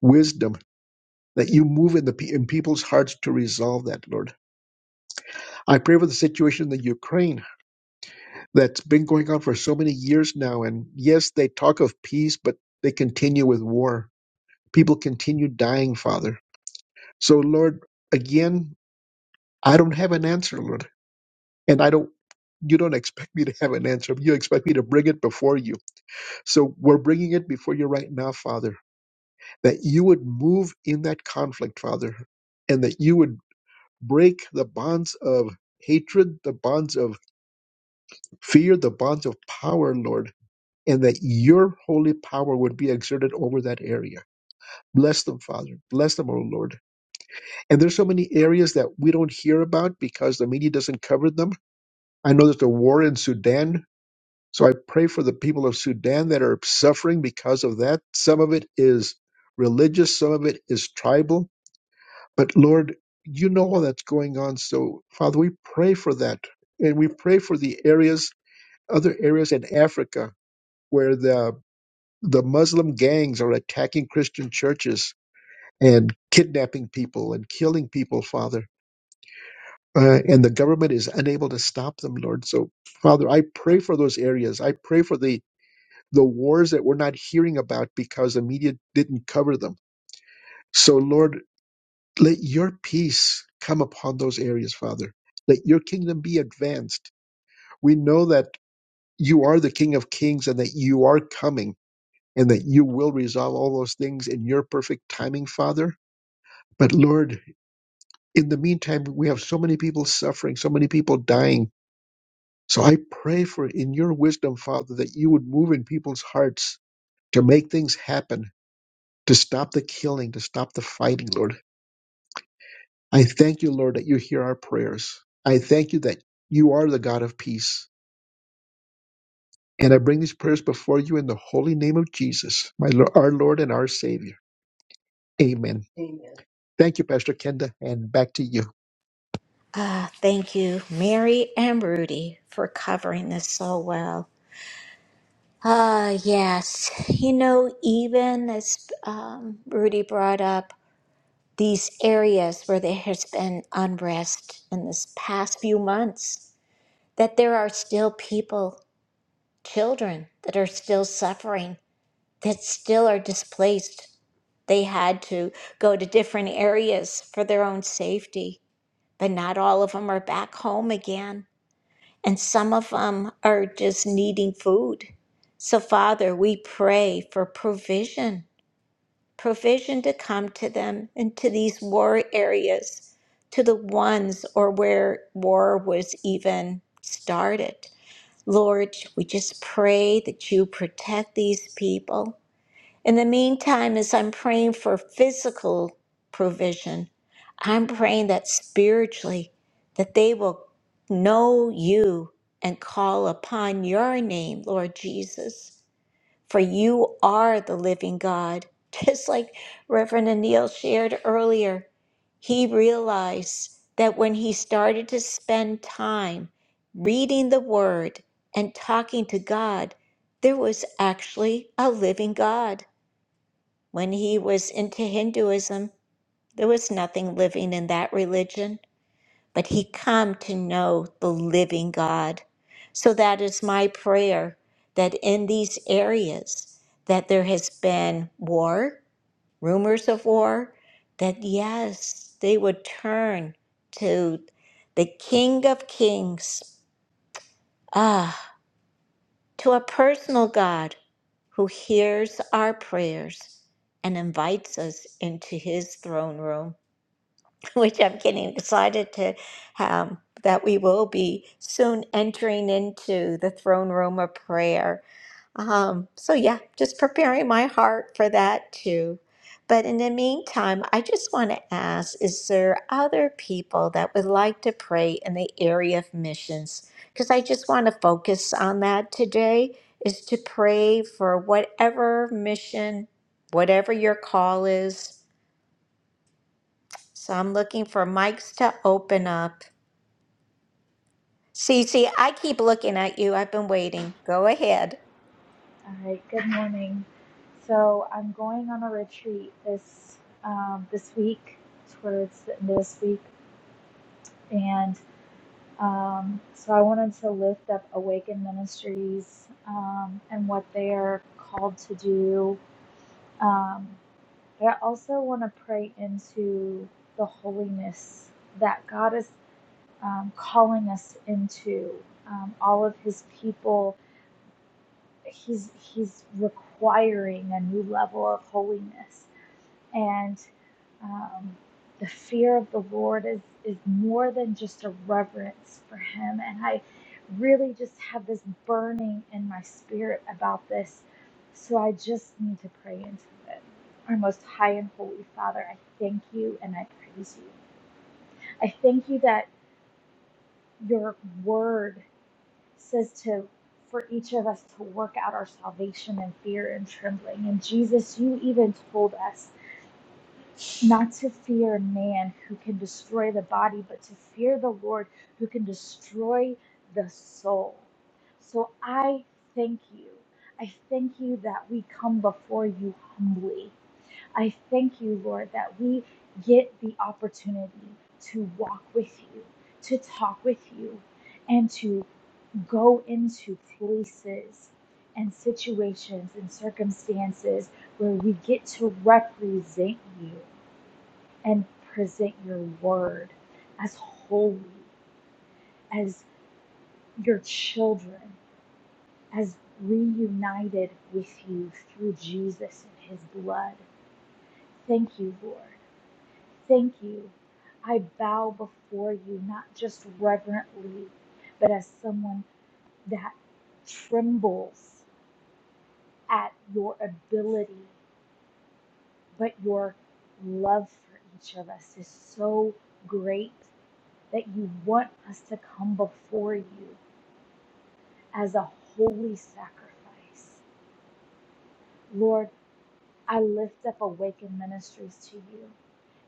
Speaker 3: wisdom that you move in the pe- in people's hearts to resolve that, Lord. I pray for the situation in the Ukraine that's been going on for so many years now, and yes, they talk of peace, but they continue with war. People continue dying, Father So, Lord, again, I don't have an answer, Lord. And I don't, you don't expect me to have an answer. You expect me to bring it before you. So we're bringing it before you right now, Father, that you would move in that conflict, Father, and that you would break the bonds of hatred, the bonds of fear, the bonds of power, Lord, and that your holy power would be exerted over that area. Bless them, Father. Bless them, O Lord. And there's so many areas that we don't hear about because the media doesn't cover them I know there's a war in Sudan, so I pray for the people of Sudan that are suffering because of that. Some of it is religious, some of it is tribal. But Lord, you know all that's going on. So, Father, we pray for that. And we pray for the areas, other areas in Africa where the the Muslim gangs are attacking Christian churches and kidnapping people and killing people, Father. Uh, and the government is unable to stop them, Lord. So, Father, I pray for those areas. I pray for the the wars that we're not hearing about because the media didn't cover them. So, Lord, let your peace come upon those areas, Father. Let your kingdom be advanced. We know that you are the King of Kings and that you are coming and that you will resolve all those things in your perfect timing, Father. But, Lord, in the meantime, we have so many people suffering, so many people dying. So I pray for in your wisdom, Father, that you would move in people's hearts to make things happen to stop the killing, to stop the fighting, Lord. I thank you, Lord, that you hear our prayers. I thank you that you are the God of peace. And I bring these prayers before you in the holy name of Jesus, my Lord, our Lord and our Savior. Amen. Amen. Thank you, Pastor Kenda, and back to you.
Speaker 1: Ah, thank you, Mary and Rudy, for covering this so well. Ah, yes. You know, even as um, Rudy brought up these areas where there has been unrest in this past few months, that there are still people, children, that are still suffering, that still are displaced. They had to go to different areas for their own safety, but not all of them are back home again and some of them are just needing food. So, Father, we pray for provision, provision to come to them into these war areas, to the ones or where war was even started. Lord, we just pray that you protect these people. In the meantime, as I'm praying for physical provision, I'm praying that spiritually, that they will know you and call upon your name, Lord Jesus, for you are the living God. Just like Reverend Anil shared earlier, he realized that when he started to spend time reading the Word and talking to God, there was actually a living God. When he was into Hinduism, there was nothing living in that religion, but he come to know the living God. So that is my prayer that in these areas that there has been war, rumors of war, that yes, they would turn to the King of Kings. Ah. to a personal God who hears our prayers and invites us into his throne room, which I'm getting excited to um, that we will be soon entering into the throne room of prayer. Um, so yeah, just preparing my heart for that too. But in the meantime, I just want to ask, is there other people that would like to pray in the area of missions? Because I just want to focus on that today, is to pray for whatever mission, whatever your call is. So I'm looking for mics to open up. Cece, I keep looking at you. I've been waiting. Go ahead.
Speaker 10: All right, good morning. So I'm going on a retreat this um, this week, towards the end of this week, and um, so I wanted to lift up Awaken Ministries um, and what they are called to do. Um, but I also want to pray into the holiness that God is um, calling us into. Um, all of His people, He's He's requiring a new level of holiness and um, the fear of the Lord is is more than just a reverence for Him. And I really just have this burning in my spirit about this, so I just need to pray into it. Our most high and holy Father, I thank you and I praise you. I thank you that your Word says to for each of us to work out our salvation in fear and trembling. And Jesus, you even told us. not to fear man who can destroy the body, but to fear the Lord who can destroy the soul. So I thank you. I thank you that we come before you humbly. I thank you, Lord, that we get the opportunity to walk with you, to talk with you, and to go into places and situations and circumstances where we get to represent you and present your word as holy, as your children, as reunited with you through Jesus and his blood. Thank you, Lord. Thank you. I bow before you, not just reverently, but as someone that trembles at your ability, but your love for each of us is so great that you want us to come before you. as a holy sacrifice. Lord, I lift up Awaken Ministries to you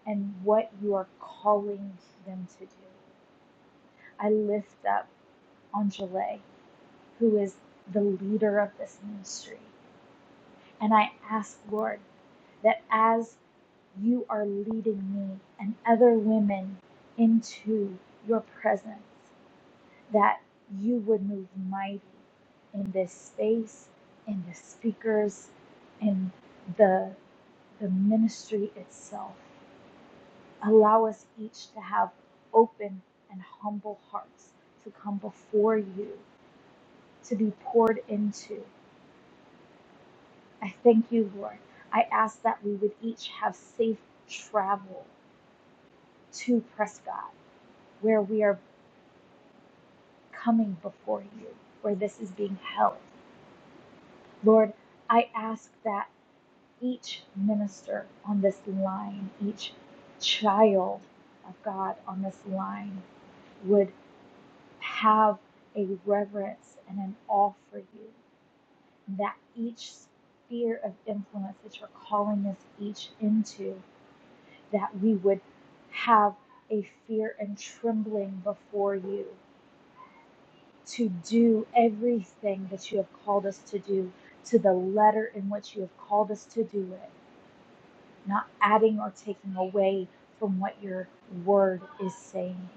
Speaker 10: and what you are calling them to do. I lift up Angele, who is the leader of this ministry. And I ask, Lord, that as you are leading me and other women into your presence, that you would move mighty in this space, in the speakers, in the the ministry itself. Allow us each to have open and humble hearts to come before you, to be poured into. I thank you, Lord. I ask that we would each have safe travel to Prescott, where we are coming before you, where this is being held. Lord, I ask that. each minister on this line, each child of God on this line would have a reverence and an awe for you, that each sphere of influence that you're calling us each into, that we would have a fear and trembling before you to do everything that you have called us to do to the letter in which you have called us to do it not adding or taking away from what your word is saying.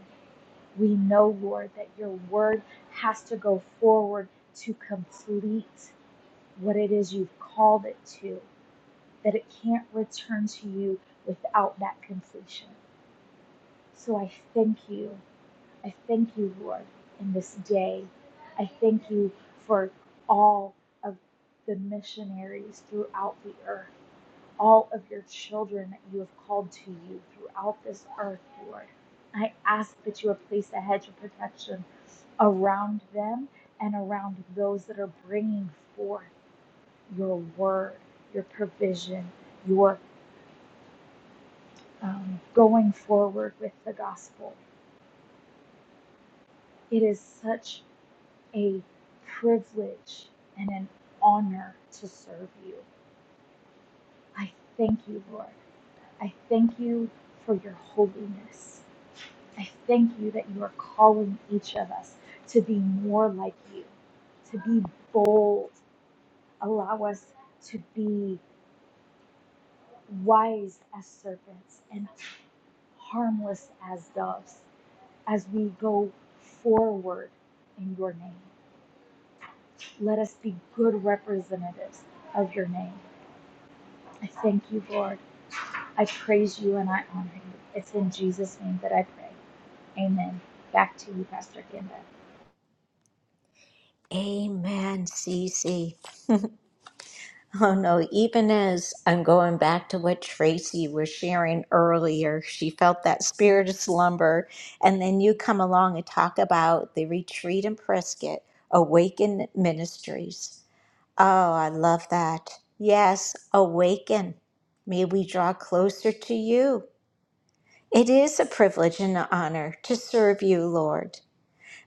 Speaker 10: We know, Lord, that your word has to go forward to complete what it is you've called it to, that it can't return to you without that completion. So I thank you. I thank you, Lord, in this day. I thank you for all of the missionaries throughout the earth all of your children that you have called to you throughout this earth, Lord. I ask that you would place a hedge of protection around them and around those that are bringing forth your word, your provision, your um, going forward with the gospel. It is such a privilege and an honor to serve you. I thank you, Lord. I thank you for your holiness. I thank you that you are calling each of us to be more like you, to be bold. Allow us to be wise as serpents and harmless as doves as we go forward in your name. Let us be good representatives of your name. I thank you, Lord. I praise you and I honor you. It's in Jesus' name that I pray. Amen. Back to you, Pastor Kenda.
Speaker 1: Amen, Cece. Oh no, even as I'm going back to what Tracy was sharing earlier, she felt that spirit of slumber. And then you come along and talk about the retreat in Prescott, Awaken Ministries. Oh, I love that. Yes, awaken. May we draw closer to you. It is a privilege and an honor to serve you, Lord.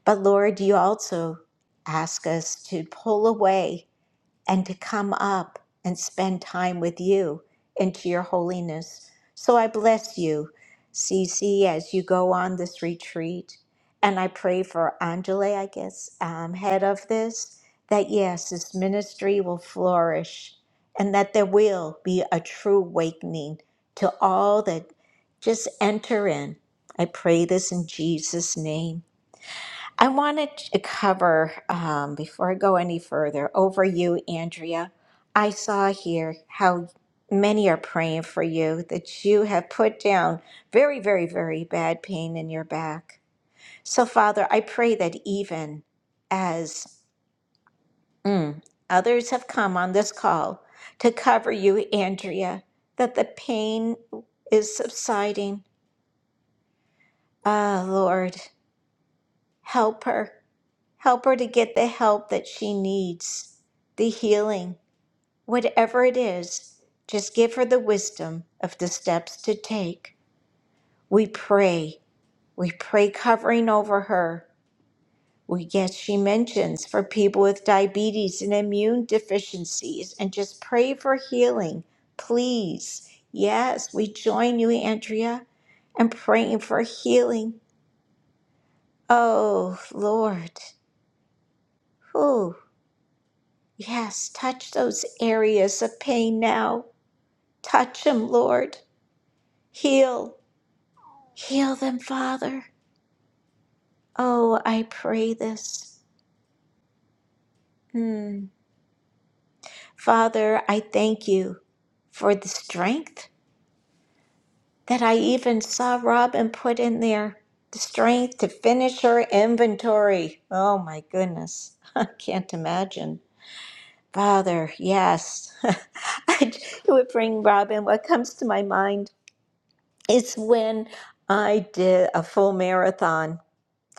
Speaker 1: But Lord, you also ask us to pull away and to come up and spend time with you into your holiness. So I bless you, Cece, as you go on this retreat. And I pray for Angela, I guess, um, head of this, that yes, this ministry will flourish and that there will be a true awakening to all that just enter in. I pray this in Jesus' name. I wanted to cover, um, before I go any further, over you, Andrea. I saw here how many are praying for you, that you have put down very, very, very bad pain in your back. So, Father, I pray that even as mm, others have come on this call to cover you, Andrea, that the pain is subsiding. Ah, Lord, help her. Help her to get the help that she needs, the healing, whatever it is. Just give her the wisdom of the steps to take. We pray. We pray covering over her. We yes, she mentions for people with diabetes and immune deficiencies and just pray for healing. Please. Yes, we join you, Andrea, and praying for healing. Oh Lord. Whew. Yes, touch those areas of pain now. Touch them, Lord. Heal. Heal them, Father. Oh, I pray this. Hmm. Father, I thank you for the strength that I even saw Robin put in there. The strength to finish her inventory. Oh, my goodness. I can't imagine. Father, yes. I- it would bring Robin what comes to my mind It's when I did a full marathon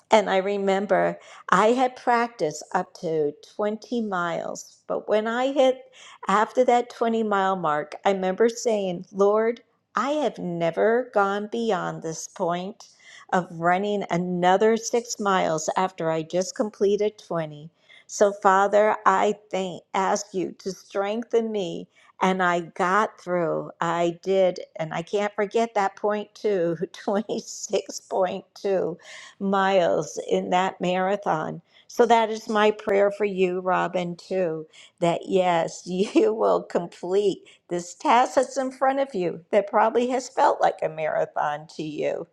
Speaker 1: and I remember I had practiced up to 20 miles, but when I hit after that 20 mile mark, I remember saying, Lord, I have never gone beyond this point of running another six miles after I just completed 20. So, Father, I thank, ask you to strengthen me. And I got through. I did. And I can't forget that point, too 26.2 miles in that marathon. So that is my prayer for you, Robin, too, that yes, you will complete this task that's in front of you that probably has felt like a marathon to you.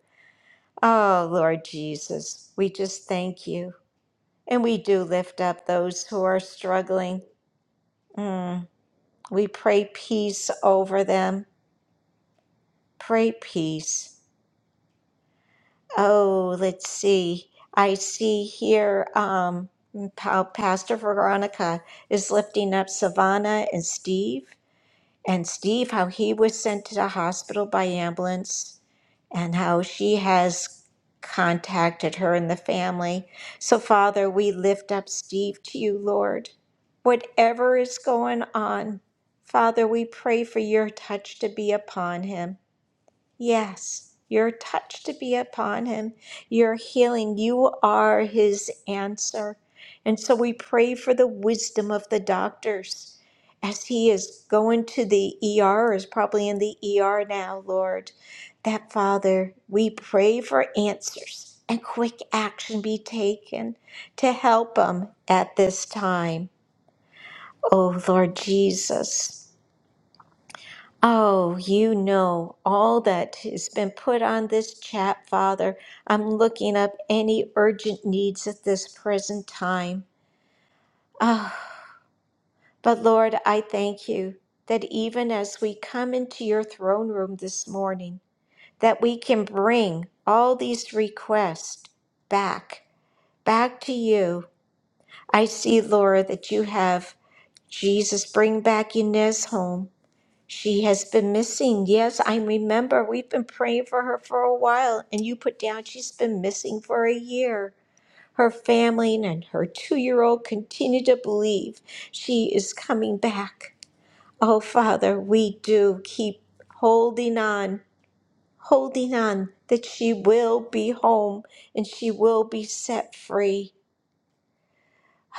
Speaker 1: Oh, Lord Jesus, we just thank you. And we do lift up those who are struggling. Mm, we pray peace over them. Pray peace. Oh, let's see. I see here um, how Pastor Veronica is lifting up Savannah and Steve, and Steve, how he was sent to the hospital by ambulance, and how she has contacted her and the family. So, Father, we lift up Steve to you, Lord. Whatever is going on, Father, we pray for your touch to be upon him. Yes, your touch to be upon him, your healing. You are his answer. And so we pray for the wisdom of the doctors as he is going to the ER, or is probably in the ER now, Lord. That Father, we pray for answers and quick action be taken to help him at this time. Oh, Lord Jesus. Oh, you know all that has been put on this chat, Father. I'm looking up any urgent needs at this present time. Ah, but Lord, I thank you that even as we come into your throne room this morning, that we can bring all these requests back, back to you. I see, Laura, that you have Jesus bring back Inez home. She has been missing. Yes, I remember. We've been praying for her for a while, and you put down she's been missing for a year. Her family and her two year old continue to believe she is coming back. Oh, Father, we do keep holding on, holding on that she will be home and she will be set free.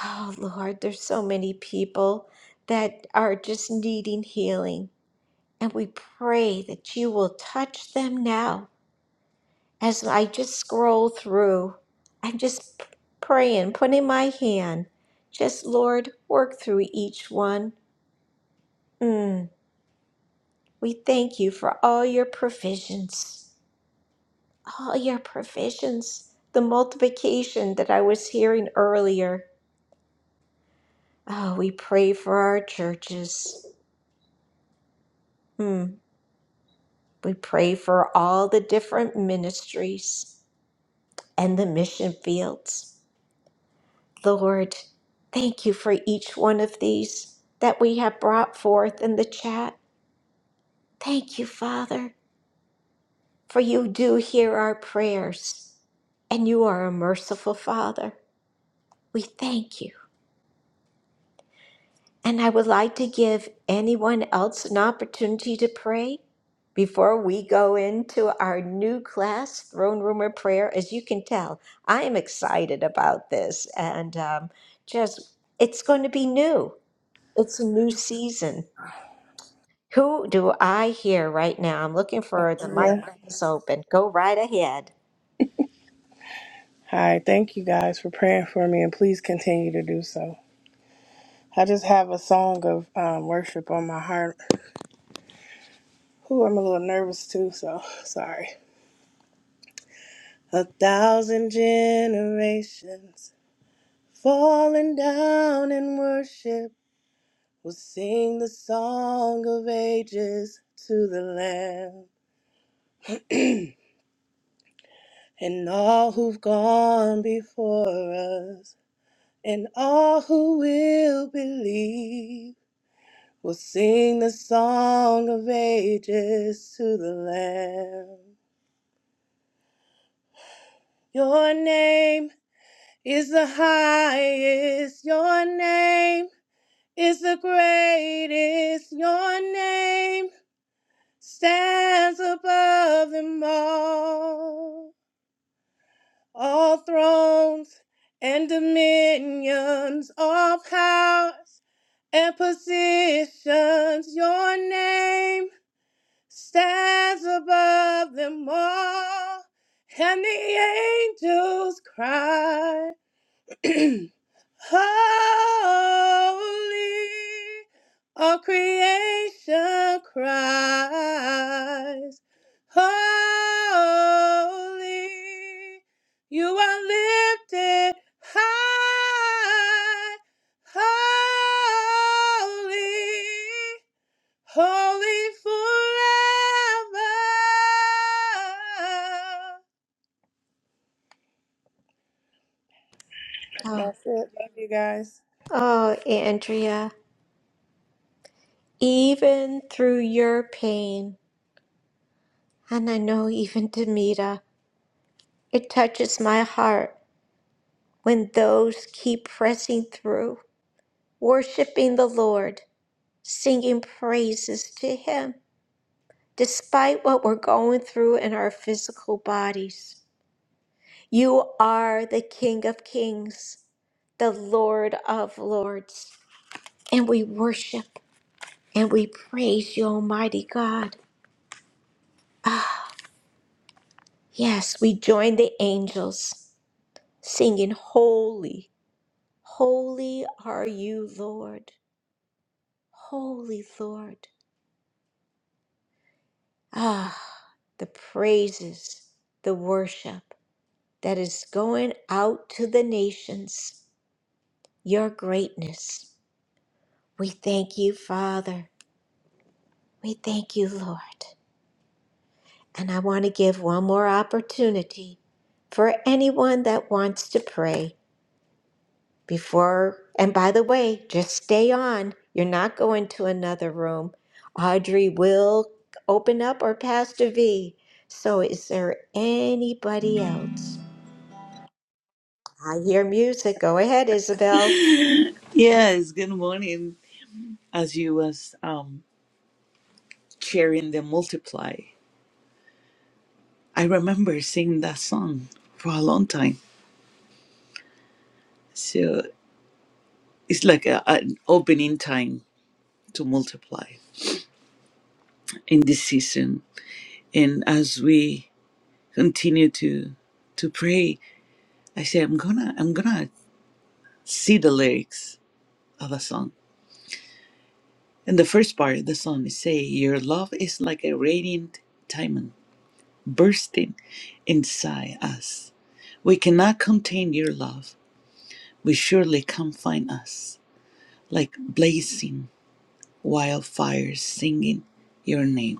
Speaker 1: Oh, Lord, there's so many people that are just needing healing And we pray that you will touch them now. As I just scroll through, I'm just p- praying, putting my hand, just Lord, work through each one. Mm, we thank you for all your provisions, all your provisions, the multiplication that I was hearing earlier. Oh, we pray for our churches. Mm, we pray for all the different ministries and the mission fields. Lord, thank you for each one of these that we have brought forth in the chat. Thank you, Father, for you do hear our prayers and you are a merciful Father. We thank you. And I would like to give anyone else an opportunity to pray before we go into our new class, Throne Room of Prayer. As you can tell, I am excited about this and um, just it's going to be new. It's a new season. Who do I hear right now? I'm looking for the mic
Speaker 11: Yeah.
Speaker 1: that is open. Go right ahead.
Speaker 11: Hi, thank you guys for praying for me and please continue to do so. I just have a song of um, worship on my heart. Who I'm a little nervous too, so sorry. A thousand generations falling down in worship will sing the song of ages to the Lamb and all who've gone before us and all who will believe. We'll sing the song of ages to the Lamb. Your name is the highest. Your name is the greatest. Your name stands above them all. All thrones and dominions, all powers and positions. Your name stands above them all, and the angels cry, Holy, all creation cries, Holy, you are lifted high, Holy holy forever.
Speaker 1: Oh,
Speaker 11: That's it. Love you guys.
Speaker 1: oh, Andrea, even through your pain, and I know even Demita, it touches my heart when those keep pressing through, worshiping the Lord, singing praises to Him, despite what we're going through in our physical bodies. You are the King of Kings, the Lord of Lords, and we worship and we praise you, Almighty God. Yes, we join the angels singing, Holy, holy are you, Lord, holy Lord. Ah, the praises, the worship that is going out to the nations, your greatness. We thank you, Father. We thank you, Lord. And I want to give one more opportunity for anyone that wants to pray before. And by the way, just stay on. You're not going to another room. Audrey will open up or Pastor V. So is there anybody else? I hear music. Go ahead, Isabel.
Speaker 12: Yes, good morning. As you was um sharing the multiply, I remember singing that song for a long time. So it's like a, an opening time to multiply in this season. And as we continue to to pray, I say I'm gonna I'm gonna see the lyrics of a song. And the first part of the song is say, Your love is like a radiant diamond bursting inside us We cannot contain your love, but surely come find us, like blazing wildfires singing your name.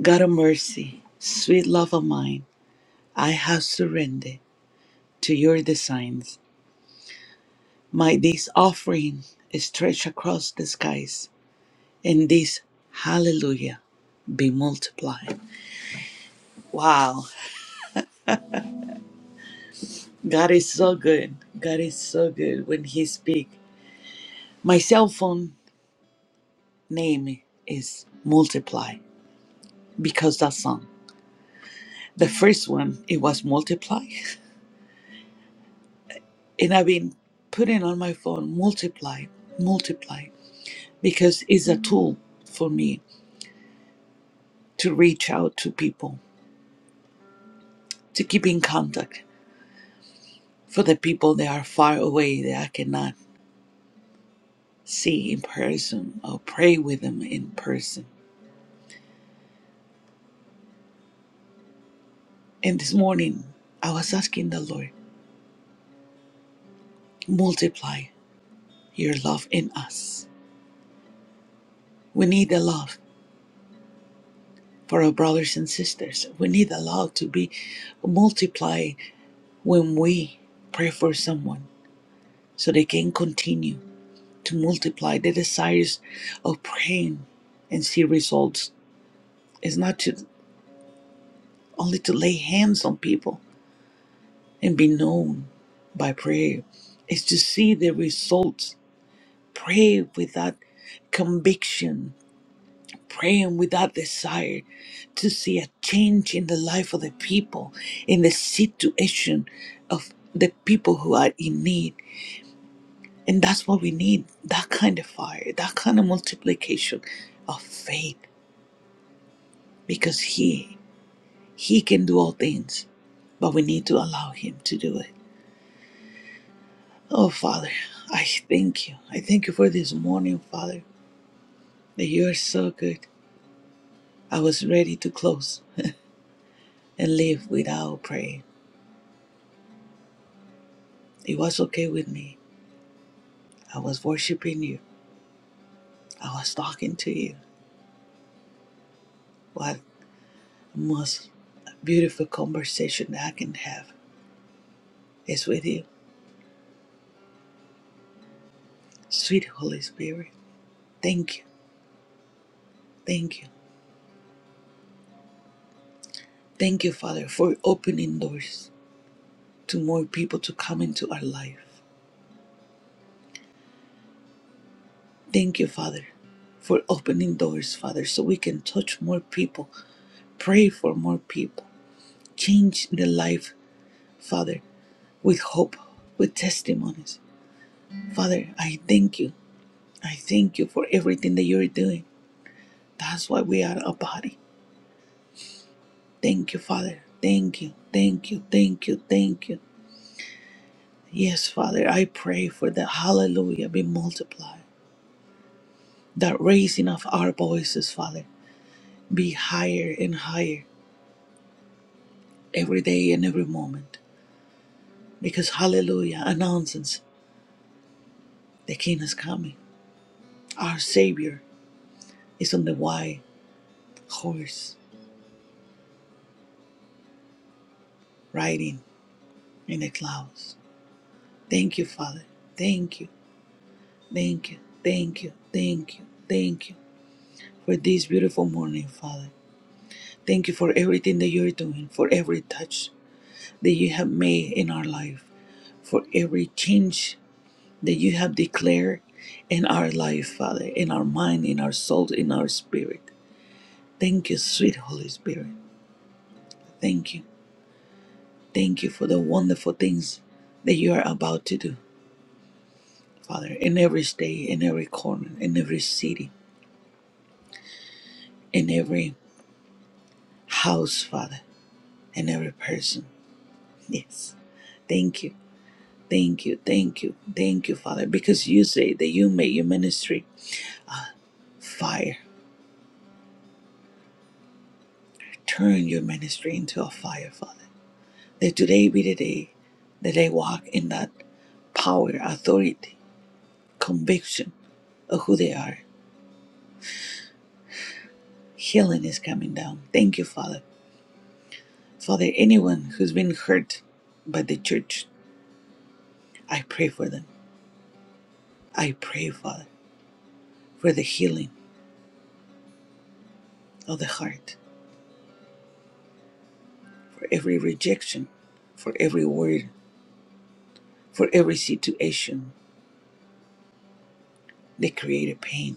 Speaker 12: God of mercy, sweet love of mine, I have surrendered to your designs. My this offering stretch across the skies, and this hallelujah be multiplied. Wow, God is so good. God is so good when He speaks. My cell phone name is Multiply. because that song. The first one, it was multiply. And I've been putting on my phone multiply, multiply, because it's a tool for me to reach out to people, to keep in contact for the people that are far away that I cannot see in person or pray with them in person. And this morning, I was asking the Lord, multiply your love in us. We need the love for our brothers and sisters. We need the love to be multiply. when we pray for someone so they can continue to multiply the desires of praying and see results is not to only to lay hands on people and be known by prayer is to see the results pray with that conviction praying with that desire to see a change in the life of the people in the situation of the people who are in need And that's what we need that kind of fire, that kind of multiplication of faith because He, He can do all things, but we need to allow Him to do it. Oh, Father, I thank you. I thank you for this morning, Father, that you are so good. I was ready to close and leave without praying. It was okay with me. I was worshiping you, I was talking to you. What most beautiful conversation that I can have is with you, sweet Holy Spirit. Thank you. Thank you. Thank you, Father, for opening doors to more people to come into our life. Thank you, Father, for opening doors, Father, so we can touch more people, pray for more people, change the life, Father, with hope, with testimonies. Father, I thank you. I thank you for everything that you're doing. That's why we are a body. Thank you, Father. Thank you. Thank you. Thank you. Thank you. Yes, Father, I pray for the hallelujah be multiplied. that raising of our voices, Father, be higher and higher every day and every moment. Because hallelujah announces the King is coming. Our Savior is on the white horse riding in the clouds. Thank you, Father. Thank you. Thank you. Thank you. Thank you. Thank you for this beautiful morning, Father. Thank you for everything that you're doing, for every touch that you have made in our life, for every change that you have declared in our life, Father, in our mind, in our soul, in our spirit. Thank you, sweet Holy Spirit. Thank you. Thank you for the wonderful things that you are about to do, Father, in every state, in every corner, in every city, in every house, Father, in every person. Yes. Thank you. Thank you. Thank you. Thank you, Father, because you say that you make your ministry fire. Turn your ministry into a fire, Father. That today be the day that they walk in that power, authority, conviction of who they are. Healing is coming down. Thank you, Father. Father, anyone who's been hurt by the church, I pray for them. I pray, Father, for the healing of the heart, for every rejection, for every word, for every situation that created pain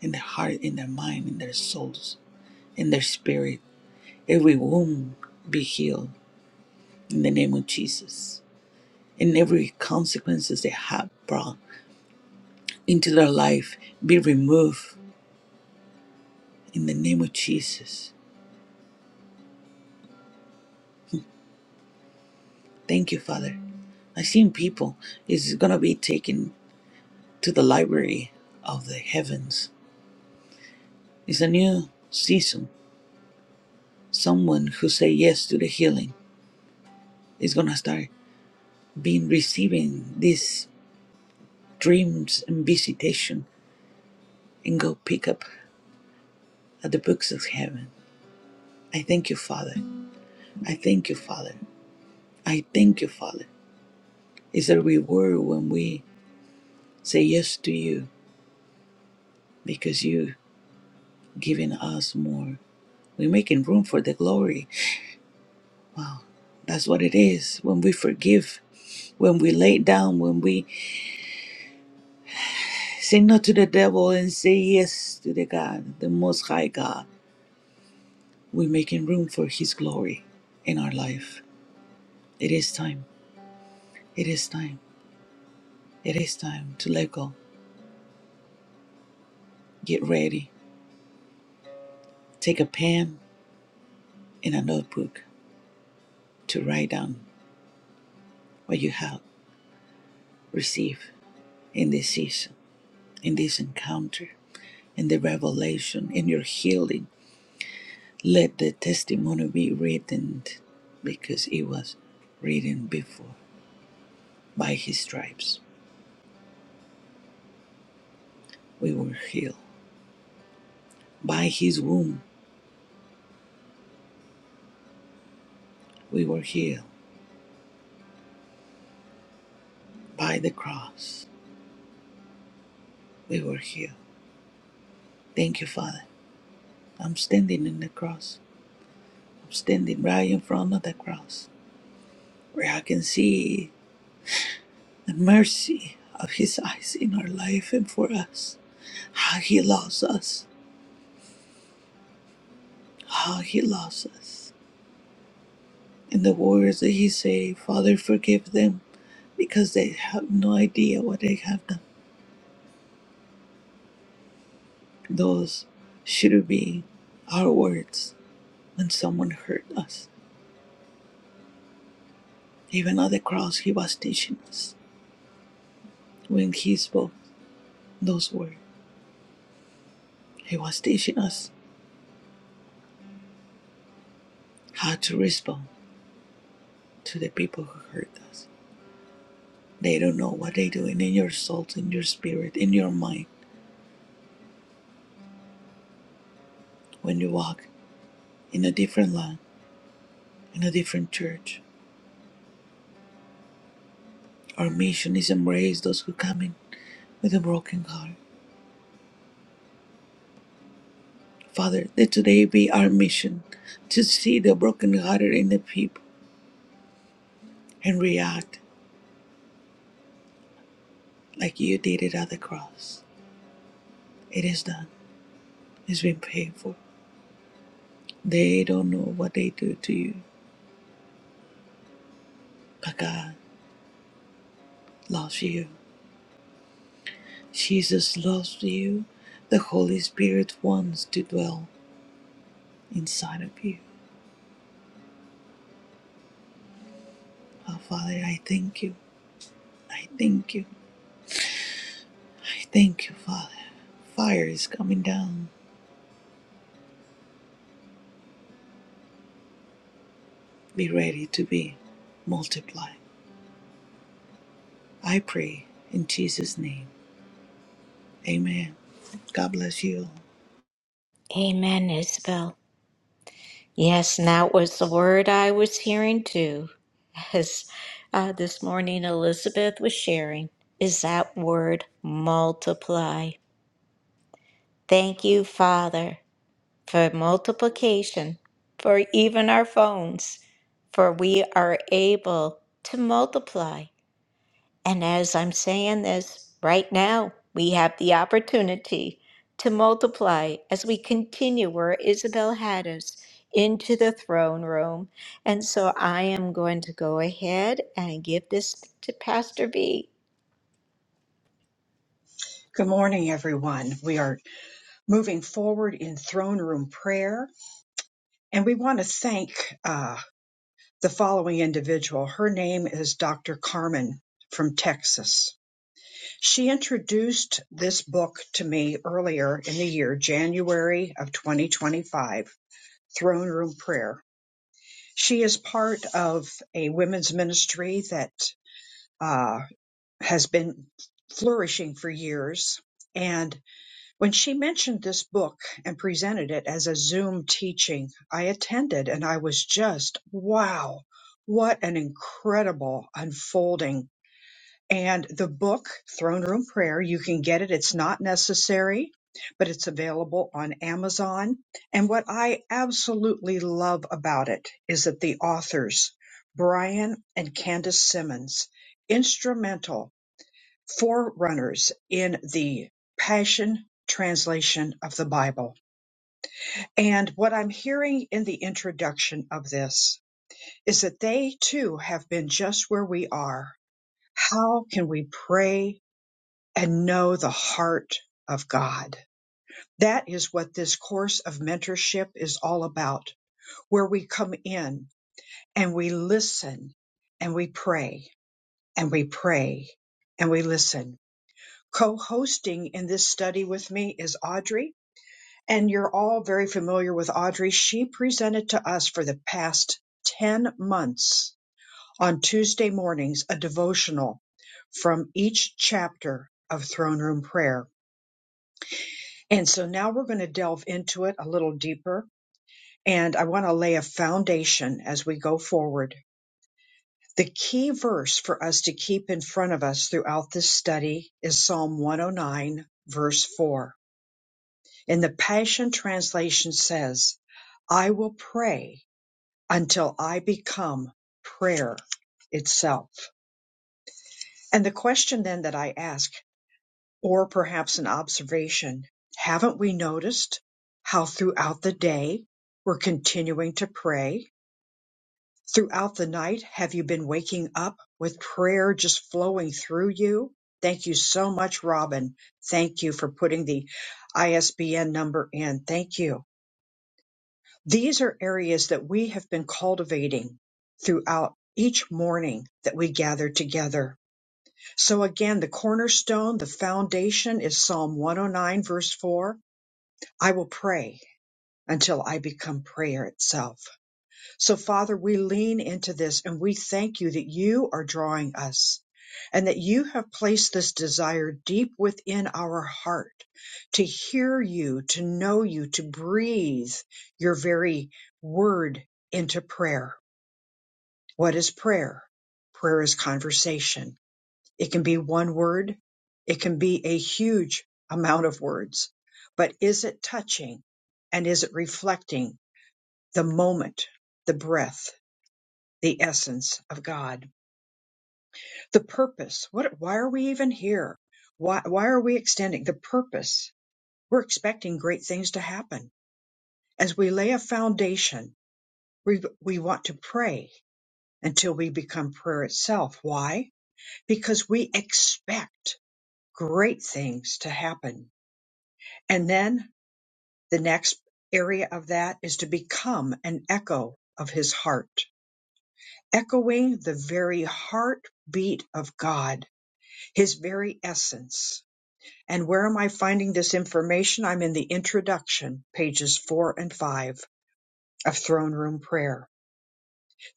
Speaker 12: in their heart, in their mind, in their souls, in their spirit. Every wound be healed in the name of Jesus. and every consequences they have brought into their life be removed in the name of Jesus. Thank you, Father. I've seen people is gonna be taken to the library of the heavens. It's a new season. Someone who say yes to the healing is gonna start being receiving these dreams and visitation and go pick up at the books of heaven. I thank you, Father. I thank you, Father. I thank you, Father. It's a reward when we say yes to you because you giving us more. We're making room for the glory. That's what it is when we forgive, when we lay down, when we say no to the devil and say yes to the God, the Most High God. We're making room for His glory in our life. It is time. It is time. It is time to let go. Get ready. Take a pen and a notebook to write down what you have received in this season in this encounter, in the revelation, in your healing. Let the testimony be written because it was written before. By his stripes we were healed. By his womb we were healed. By the cross we were healed. Thank you, Father. I'm standing in the cross. I'm standing right in front of the cross where I can see the mercy of his eyes in our life and for us. How he loves us. How he loves us. In the words that he say, Father, forgive them because they have no idea what they have done. Those should be our words when someone hurt us. Even on the cross, he was teaching us. When he spoke those words, he was teaching us how to respond to the people who hurt us. They don't know what they're doing in your soul, in your spirit, in your mind when you walk in a different land, in a different church. Our mission is embrace those who come in with a broken heart. Father, that today be our mission to see the brokenhearted in the people and react like you did it at the cross. It is done. It's been paid for. They don't know what they do to you, but God loves you. Jesus loves you. The Holy Spirit wants to dwell inside of you. Oh, Father, I thank you. I thank you. I thank you, Father. Fire is coming down. Be ready to be multiplied. I pray in Jesus' name. Amen. God bless you.
Speaker 1: Amen, Isabel. Yes, and that was the word I was hearing too. as uh, this morning Elizabeth was sharing, is that word multiply. Thank you, Father, for multiplication, for even our phones, for we are able to multiply. And as I'm saying this, right now, we have the opportunity to multiply as we continue where Isabel had us into the throne room. And so I am going to go ahead and give this to Pastor B.
Speaker 5: Good morning, everyone. We are moving forward in throne room prayer, and we want to thank uh, the following individual. Her name is Dr. Carmen from Texas. She introduced this book to me earlier in the year, January of 2025, Throne Room Prayer. She is part of a women's ministry that uh, has been flourishing for years. And When she mentioned this book and presented it as a Zoom teaching, I attended and I was just, wow, what an incredible unfolding. And the book, Throne Room Prayer, you can get it. It's not necessary, but it's available on Amazon. And what I absolutely love about it is that the authors, Brian and Candace Simmons, instrumental forerunners in the Passion translation of the Bible. And what I'm hearing in the introduction of this is that they too have been just where we are. How can we pray and know the heart of God? That is what this course of mentorship is all about, where we come in and we listen and we pray and we pray and we listen co-hosting in this study with me is Audrey, and you're all very familiar with Audrey. She presented to us for the past 10 months on Tuesday mornings a devotional from each chapter of Throne Room Prayer. And so now we're going to delve into it a little deeper, and I want to lay a foundation as we go forward. The key verse for us to keep in front of us throughout this study is Psalm 109, verse 4 In the Passion Translation says, I will pray until I become prayer itself. And the question then that I ask, or perhaps an observation, haven't we noticed how throughout the day we're continuing to pray? Throughout the night, have you been waking up with prayer just flowing through you? Thank you so much, Robin. Thank you for putting the ISBN number in. Thank you. These are areas that we have been cultivating throughout each morning that we gather together. So again, the cornerstone, the foundation is Psalm 109 verse 4. I will pray until I become prayer itself. So, Father, we lean into this and we thank you that you are drawing us and that you have placed this desire deep within our heart to hear you, to know you, to breathe your very word into prayer. What is prayer? Prayer is conversation. It can be one word, it can be a huge amount of words, but is it touching and is it reflecting the moment, the breath? the essence of God. The purpose. What, why are we even here? Why, why are we extending the purpose? We're expecting great things to happen. As we lay a foundation, we, we want to pray until we become prayer itself. Why? Because we expect great things to happen. And then the next area of that is to become an echo of his heart, echoing the very heartbeat of God his very essence. And where am I finding this information? I'm in the introduction, pages four and five of Throne Room Prayer.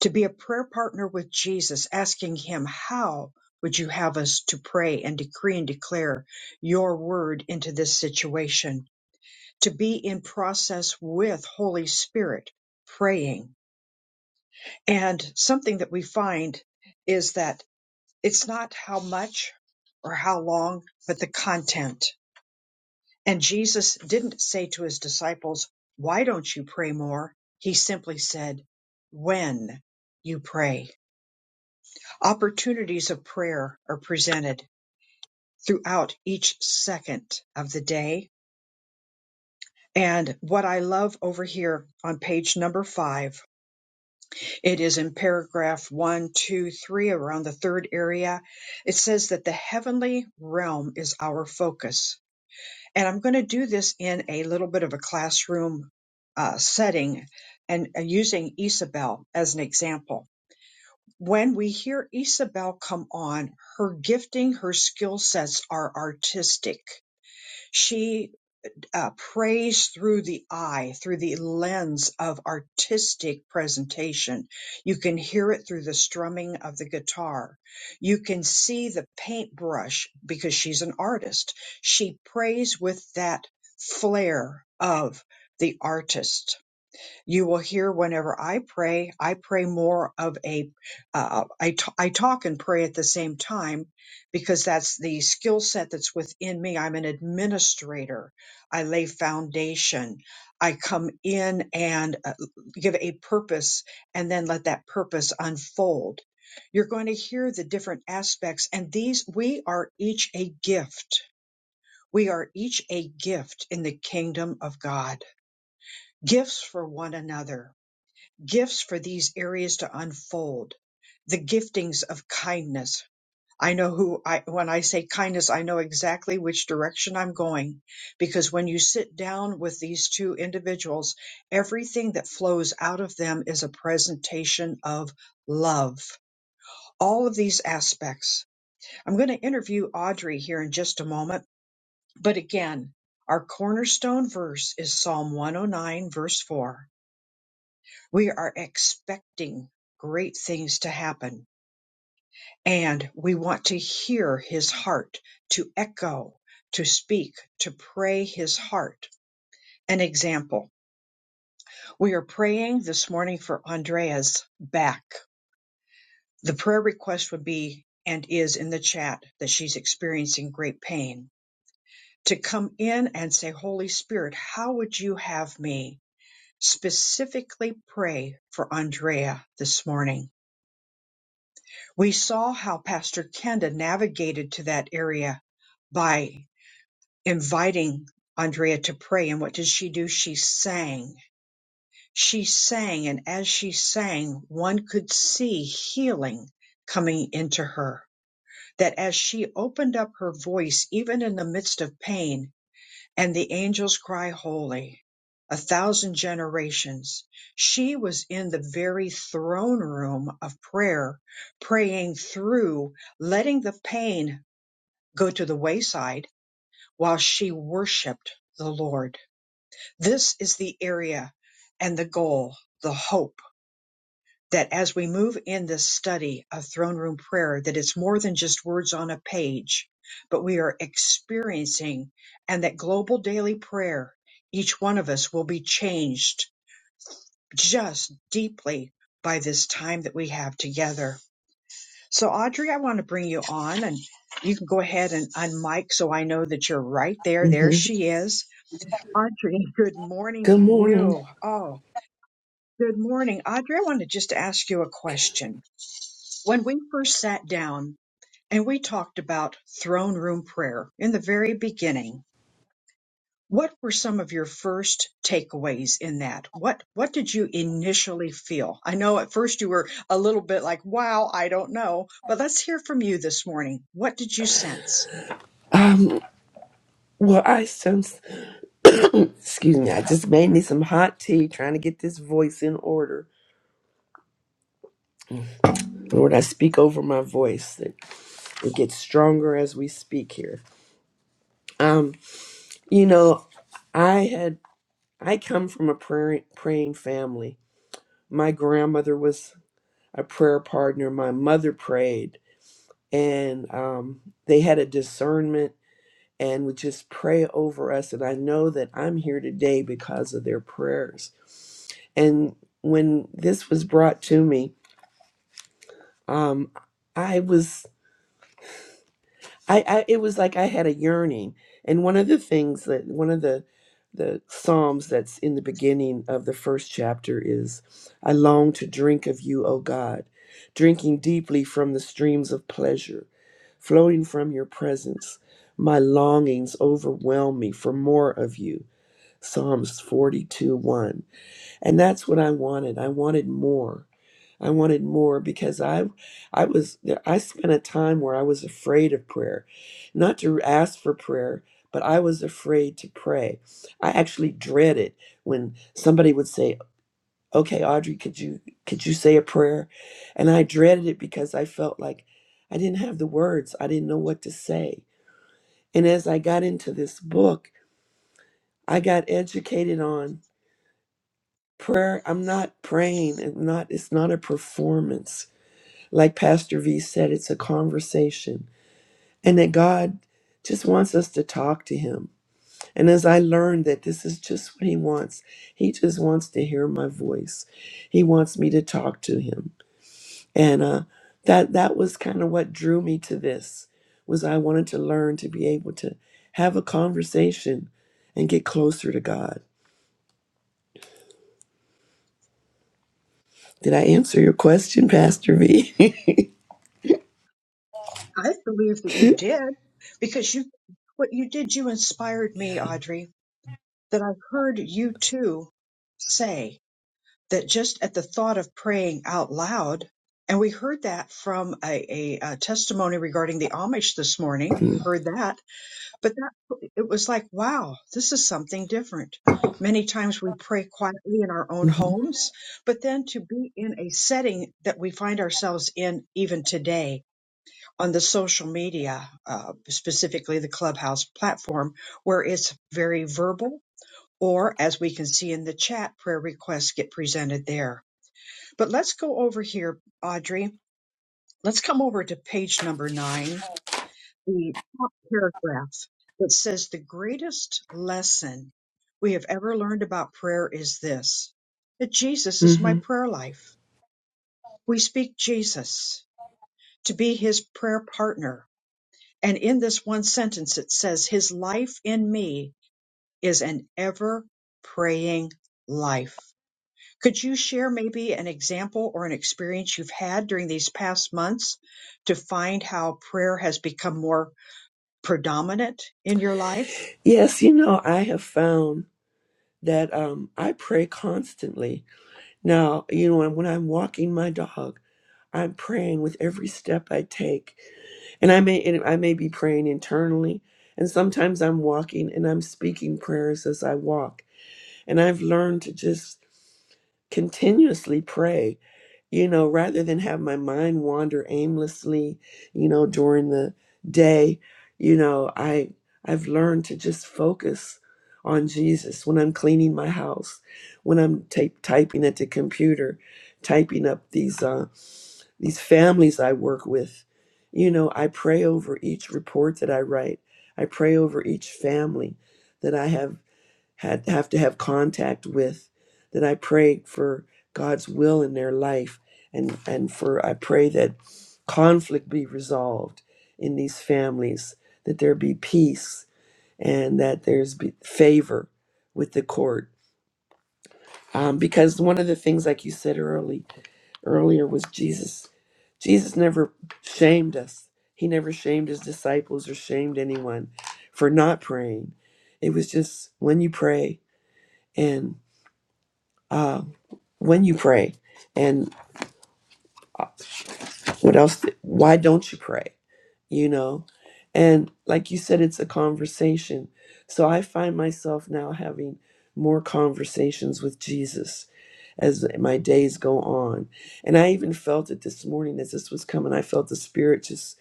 Speaker 5: To be a prayer partner with Jesus, asking him, How would you have us to pray and decree and declare your word into this situation? To be in process with Holy Spirit, praying. And something that we find is that it's not how much or how long, but the content And Jesus didn't say to his disciples, Why don't you pray more? He simply said, When you pray. Opportunities of prayer are presented throughout each second of the day. And what I love over here on page number five, it is in paragraph one, two, three, around the third area. It says that the heavenly realm is our focus and I'm going to do this in a little bit of a classroom uh, setting and uh, using Isabel as an example. When we hear Isabel come on, her gifting, her skill sets are artistic. She uh, praise through the eye, through the lens of artistic presentation. You can hear it through the strumming of the guitar. You can see the paintbrush because she's an artist. She prays with that flair of the artist you will hear whenever I pray, I pray more of a, uh, I, t- I talk and pray at the same time because that's the skill set that's within me. I'm an administrator. I lay foundation. I come in and uh, give a purpose and then let that purpose unfold. You're going to hear the different aspects and these, we are each a gift. We are each a gift in the kingdom of God, gifts for one another gifts for these areas to unfold the giftings of kindness i know who i when i say kindness i know exactly which direction i'm going because when you sit down with these two individuals everything that flows out of them is a presentation of love all of these aspects i'm going to interview audrey here in just a moment but again our cornerstone verse is psalm 109 verse 4 we are expecting great things to happen, and we want to hear his heart, to echo, to speak, to pray his heart. An example we are praying this morning for Andrea's back. The prayer request would be and is in the chat that she's experiencing great pain. To come in and say, Holy Spirit, how would you have me specifically pray for Andrea this morning? We saw how Pastor Kenda navigated to that area by inviting Andrea to pray. And what did she do? She sang. She sang. And as she sang, one could see healing coming into her. That as she opened up her voice, even in the midst of pain, and the angels cry holy a thousand generations she was in the very throne room of prayer praying through letting the pain go to the wayside while she worshiped the lord this is the area and the goal the hope that as we move in this study of throne room prayer that it's more than just words on a page but we are experiencing and that global daily prayer each one of us will be changed just deeply by this time that we have together so audrey i want to bring you on and you can go ahead and unmic so i know that you're right there there
Speaker 13: hmm
Speaker 5: she is audrey good morning
Speaker 13: Good
Speaker 5: to
Speaker 13: morning.
Speaker 5: you oh good morning audrey i want to just ask you a question When we first sat down and we talked about throne room prayer in the very beginning, what were some of your first takeaways in that? What what did you initially feel? I know at first you were a little bit like, "Wow, I don't know." But let's hear from you this morning. What did you sense?
Speaker 13: Um, well, I sense, excuse me, I just made me some hot tea trying to get this voice in order. Lord, I speak over my voice that it gets stronger as we speak here. Um, you know, I had, I come from a prayer, praying family. My grandmother was a prayer partner. My mother prayed and um, they had a discernment and would just pray over us. And I know that I'm here today because of their prayers. And when this was brought to me, um, I was, I, I, it was like I had a yearning. And one of the things that one of the the psalms that's in the beginning of the first chapter is, "I long to drink of you, O God, drinking deeply from the streams of pleasure, flowing from your presence." My longings overwhelm me for more of you. Psalms 42 1. And that's what I wanted. I wanted more. I wanted more because I I was I spent a time where I was afraid of prayer. Not to ask for prayer, but I was afraid to pray. I actually dreaded when somebody would say, "Okay, Audrey, could you could you say a prayer?" And I dreaded it because I felt like I didn't have the words. I didn't know what to say. And as I got into this book, I got educated on prayer i'm not praying and not it's not a performance like pastor v said it's a conversation and that god just wants us to talk to him and as i learned that this is just what he wants he just wants to hear my voice he wants me to talk to him and uh that that was kind of what drew me to this was i wanted to learn to be able to have a conversation and get closer to god did i answer your question pastor v
Speaker 5: I believe that you did because you what you did you inspired me, Audrey, that I heard you too say. that just at the thought of praying out loud, and we heard that from a, a, a testimony regarding the Amish this morning. We heard that, but that it was like, wow, this is something different. Many times we pray quietly in our own
Speaker 13: hmm
Speaker 5: homes, but then to be in a setting that we find ourselves in even today on the social media, uh, specifically the Clubhouse platform, where it's very verbal, or as we can see in the chat, prayer requests get presented there but let's go over here, Audrey. Let's come over to page number nine, the top paragraph. that says, The greatest lesson we have ever learned about prayer is this that Jesus is my
Speaker 13: hmm
Speaker 5: prayer life. We speak Jesus to be his prayer partner. And in this one sentence, it says, His life in me is an ever praying life. Could you share maybe an example or an experience you've had during these past months to find how prayer has become more predominant in your life?
Speaker 13: Yes, you know, I have found that um, I pray constantly. Now, you know, when I'm walking my dog, I'm praying with every step I take, and I may and I may be praying internally, and sometimes I'm walking and I'm speaking prayers as I walk. And I've learned to just continuously pray you know, rather than have my mind wander aimlessly, you know, during the day, you know, I I've learned to just focus on Jesus when I'm cleaning my house, when I'm ta- typing at the computer, typing up these uh, these families I work with. You know, I pray over each report that I write. I pray over each family that I have had have to have contact with that I pray for God's will in their life and and for I pray that conflict be resolved in these families that there be peace and that there's be favor with the court um, because one of the things like you said early earlier was Jesus Jesus never shamed us. He never shamed his disciples or shamed anyone for not praying. It was just when you pray. and uh, when you pray and what else why don't you pray you know and like you said it's a conversation so i find myself now having more conversations with jesus as my days go on and i even felt it this morning as this was coming i felt the spirit just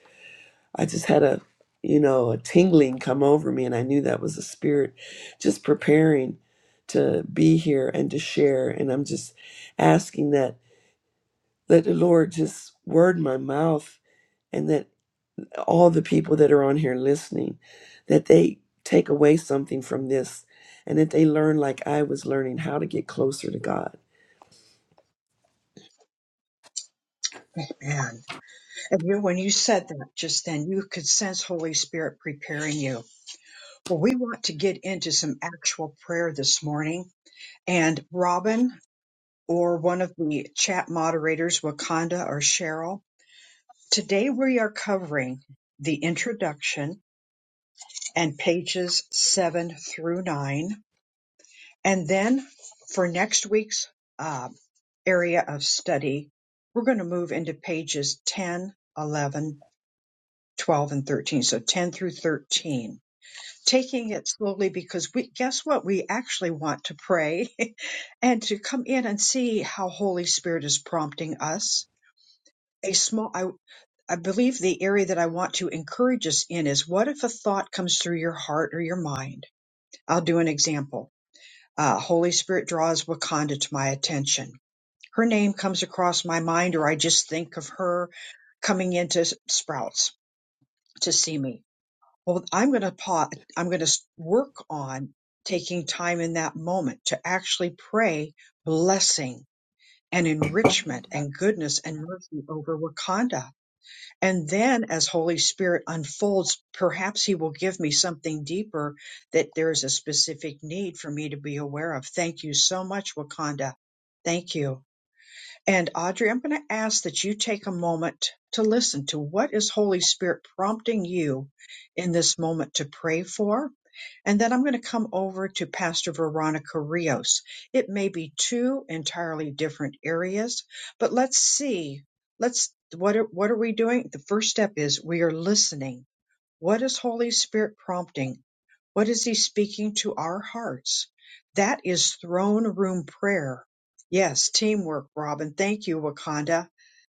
Speaker 13: i just had a you know a tingling come over me and i knew that was the spirit just preparing to be here and to share and i'm just asking that Let the Lord just word my mouth and that all the people that are on here listening, that they take away something from this and that they learn like I was learning how to get closer to God.
Speaker 5: Man, and you, when you said that just then, you could sense Holy Spirit preparing you. Well, we want to get into some actual prayer this morning, and Robin or one of the chat moderators, Wakanda or Cheryl, today we are covering the introduction and pages seven through nine And then for next week's uh, area of study, we're going to move into pages 10, 11, 12, and 13. So 10 through 13. Taking it slowly because we guess what? We actually want to pray and to come in and see how Holy Spirit is prompting us. A small, I, I believe the area that I want to encourage us in is what if a thought comes through your heart or your mind? I'll do an example uh, Holy Spirit draws Wakanda to my attention. Her name comes across my mind, or I just think of her coming into Sprouts to see me. Well, I'm going to pa- I'm going to work on taking time in that moment to actually pray blessing and enrichment and goodness and mercy over Wakanda. And then as Holy Spirit unfolds, perhaps he will give me something deeper that there is a specific need for me to be aware of. Thank you so much, Wakanda. Thank you. And Audrey, I'm going to ask that you take a moment to listen to what is Holy Spirit prompting you in this moment to pray for. And then I'm going to come over to Pastor Veronica Rios. It may be two entirely different areas, but let's see. Let's what are, what are we doing? The first step is we are listening. What is Holy Spirit prompting? What is he speaking to our hearts? That is throne room prayer. Yes, teamwork, Robin. Thank you, Wakanda.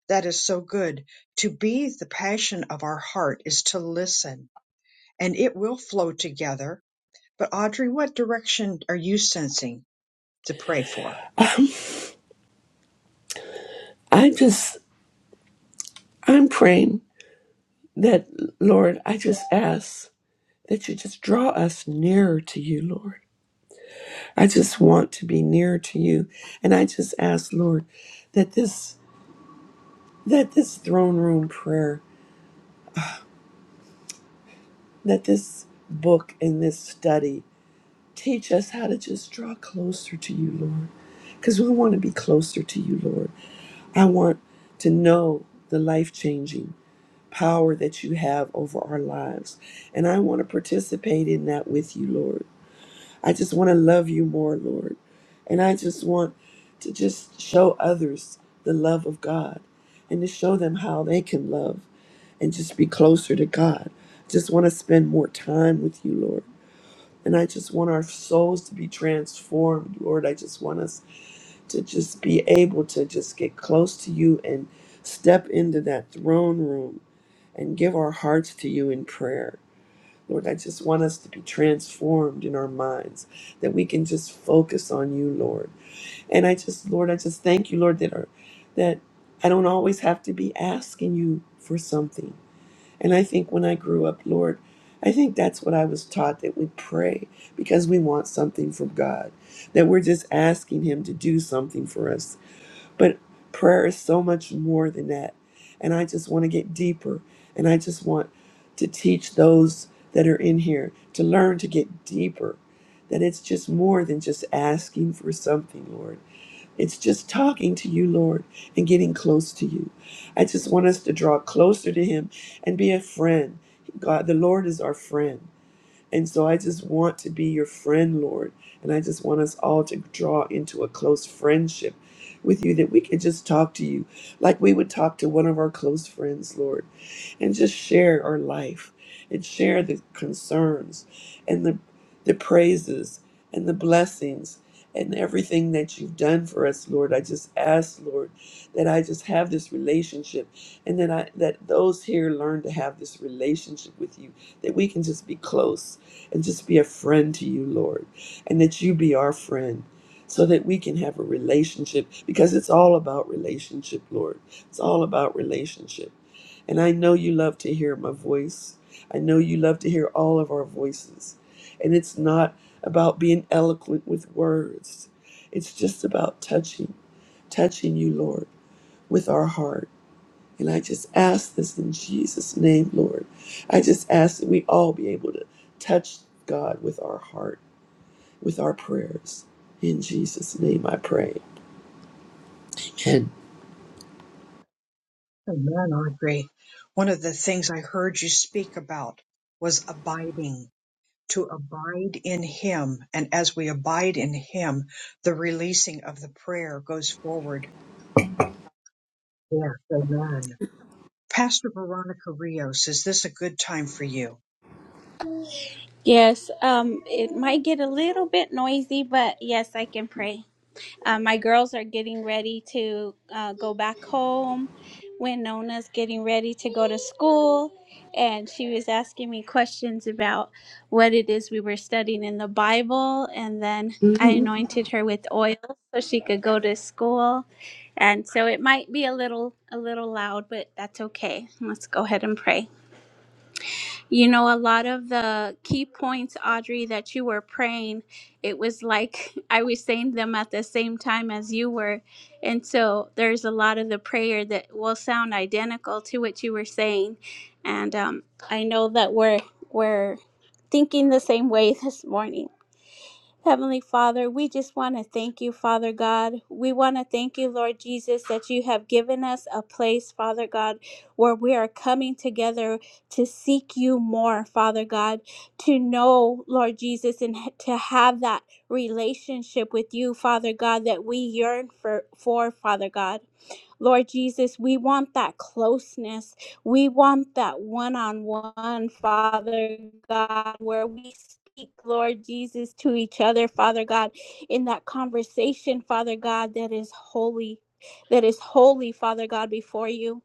Speaker 5: That is so good. To be the passion of our heart is to listen, and it will flow together. But Audrey, what direction are you sensing to pray for?
Speaker 13: I just, I'm praying that, Lord, I just ask that you just draw us nearer to you, Lord. I just want to be nearer to you. And I just ask, Lord, that this, that this throne room prayer, that this book and this study Teach us how to just draw closer to you, Lord, because we want to be closer to you, Lord. I want to know the life changing power that you have over our lives, and I want to participate in that with you, Lord. I just want to love you more, Lord, and I just want to just show others the love of God and to show them how they can love and just be closer to God. Just want to spend more time with you, Lord. And I just want our souls to be transformed, Lord. I just want us to just be able to just get close to you and step into that throne room and give our hearts to you in prayer. Lord, I just want us to be transformed in our minds, that we can just focus on you, Lord. And I just, Lord, I just thank you, Lord, that our, that I don't always have to be asking you for something and I think when I grew up, Lord, I think that's what I was taught that we pray because we want something from God, that we're just asking Him to do something for us. But prayer is so much more than that. And I just want to get deeper. And I just want to teach those that are in here to learn to get deeper, that it's just more than just asking for something, Lord. It's just talking to you, Lord, and getting close to you. I just want us to draw closer to Him and be a friend. God, the Lord is our friend. And so I just want to be your friend, Lord. And I just want us all to draw into a close friendship with you that we can just talk to you like we would talk to one of our close friends, Lord and just share our life and share the concerns and the the praises and the blessings and everything that you've done for us lord i just ask lord that i just have this relationship and that i that those here learn to have this relationship with you that we can just be close and just be a friend to you, Lord, and that you be our friend so that we can have a relationship because it's all about relationship, Lord. It's all about relationship. And I know you love to hear my voice. I know you love to hear all of our voices. And it's not about being eloquent with words, it's just about touching, touching you, Lord, with our heart and I just ask this in Jesus' name, Lord. I just ask that we all be able to touch God with our heart, with our prayers. In Jesus' name I pray. And
Speaker 5: Amen, Audrey. One of the things I heard you speak about was abiding to abide in Him. And as we abide in Him, the releasing of the prayer goes forward. Yes, amen. Pastor Veronica Rios, is this a good time for you?
Speaker 2: Yes, um, it might get a little bit noisy, but yes, I can pray. Uh, my girls are getting ready to uh, go back home. Winona's getting ready to go to school. And she was asking me questions about what it is we were studying in the Bible. And then I
Speaker 13: Mhm.
Speaker 2: anointed her with oil so she could go to school. And so it might be a little a little loud, but that's okay. Let's go ahead and pray. You know, a lot of the key points, Audrey, that you were praying, it was like I was saying them at the same time as you were. And so there's a lot of the prayer that will sound identical to what you were saying. And um, I know that we're, we're thinking the same way this morning. Heavenly Father, we just want to thank you, Father God. We want to thank you, Lord Jesus, that you have given us a place, Father God, where we are coming together to seek you more, Father God, to know, Lord Jesus, and h- to have that relationship with you, Father God, that we yearn for, for Father God. Lord Jesus, we want that closeness. We want that one on one, Father God, where we speak, Lord Jesus, to each other, Father God, in that conversation, Father God, that is holy, that is holy, Father God, before you.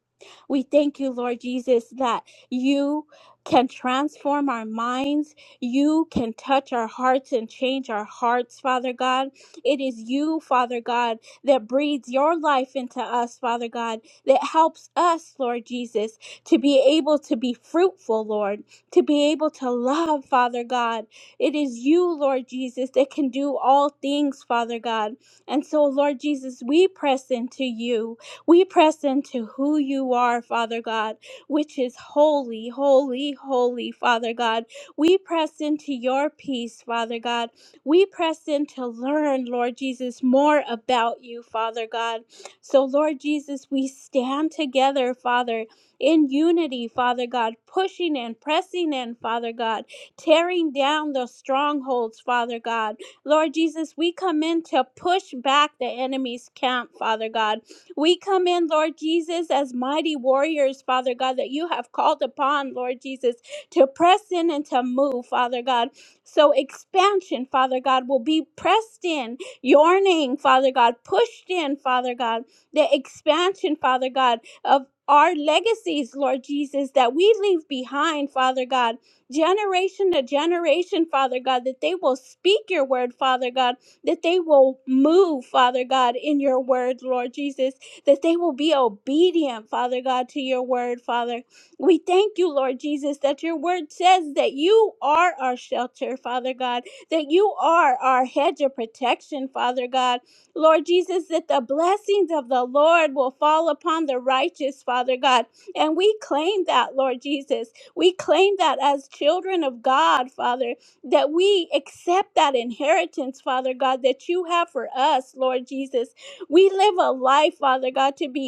Speaker 2: We thank you, Lord Jesus, that you can transform our minds. You can touch our hearts and change our hearts, Father God. It is you, Father God, that breathes your life into us, Father God, that helps us, Lord Jesus, to be able to be fruitful, Lord, to be able to love, Father God. It is you, Lord Jesus, that can do all things, Father God. And so, Lord Jesus, we press into you. We press into who you are, Father God, which is holy, holy, holy, Father God. We press into your peace, Father God. We press in to learn, Lord Jesus, more about you, Father God. So, Lord Jesus, we stand together, Father, in unity, Father God, pushing and pressing in, Father God, tearing down the strongholds, Father God. Lord Jesus, we come in to push back the enemy's camp, Father God. We come in, Lord Jesus, as mighty warriors, Father God, that you have called upon, Lord Jesus, to press in and to move, Father God. So, expansion, Father God, will be pressed in your name, Father God, pushed in, Father God, the expansion, Father God, of our legacies, Lord Jesus, that we leave behind, Father God, generation to generation, Father God, that they will speak your word, Father God, that they will move, Father God, in your word, Lord Jesus, that they will be obedient, Father God, to your word, Father we thank you, Lord Jesus, that your word says that you are our shelter, Father God, that you are our hedge of protection, Father God. Lord Jesus, that the blessings of the Lord will fall upon the righteous, Father God. And we claim that, Lord Jesus. We claim that as children of God, Father, that we accept that inheritance, Father God, that you have for us, Lord Jesus. We live a life, Father God, to be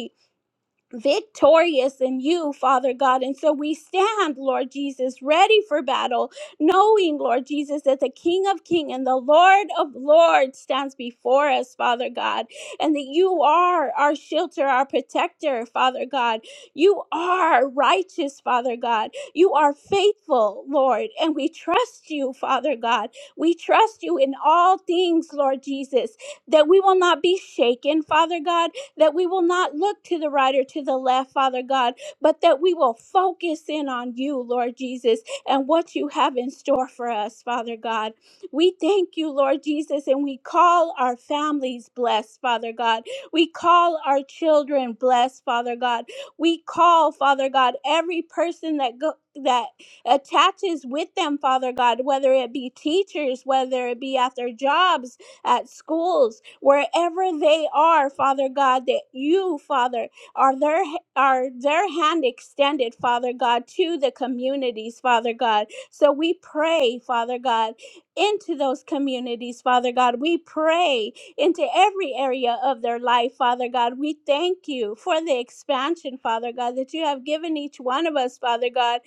Speaker 2: victorious in you, Father God. And so we stand, Lord Jesus, ready for battle, knowing, Lord Jesus, that the King of Kings and the Lord of Lords stands before us, Father God, and that you are our shelter, our protector, Father God. You are righteous, Father God. You are faithful, Lord, and we trust you, Father God. We trust you in all things, Lord Jesus, that we will not be shaken, Father God that we will not look to the right or to the left, Father God, but that we will focus in on you, Lord Jesus, and what you have in store for us, Father God. We thank you, Lord Jesus, and we call our families blessed, Father God. We call our children blessed, Father God. We call, Father God, every person that go that attaches with them, Father God, whether it be teachers, whether it be at their jobs, at schools, wherever they are, Father God, that you, Father, are their are their hand extended, Father God, to the communities, Father God. So we pray, Father God, into those communities, Father God. We pray into every area of their life, Father God. We thank you for the expansion, Father God, that you have given each one of us, Father God.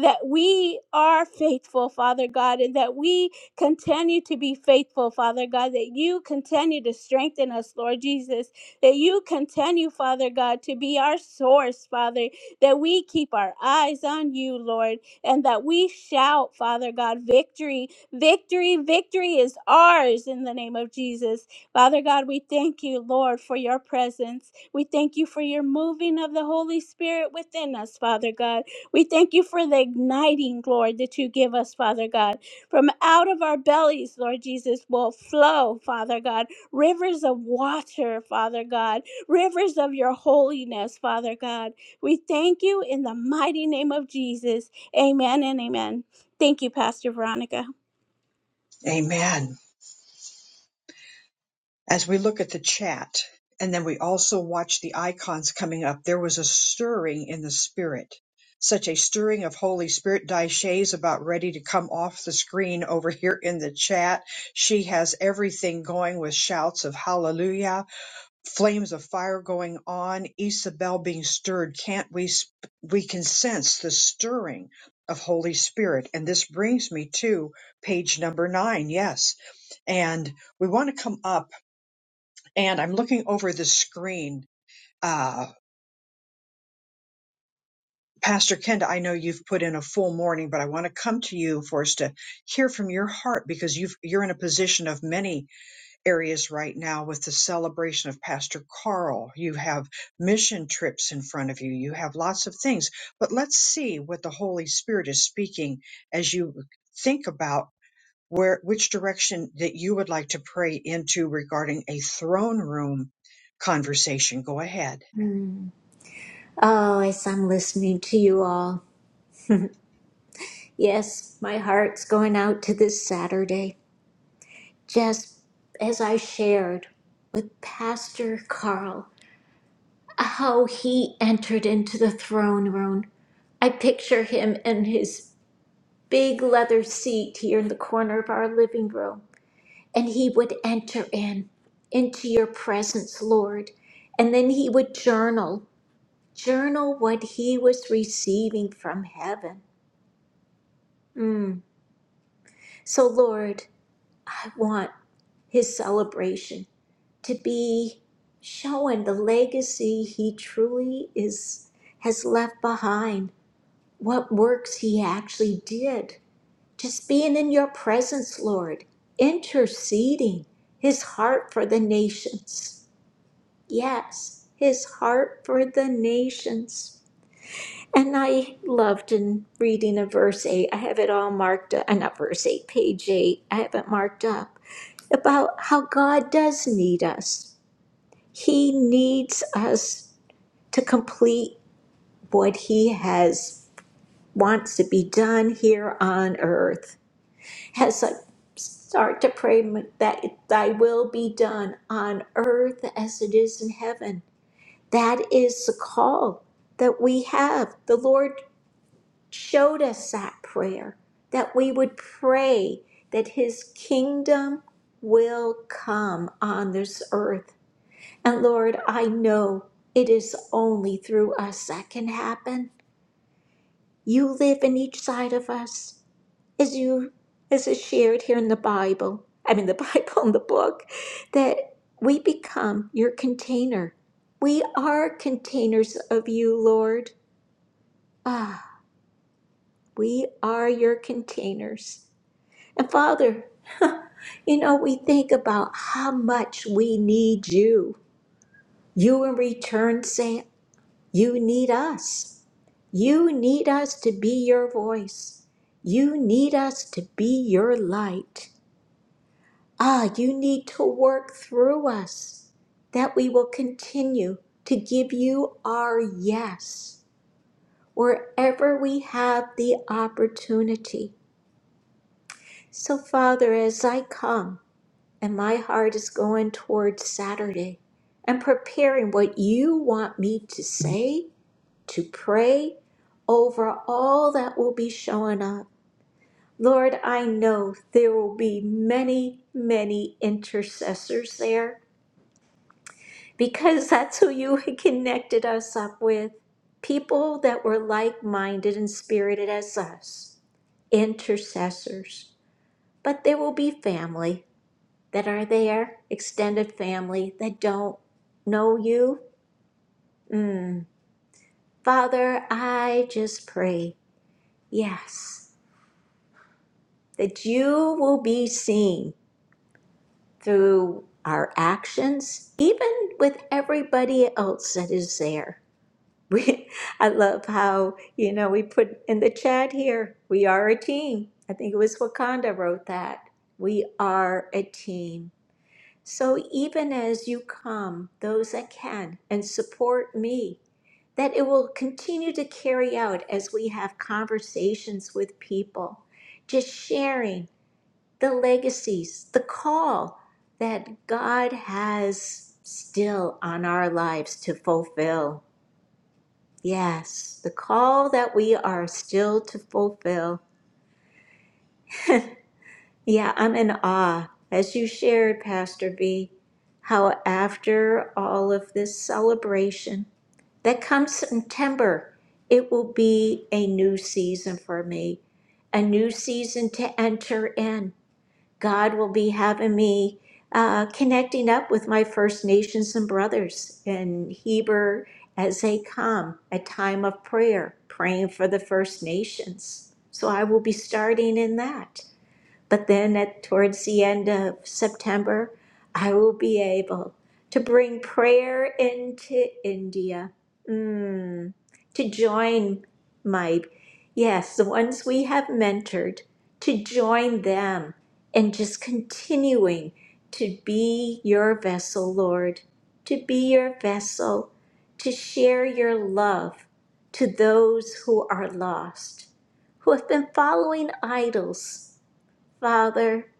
Speaker 2: That we are faithful, Father God, and that we continue to be faithful, Father God, that you continue to strengthen us, Lord Jesus, that you continue, Father God, to be our source, Father, that we keep our eyes on you, Lord, and that we shout, Father God, victory, victory, victory is ours in the name of Jesus. Father God, we thank you, Lord, for your presence. We thank you for your moving of the Holy Spirit within us, Father God. We thank you for the igniting, Lord, that you give us, Father God. From out of our bellies, Lord Jesus, will flow, Father God, rivers of water, Father God, rivers of your holiness, Father God. We thank you in the mighty name of Jesus. Amen and amen. Thank you, Pastor Veronica.
Speaker 5: Amen. As we look at the chat, and then we also watch the icons coming up, there was a stirring in the spirit. Such a stirring of Holy Spirit. Daisha's about ready to come off the screen over here in the chat. She has everything going with shouts of hallelujah flames of fire going on, Isabel being stirred. Can't we, sp- we can sense the stirring of Holy Spirit. And this brings me to page number nine. Yes. And we want to come up and I'm looking over the screen. Uh, Pastor Kenda, I know you've put in a full morning, but I want to come to you for us to hear from your heart because you've, you're in a position of many areas right now with the celebration of Pastor Carl. You have mission trips in front of you. You have lots of things. But let's see what the Holy Spirit is speaking as you think about where which direction that you would like to pray into regarding a throne room conversation. Go ahead.
Speaker 1: Oh, as I'm listening to you all, yes, my heart's going out to this Saturday, just as I shared with Pastor Carl how he entered into the throne room. I picture him in his big leather seat here in the corner of our living room, and he would enter in into your presence, Lord, and then he would journal, journal what he was receiving from heaven. Mm. So, Lord, I want his celebration to be showing the legacy he truly is has left behind what works he actually did. Just being in your presence, Lord, interceding his heart for the nations. Yes, his heart for the nations. And I loved in reading in verse 8, I have it all marked up, uh, not verse 8, page 8, I have it marked up, about how God does need us. He needs us to complete what he has, wants to be done here on earth. as I start to pray that thy will be done on earth as it is in heaven. That is the call that we have. The Lord showed us that prayer, that we would pray that his kingdom will come on this earth. And Lord, I know it is only through us that can happen. You live in each side of us as you as is shared here in the bible i mean the bible and the book that we become your container we are containers of you lord ah we are your containers and father you know we think about how much we need you you in return say you need us you need us to be your voice you need us to be your light Ah, you need to work through us that we will continue to give you our yes wherever we have the opportunity. So, Father, as I come and my heart is going towards Saturday and preparing what you want me to say, to pray over all that will be showing up. Lord, I know there will be many, many intercessors there because that's who you connected us up with. People that were like minded and spirited as us, intercessors. But there will be family that are there, extended family that don't know you. Mm. Father, I just pray, yes, that you will be seen through our actions, even with everybody else that is there We, I love how, you know, we put in the chat here, we are a team. I think it was Wakanda wrote that. We are a team. So even as you come, those that can, and support me, that it will continue to carry out as we have conversations with people, just sharing the legacies, the call that God has still on our lives to fulfill. Yes, the call that we are still to fulfill. Yeah, I'm in awe. As you shared, Pastor V, how after all of this celebration that comes September, it will be a new season for me, a new season to enter in. God will be having me uh, connecting up with my First Nations and brothers in Heber as they come, a time of prayer, praying for the First Nations. So I will be starting in that. But then at towards the end of September, I will be able to bring prayer into India. Mm, to join my yes, the ones we have mentored, to join them and just continuing to be your vessel, Lord, to be your vessel, to share your love to those who are lost, who have been following idols Father,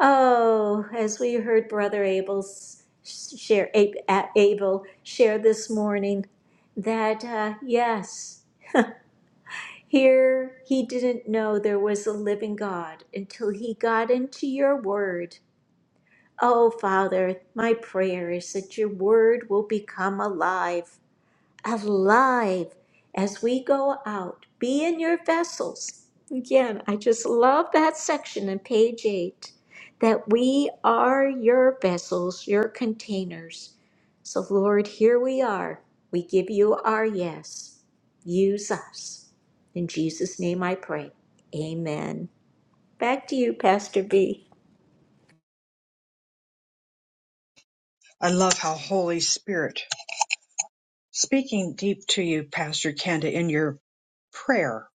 Speaker 1: oh, as we heard Brother Abel's share, Ab- A- Abel share this morning, that uh, yes, here he didn't know there was a living God until he got into your word. Oh, Father, my prayer is that your word will become alive alive as we go out. Be in your vessels. Again, I just love that section in page eight that we are your vessels, your containers. So, Lord, here we are. We give you our yes. Use us. In Jesus' name I pray. Amen. Back to you, Pastor B.
Speaker 5: I love how Holy Spirit speaking deep to you, Pastor Kenda, in your prayer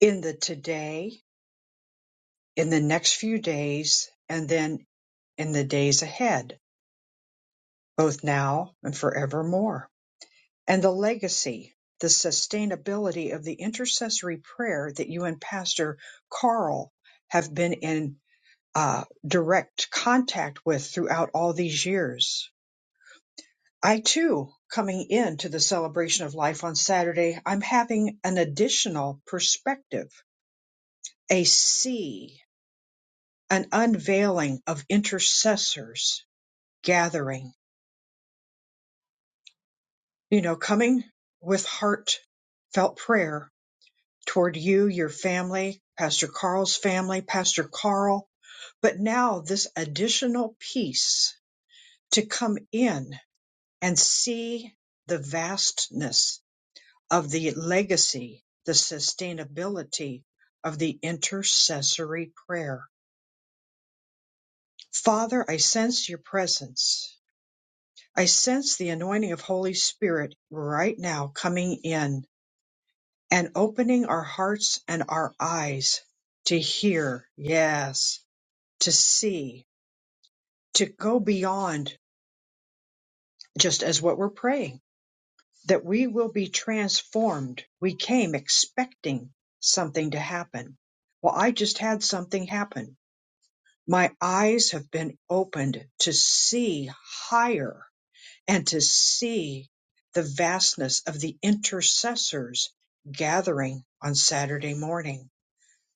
Speaker 5: in the today, in the next few days, and then in the days ahead both now and forevermore. And the legacy, the sustainability of the intercessory prayer that you and Pastor Carl have been in uh, direct contact with throughout all these years. I too, coming into the celebration of life on Saturday, I'm having an additional perspective, a see, an unveiling of intercessors gathering, you know, coming with heartfelt prayer toward you, your family, Pastor Carl's family, Pastor Carl, but now this additional piece to come in and see the vastness of the legacy, the sustainability of the intercessory prayer. Father, I sense your presence. I sense the anointing of Holy Spirit right now coming in and opening our hearts and our eyes to hear. Yes to see, to go beyond just as what we're praying, that we will be transformed. We came expecting something to happen. Well, I just had something happen. My eyes have been opened to see higher and to see the vastness of the intercessors gathering on Saturday morning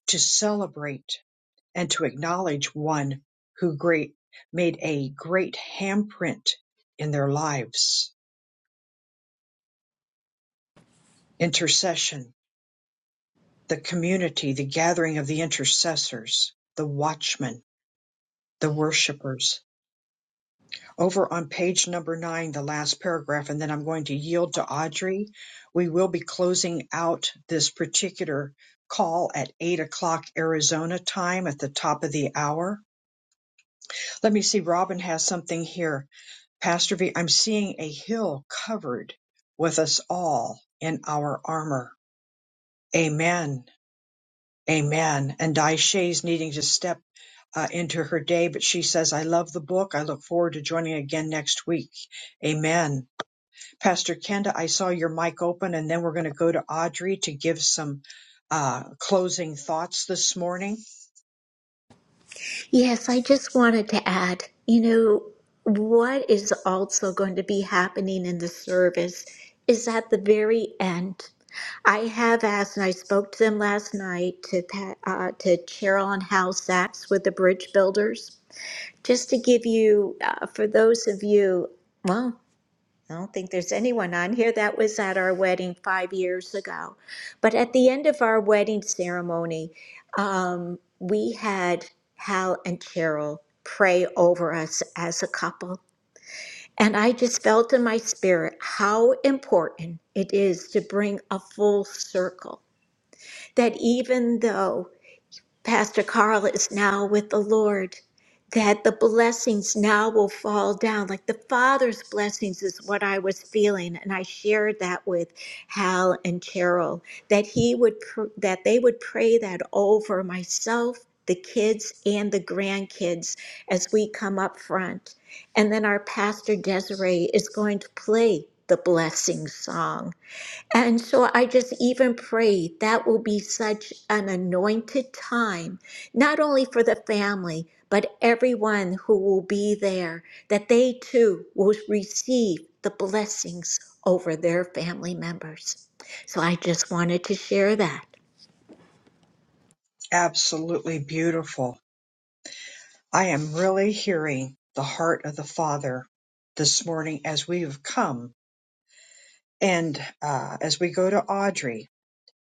Speaker 5: to celebrate and to acknowledge one who great made a great handprint in their lives. Intercession, the community, the gathering of the intercessors, the watchmen, the worshipers. Over on page number nine, the last paragraph, and then I'm going to yield to Audrey. We will be closing out this particular call at eight o'clock Arizona time at the top of the hour. Let me see, Robin has something here Pastor V, I'm seeing a hill covered with us all in our armor. Amen. Amen. And Daisha's needing to step uh, into her day, but she says, I love the book. I look forward to joining again next week. Amen. Pastor Kenda, I saw your mic open, and then we're going to go to Audrey to give some uh, closing thoughts this morning.
Speaker 1: Yes, I just wanted to add, you know, what is also going to be happening in the service is at the very end. I have asked, and I spoke to them last night to Pa- uh, to Cheryl on House Sachs with the bridge builders, just to give you, uh, for those of you. well. I don't think there's anyone on here that was at our wedding five years ago. But at the end of our wedding ceremony, um, we had Hal and Cheryl pray over us as a couple. And I just felt in my spirit how important it is to bring a full circle. That even though Pastor Carl is now with the Lord, that the blessings now will fall down. Like the Father's blessings is what I was feeling. And I shared that with Hal and Cheryl, that he would pr- that they would pray that over myself, the kids, and the grandkids as we come up front. And then our pastor Desiree is going to play the blessing song. And so I just even pray that will be such an anointed time, not only for the family, but everyone who will be there, that they too will receive the blessings over their family members. So I just wanted to share that.
Speaker 5: Absolutely beautiful. I am really hearing the heart of the Father this morning as we have come And uh, as we go to Audrey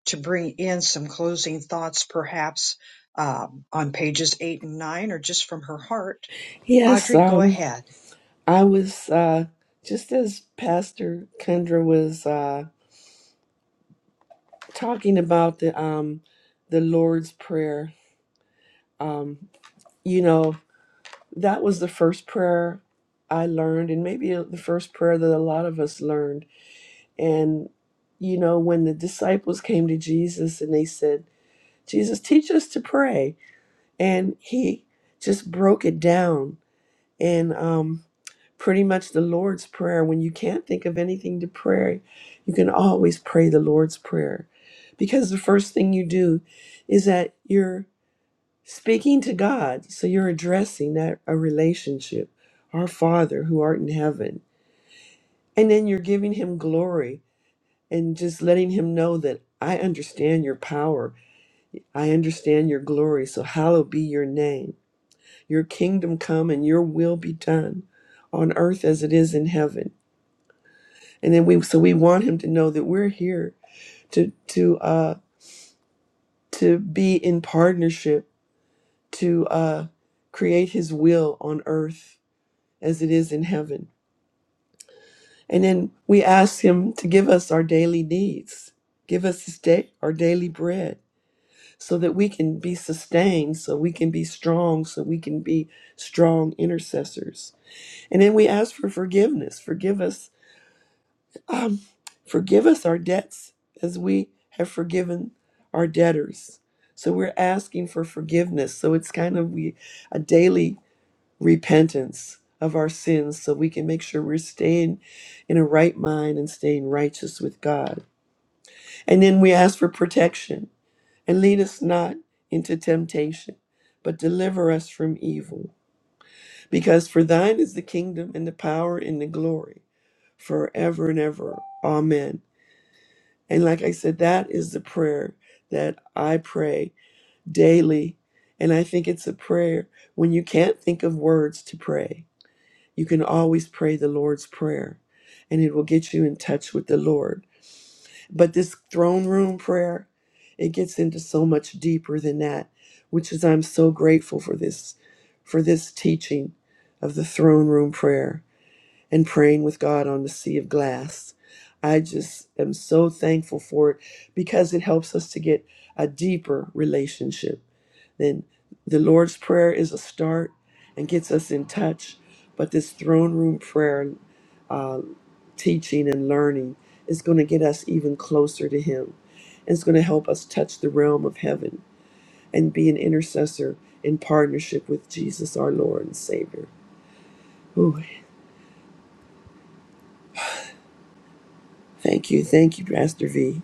Speaker 5: to bring in some closing thoughts, perhaps um, on pages eight and nine, or just from her heart,
Speaker 13: yes,
Speaker 5: Audrey, go
Speaker 13: um,
Speaker 5: ahead.
Speaker 13: I was uh just as Pastor Kendra was uh talking about the um the Lord's Prayer, um, you know, that was the first prayer I learned, and maybe the first prayer that a lot of us learned And, you know, when the disciples came to Jesus and they said, Jesus, teach us to pray. And he just broke it down. And um, pretty much the Lord's Prayer, when you can't think of anything to pray, you can always pray the Lord's Prayer. Because the first thing you do is that you're speaking to God. So you're addressing that a relationship, our Father who art in heaven. And then you're giving him glory and just letting him know that I understand your power. I understand your glory. So hallowed be your name. Your kingdom come and your will be done on earth as it is in heaven. And then we so we want him to know that we're here to to uh to be in partnership to uh create his will on earth as it is in heaven. And then we ask him to give us our daily needs. Give us this day our daily bread so that we can be sustained, so we can be strong, so we can be strong intercessors. And then we ask for forgiveness. Forgive us, um, forgive us our debts as we have forgiven our debtors. So we're asking for forgiveness. So it's kind of we a daily repentance of our sins so we can make sure we're staying in a right mind and staying righteous with God. And then we ask for protection and lead us not into temptation, but deliver us from evil. Because for thine is the kingdom and the power and the glory forever and ever. Amen. And like I said, that is the prayer that I pray daily. And I think it's a prayer when you can't think of words to pray, you can always pray the Lord's Prayer, and it will get you in touch with the Lord. But this throne room prayer, it gets into so much deeper than that, which is I'm so grateful for this for this teaching of the throne room prayer and praying with God on the sea of glass. I just am so thankful for it because it helps us to get a deeper relationship. Then the Lord's prayer is a start and gets us in touch, but this throne room prayer teaching and learning is going to get us even closer to Him. It's going to help us touch the realm of heaven and be an intercessor in partnership with Jesus, our Lord and Savior. Ooh, thank you. Thank you, Pastor V.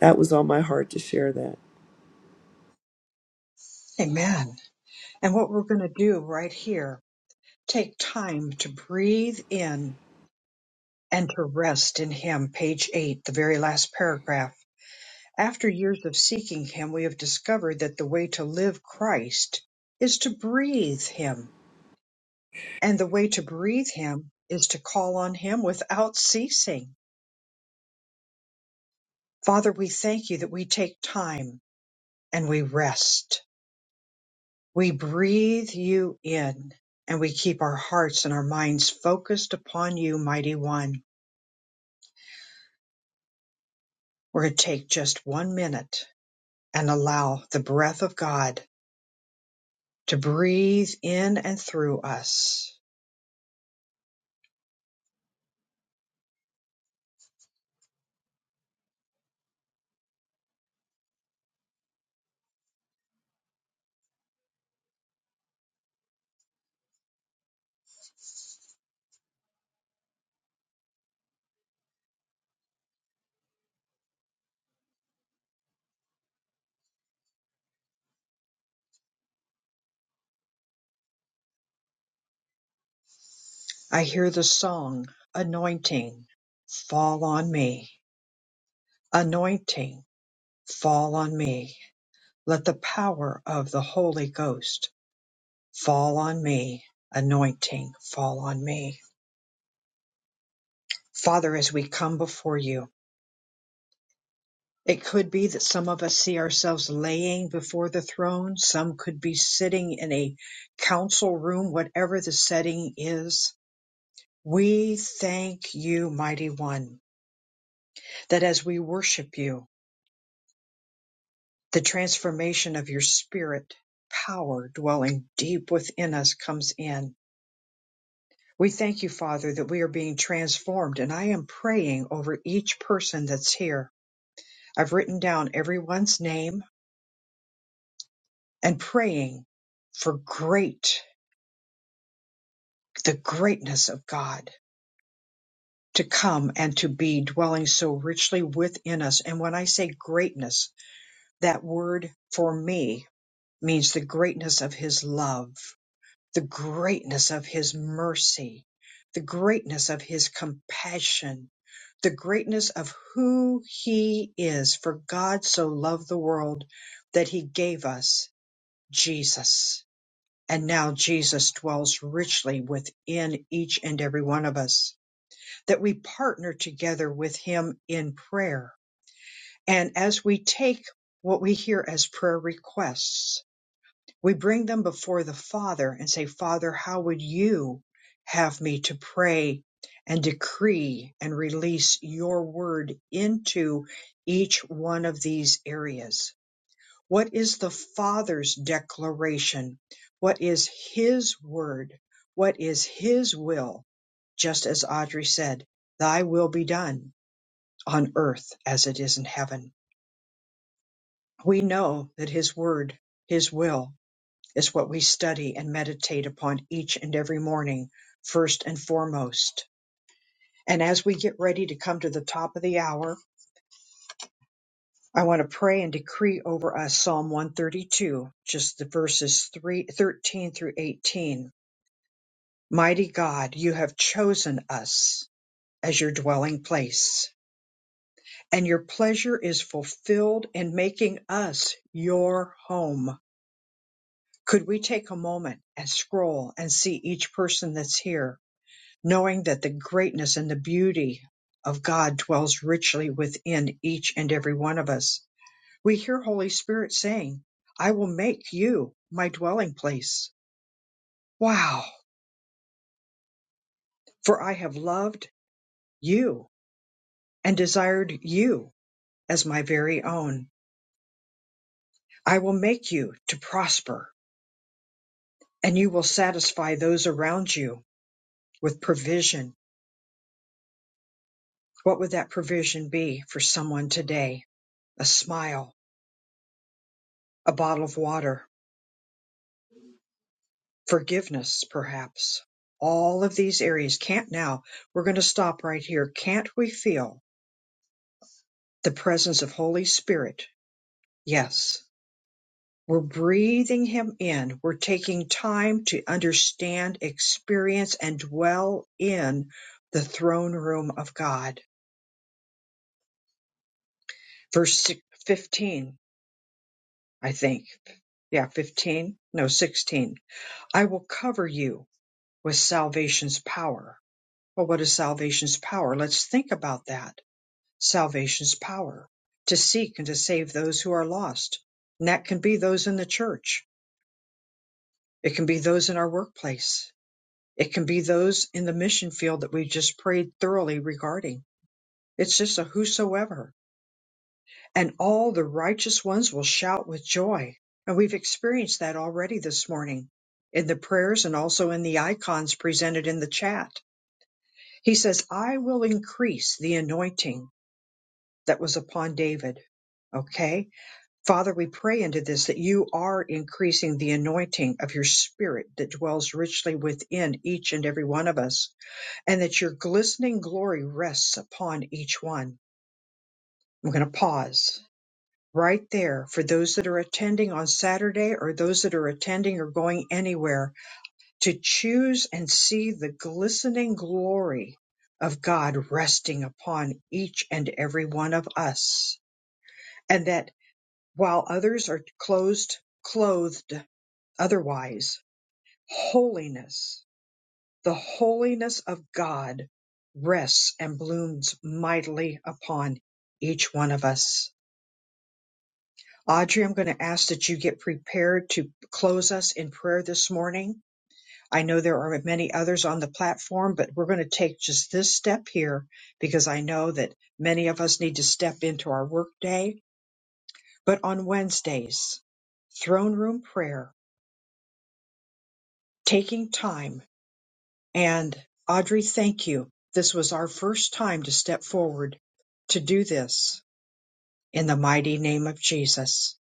Speaker 13: That was on my heart to share that.
Speaker 5: Amen. And what we're going to do right here, take time to breathe in and to rest in Him. Page eight, the very last paragraph. After years of seeking Him, we have discovered that the way to live Christ is to breathe Him And the way to breathe Him is to call on Him without ceasing. Father, we thank you that we take time and we rest. We breathe you in and we keep our hearts and our minds focused upon you, mighty one. We're going to take just one minute and allow the breath of God to breathe in and through us. I hear the song, Anointing, Fall on Me. Anointing, Fall on Me. Let the power of the Holy Ghost fall on me, anointing fall on me. Father, as we come before you, it could be that some of us see ourselves laying before the throne. Some could be sitting in a council room, whatever the setting is. We thank you, mighty one, that as we worship you, the transformation of your spirit, power dwelling deep within us comes in We thank you, Father, that we are being transformed. And I am praying over each person that's here. I've written down everyone's name and praying for great, the greatness of God to come and to be dwelling so richly within us. And when I say greatness, that word for me means the greatness of his love the greatness of his mercy, the greatness of his compassion, the greatness of who he is. For God so loved the world that he gave us Jesus. And now Jesus dwells richly within each and every one of us, that we partner together with him in prayer. And as we take what we hear as prayer requests, we bring them before the Father and say, Father, how would you have me to pray and decree and release your word into each one of these areas? What is the Father's declaration? What is His word? What is His will? Just as Audrey said, Thy will be done on earth as it is in heaven. We know that His word, His will, is what we study and meditate upon each and every morning, first and foremost. And as we get ready to come to the top of the hour, I want to pray and decree over us Psalm 132, just the verses 3, 13 through 18. Mighty God, you have chosen us as your dwelling place, and your pleasure is fulfilled in making us your home. Could we take a moment and scroll and see each person that's here? knowing that the greatness and the beauty of God dwells richly within each and every one of us. We hear Holy Spirit saying, I will make you my dwelling place. Wow! For I have loved you and desired you as my very own. I will make you to prosper and you will satisfy those around you with provision. What would that provision be for someone today? A smile, a bottle of water, forgiveness, perhaps. All of these areas can't now. We're going to stop right here. Can't we feel the presence of Holy Spirit? Yes. We're breathing Him in. We're taking time to understand, experience, and dwell in the throne room of God. Verse si- 15, I think. Yeah, 15. No, 16. I will cover you with salvation's power. Well, what is salvation's power? Let's think about that salvation's power to seek and to save those who are lost. And that can be those in the church. It can be those in our workplace. It can be those in the mission field that we just prayed thoroughly regarding. It's just a whosoever. And all the righteous ones will shout with joy. And we've experienced that already this morning in the prayers and also in the icons presented in the chat. He says, I will increase the anointing that was upon David. Okay Father, we pray into this that you are increasing the anointing of your spirit that dwells richly within each and every one of us, and that your glistening glory rests upon each one. I'm going to pause right there for those that are attending on Saturday or those that are attending or going anywhere to choose and see the glistening glory of God resting upon each and every one of us. And that while others are closed, clothed, Otherwise, holiness, the holiness of God rests and blooms mightily upon each one of us. Audrey, I'm going to ask that you get prepared to close us in prayer this morning. I know there are many others on the platform, but we're going to take just this step here because I know that many of us need to step into our workday. But on Wednesdays, throne room prayer, taking time And Audrey, thank you. This was our first time to step forward to do this in the mighty name of Jesus.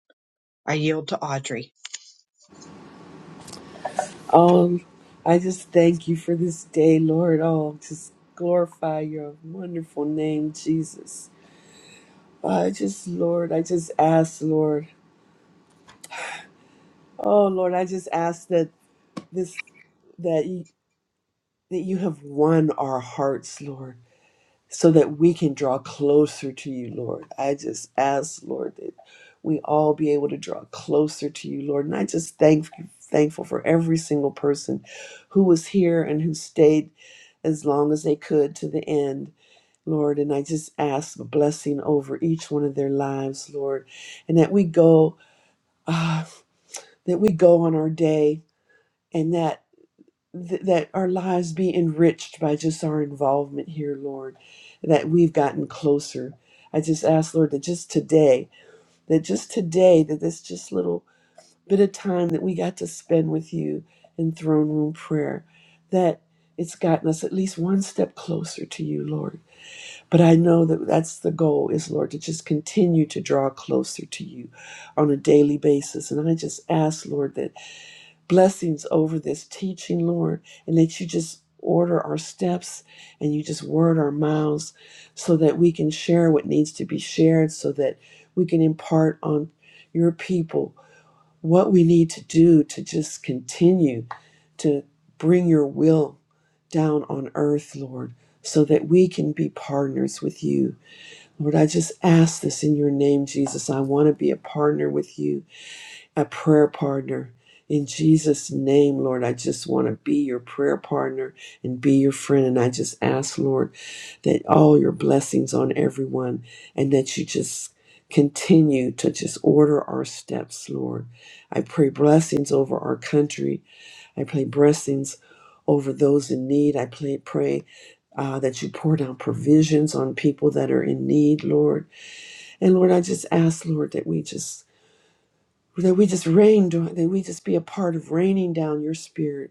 Speaker 5: I yield to Audrey.
Speaker 13: Um, I just thank you for this day, Lord. Oh, just glorify your wonderful name, Jesus. I just, Lord, I just ask, Lord. Oh, Lord, I just ask that this, that. that you have won our hearts, Lord, so that we can draw closer to you, Lord. I just ask, Lord, that we all be able to draw closer to you, Lord. And I just thank thankful for every single person who was here and who stayed as long as they could to the end. Lord, and I just ask a blessing over each one of their lives, Lord, and that we go, ah, that we go on our day, and that th- that our lives be enriched by just our involvement here, Lord, that we've gotten closer. I just ask, Lord, that just today, that just today, that this just little bit of time that we got to spend with you in throne room prayer, that it's gotten us at least one step closer to you, Lord. But I know that that's the goal is, Lord, to just continue to draw closer to you on a daily basis. And I just ask, Lord, that blessings over this teaching, Lord, and that you just order our steps and you just word our mouths so that we can share what needs to be shared, so that we can impart on your people what we need to do to just continue to bring your will down on earth, Lord, so that we can be partners with you. Lord, I just ask this in your name, Jesus. I want to be a partner with you a prayer partner. In Jesus' name, Lord, I just want to be your prayer partner and be your friend. And I just ask, Lord, that all your blessings on everyone and that you just continue to just order our steps, Lord. I pray blessings over our country. I pray blessings over those in need. I pray, pray uh, that you pour down provisions on people that are in need, Lord. And Lord, I just ask, Lord, that we just that we just rain that we just be a part of raining down your spirit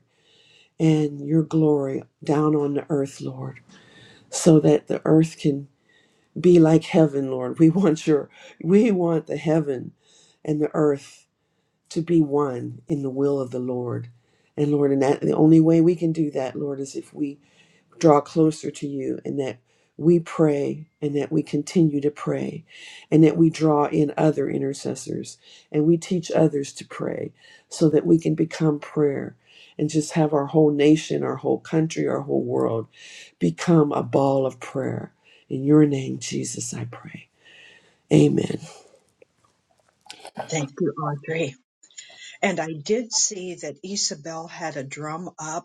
Speaker 13: and your glory down on the earth lord so that the earth can be like heaven lord we want your we want the heaven and the earth to be one in the will of the lord and lord and that the only way we can do that lord is if we draw closer to you and that we pray and that we continue to pray and that we draw in other intercessors and we teach others to pray so that we can become prayer and just have our whole nation, our whole country, our whole world become a ball of prayer. In your name, Jesus, I pray. Amen.
Speaker 5: Thank you, Audrey. And I did see that Isabel had a drum up.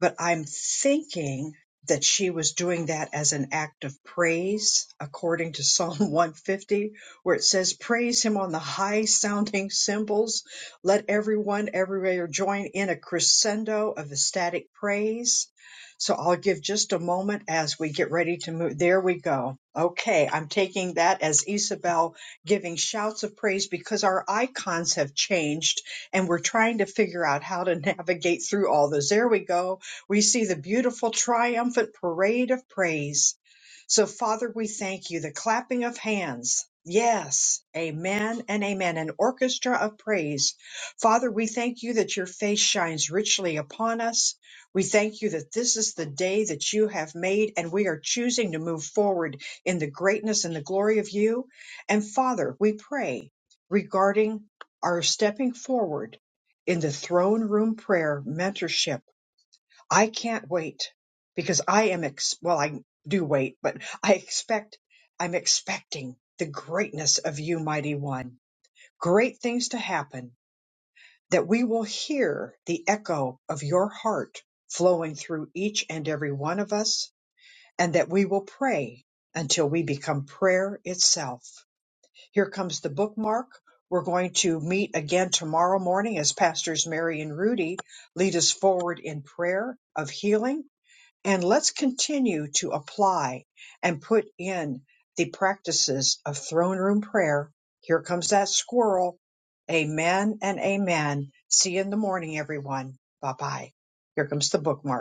Speaker 5: but I'm thinking that she was doing that as an act of praise, according to Psalm 150, where it says, Praise him on the high sounding cymbals. Let everyone everywhere join in a crescendo of ecstatic praise. So I'll give just a moment as we get ready to move. There we go. Okay, I'm taking that as Isabel giving shouts of praise because our icons have changed and we're trying to figure out how to navigate through all those. There we go we see the beautiful triumphant parade of praise. So, Father, we thank you. The clapping of hands. Yes, amen and amen. An orchestra of praise. Father, we thank you that your face shines richly upon us. We thank you that this is the day that you have made, and we are choosing to move forward in the greatness and the glory of you. And Father, we pray regarding our stepping forward in the throne room prayer mentorship I can't wait because I am, ex- well, I do wait, but I expect, I'm expecting the greatness of you, mighty one. Great things to happen that we will hear the echo of your heart flowing through each and every one of us and that we will pray until we become prayer itself. Here comes the bookmark. We're going to meet again tomorrow morning as pastors Mary and Rudy lead us forward in prayer of healing and let's continue to apply and put in the practices of throne room prayer. Here comes that squirrel. Amen and amen. See you in the morning, everyone. Bye bye. Here comes the bookmark.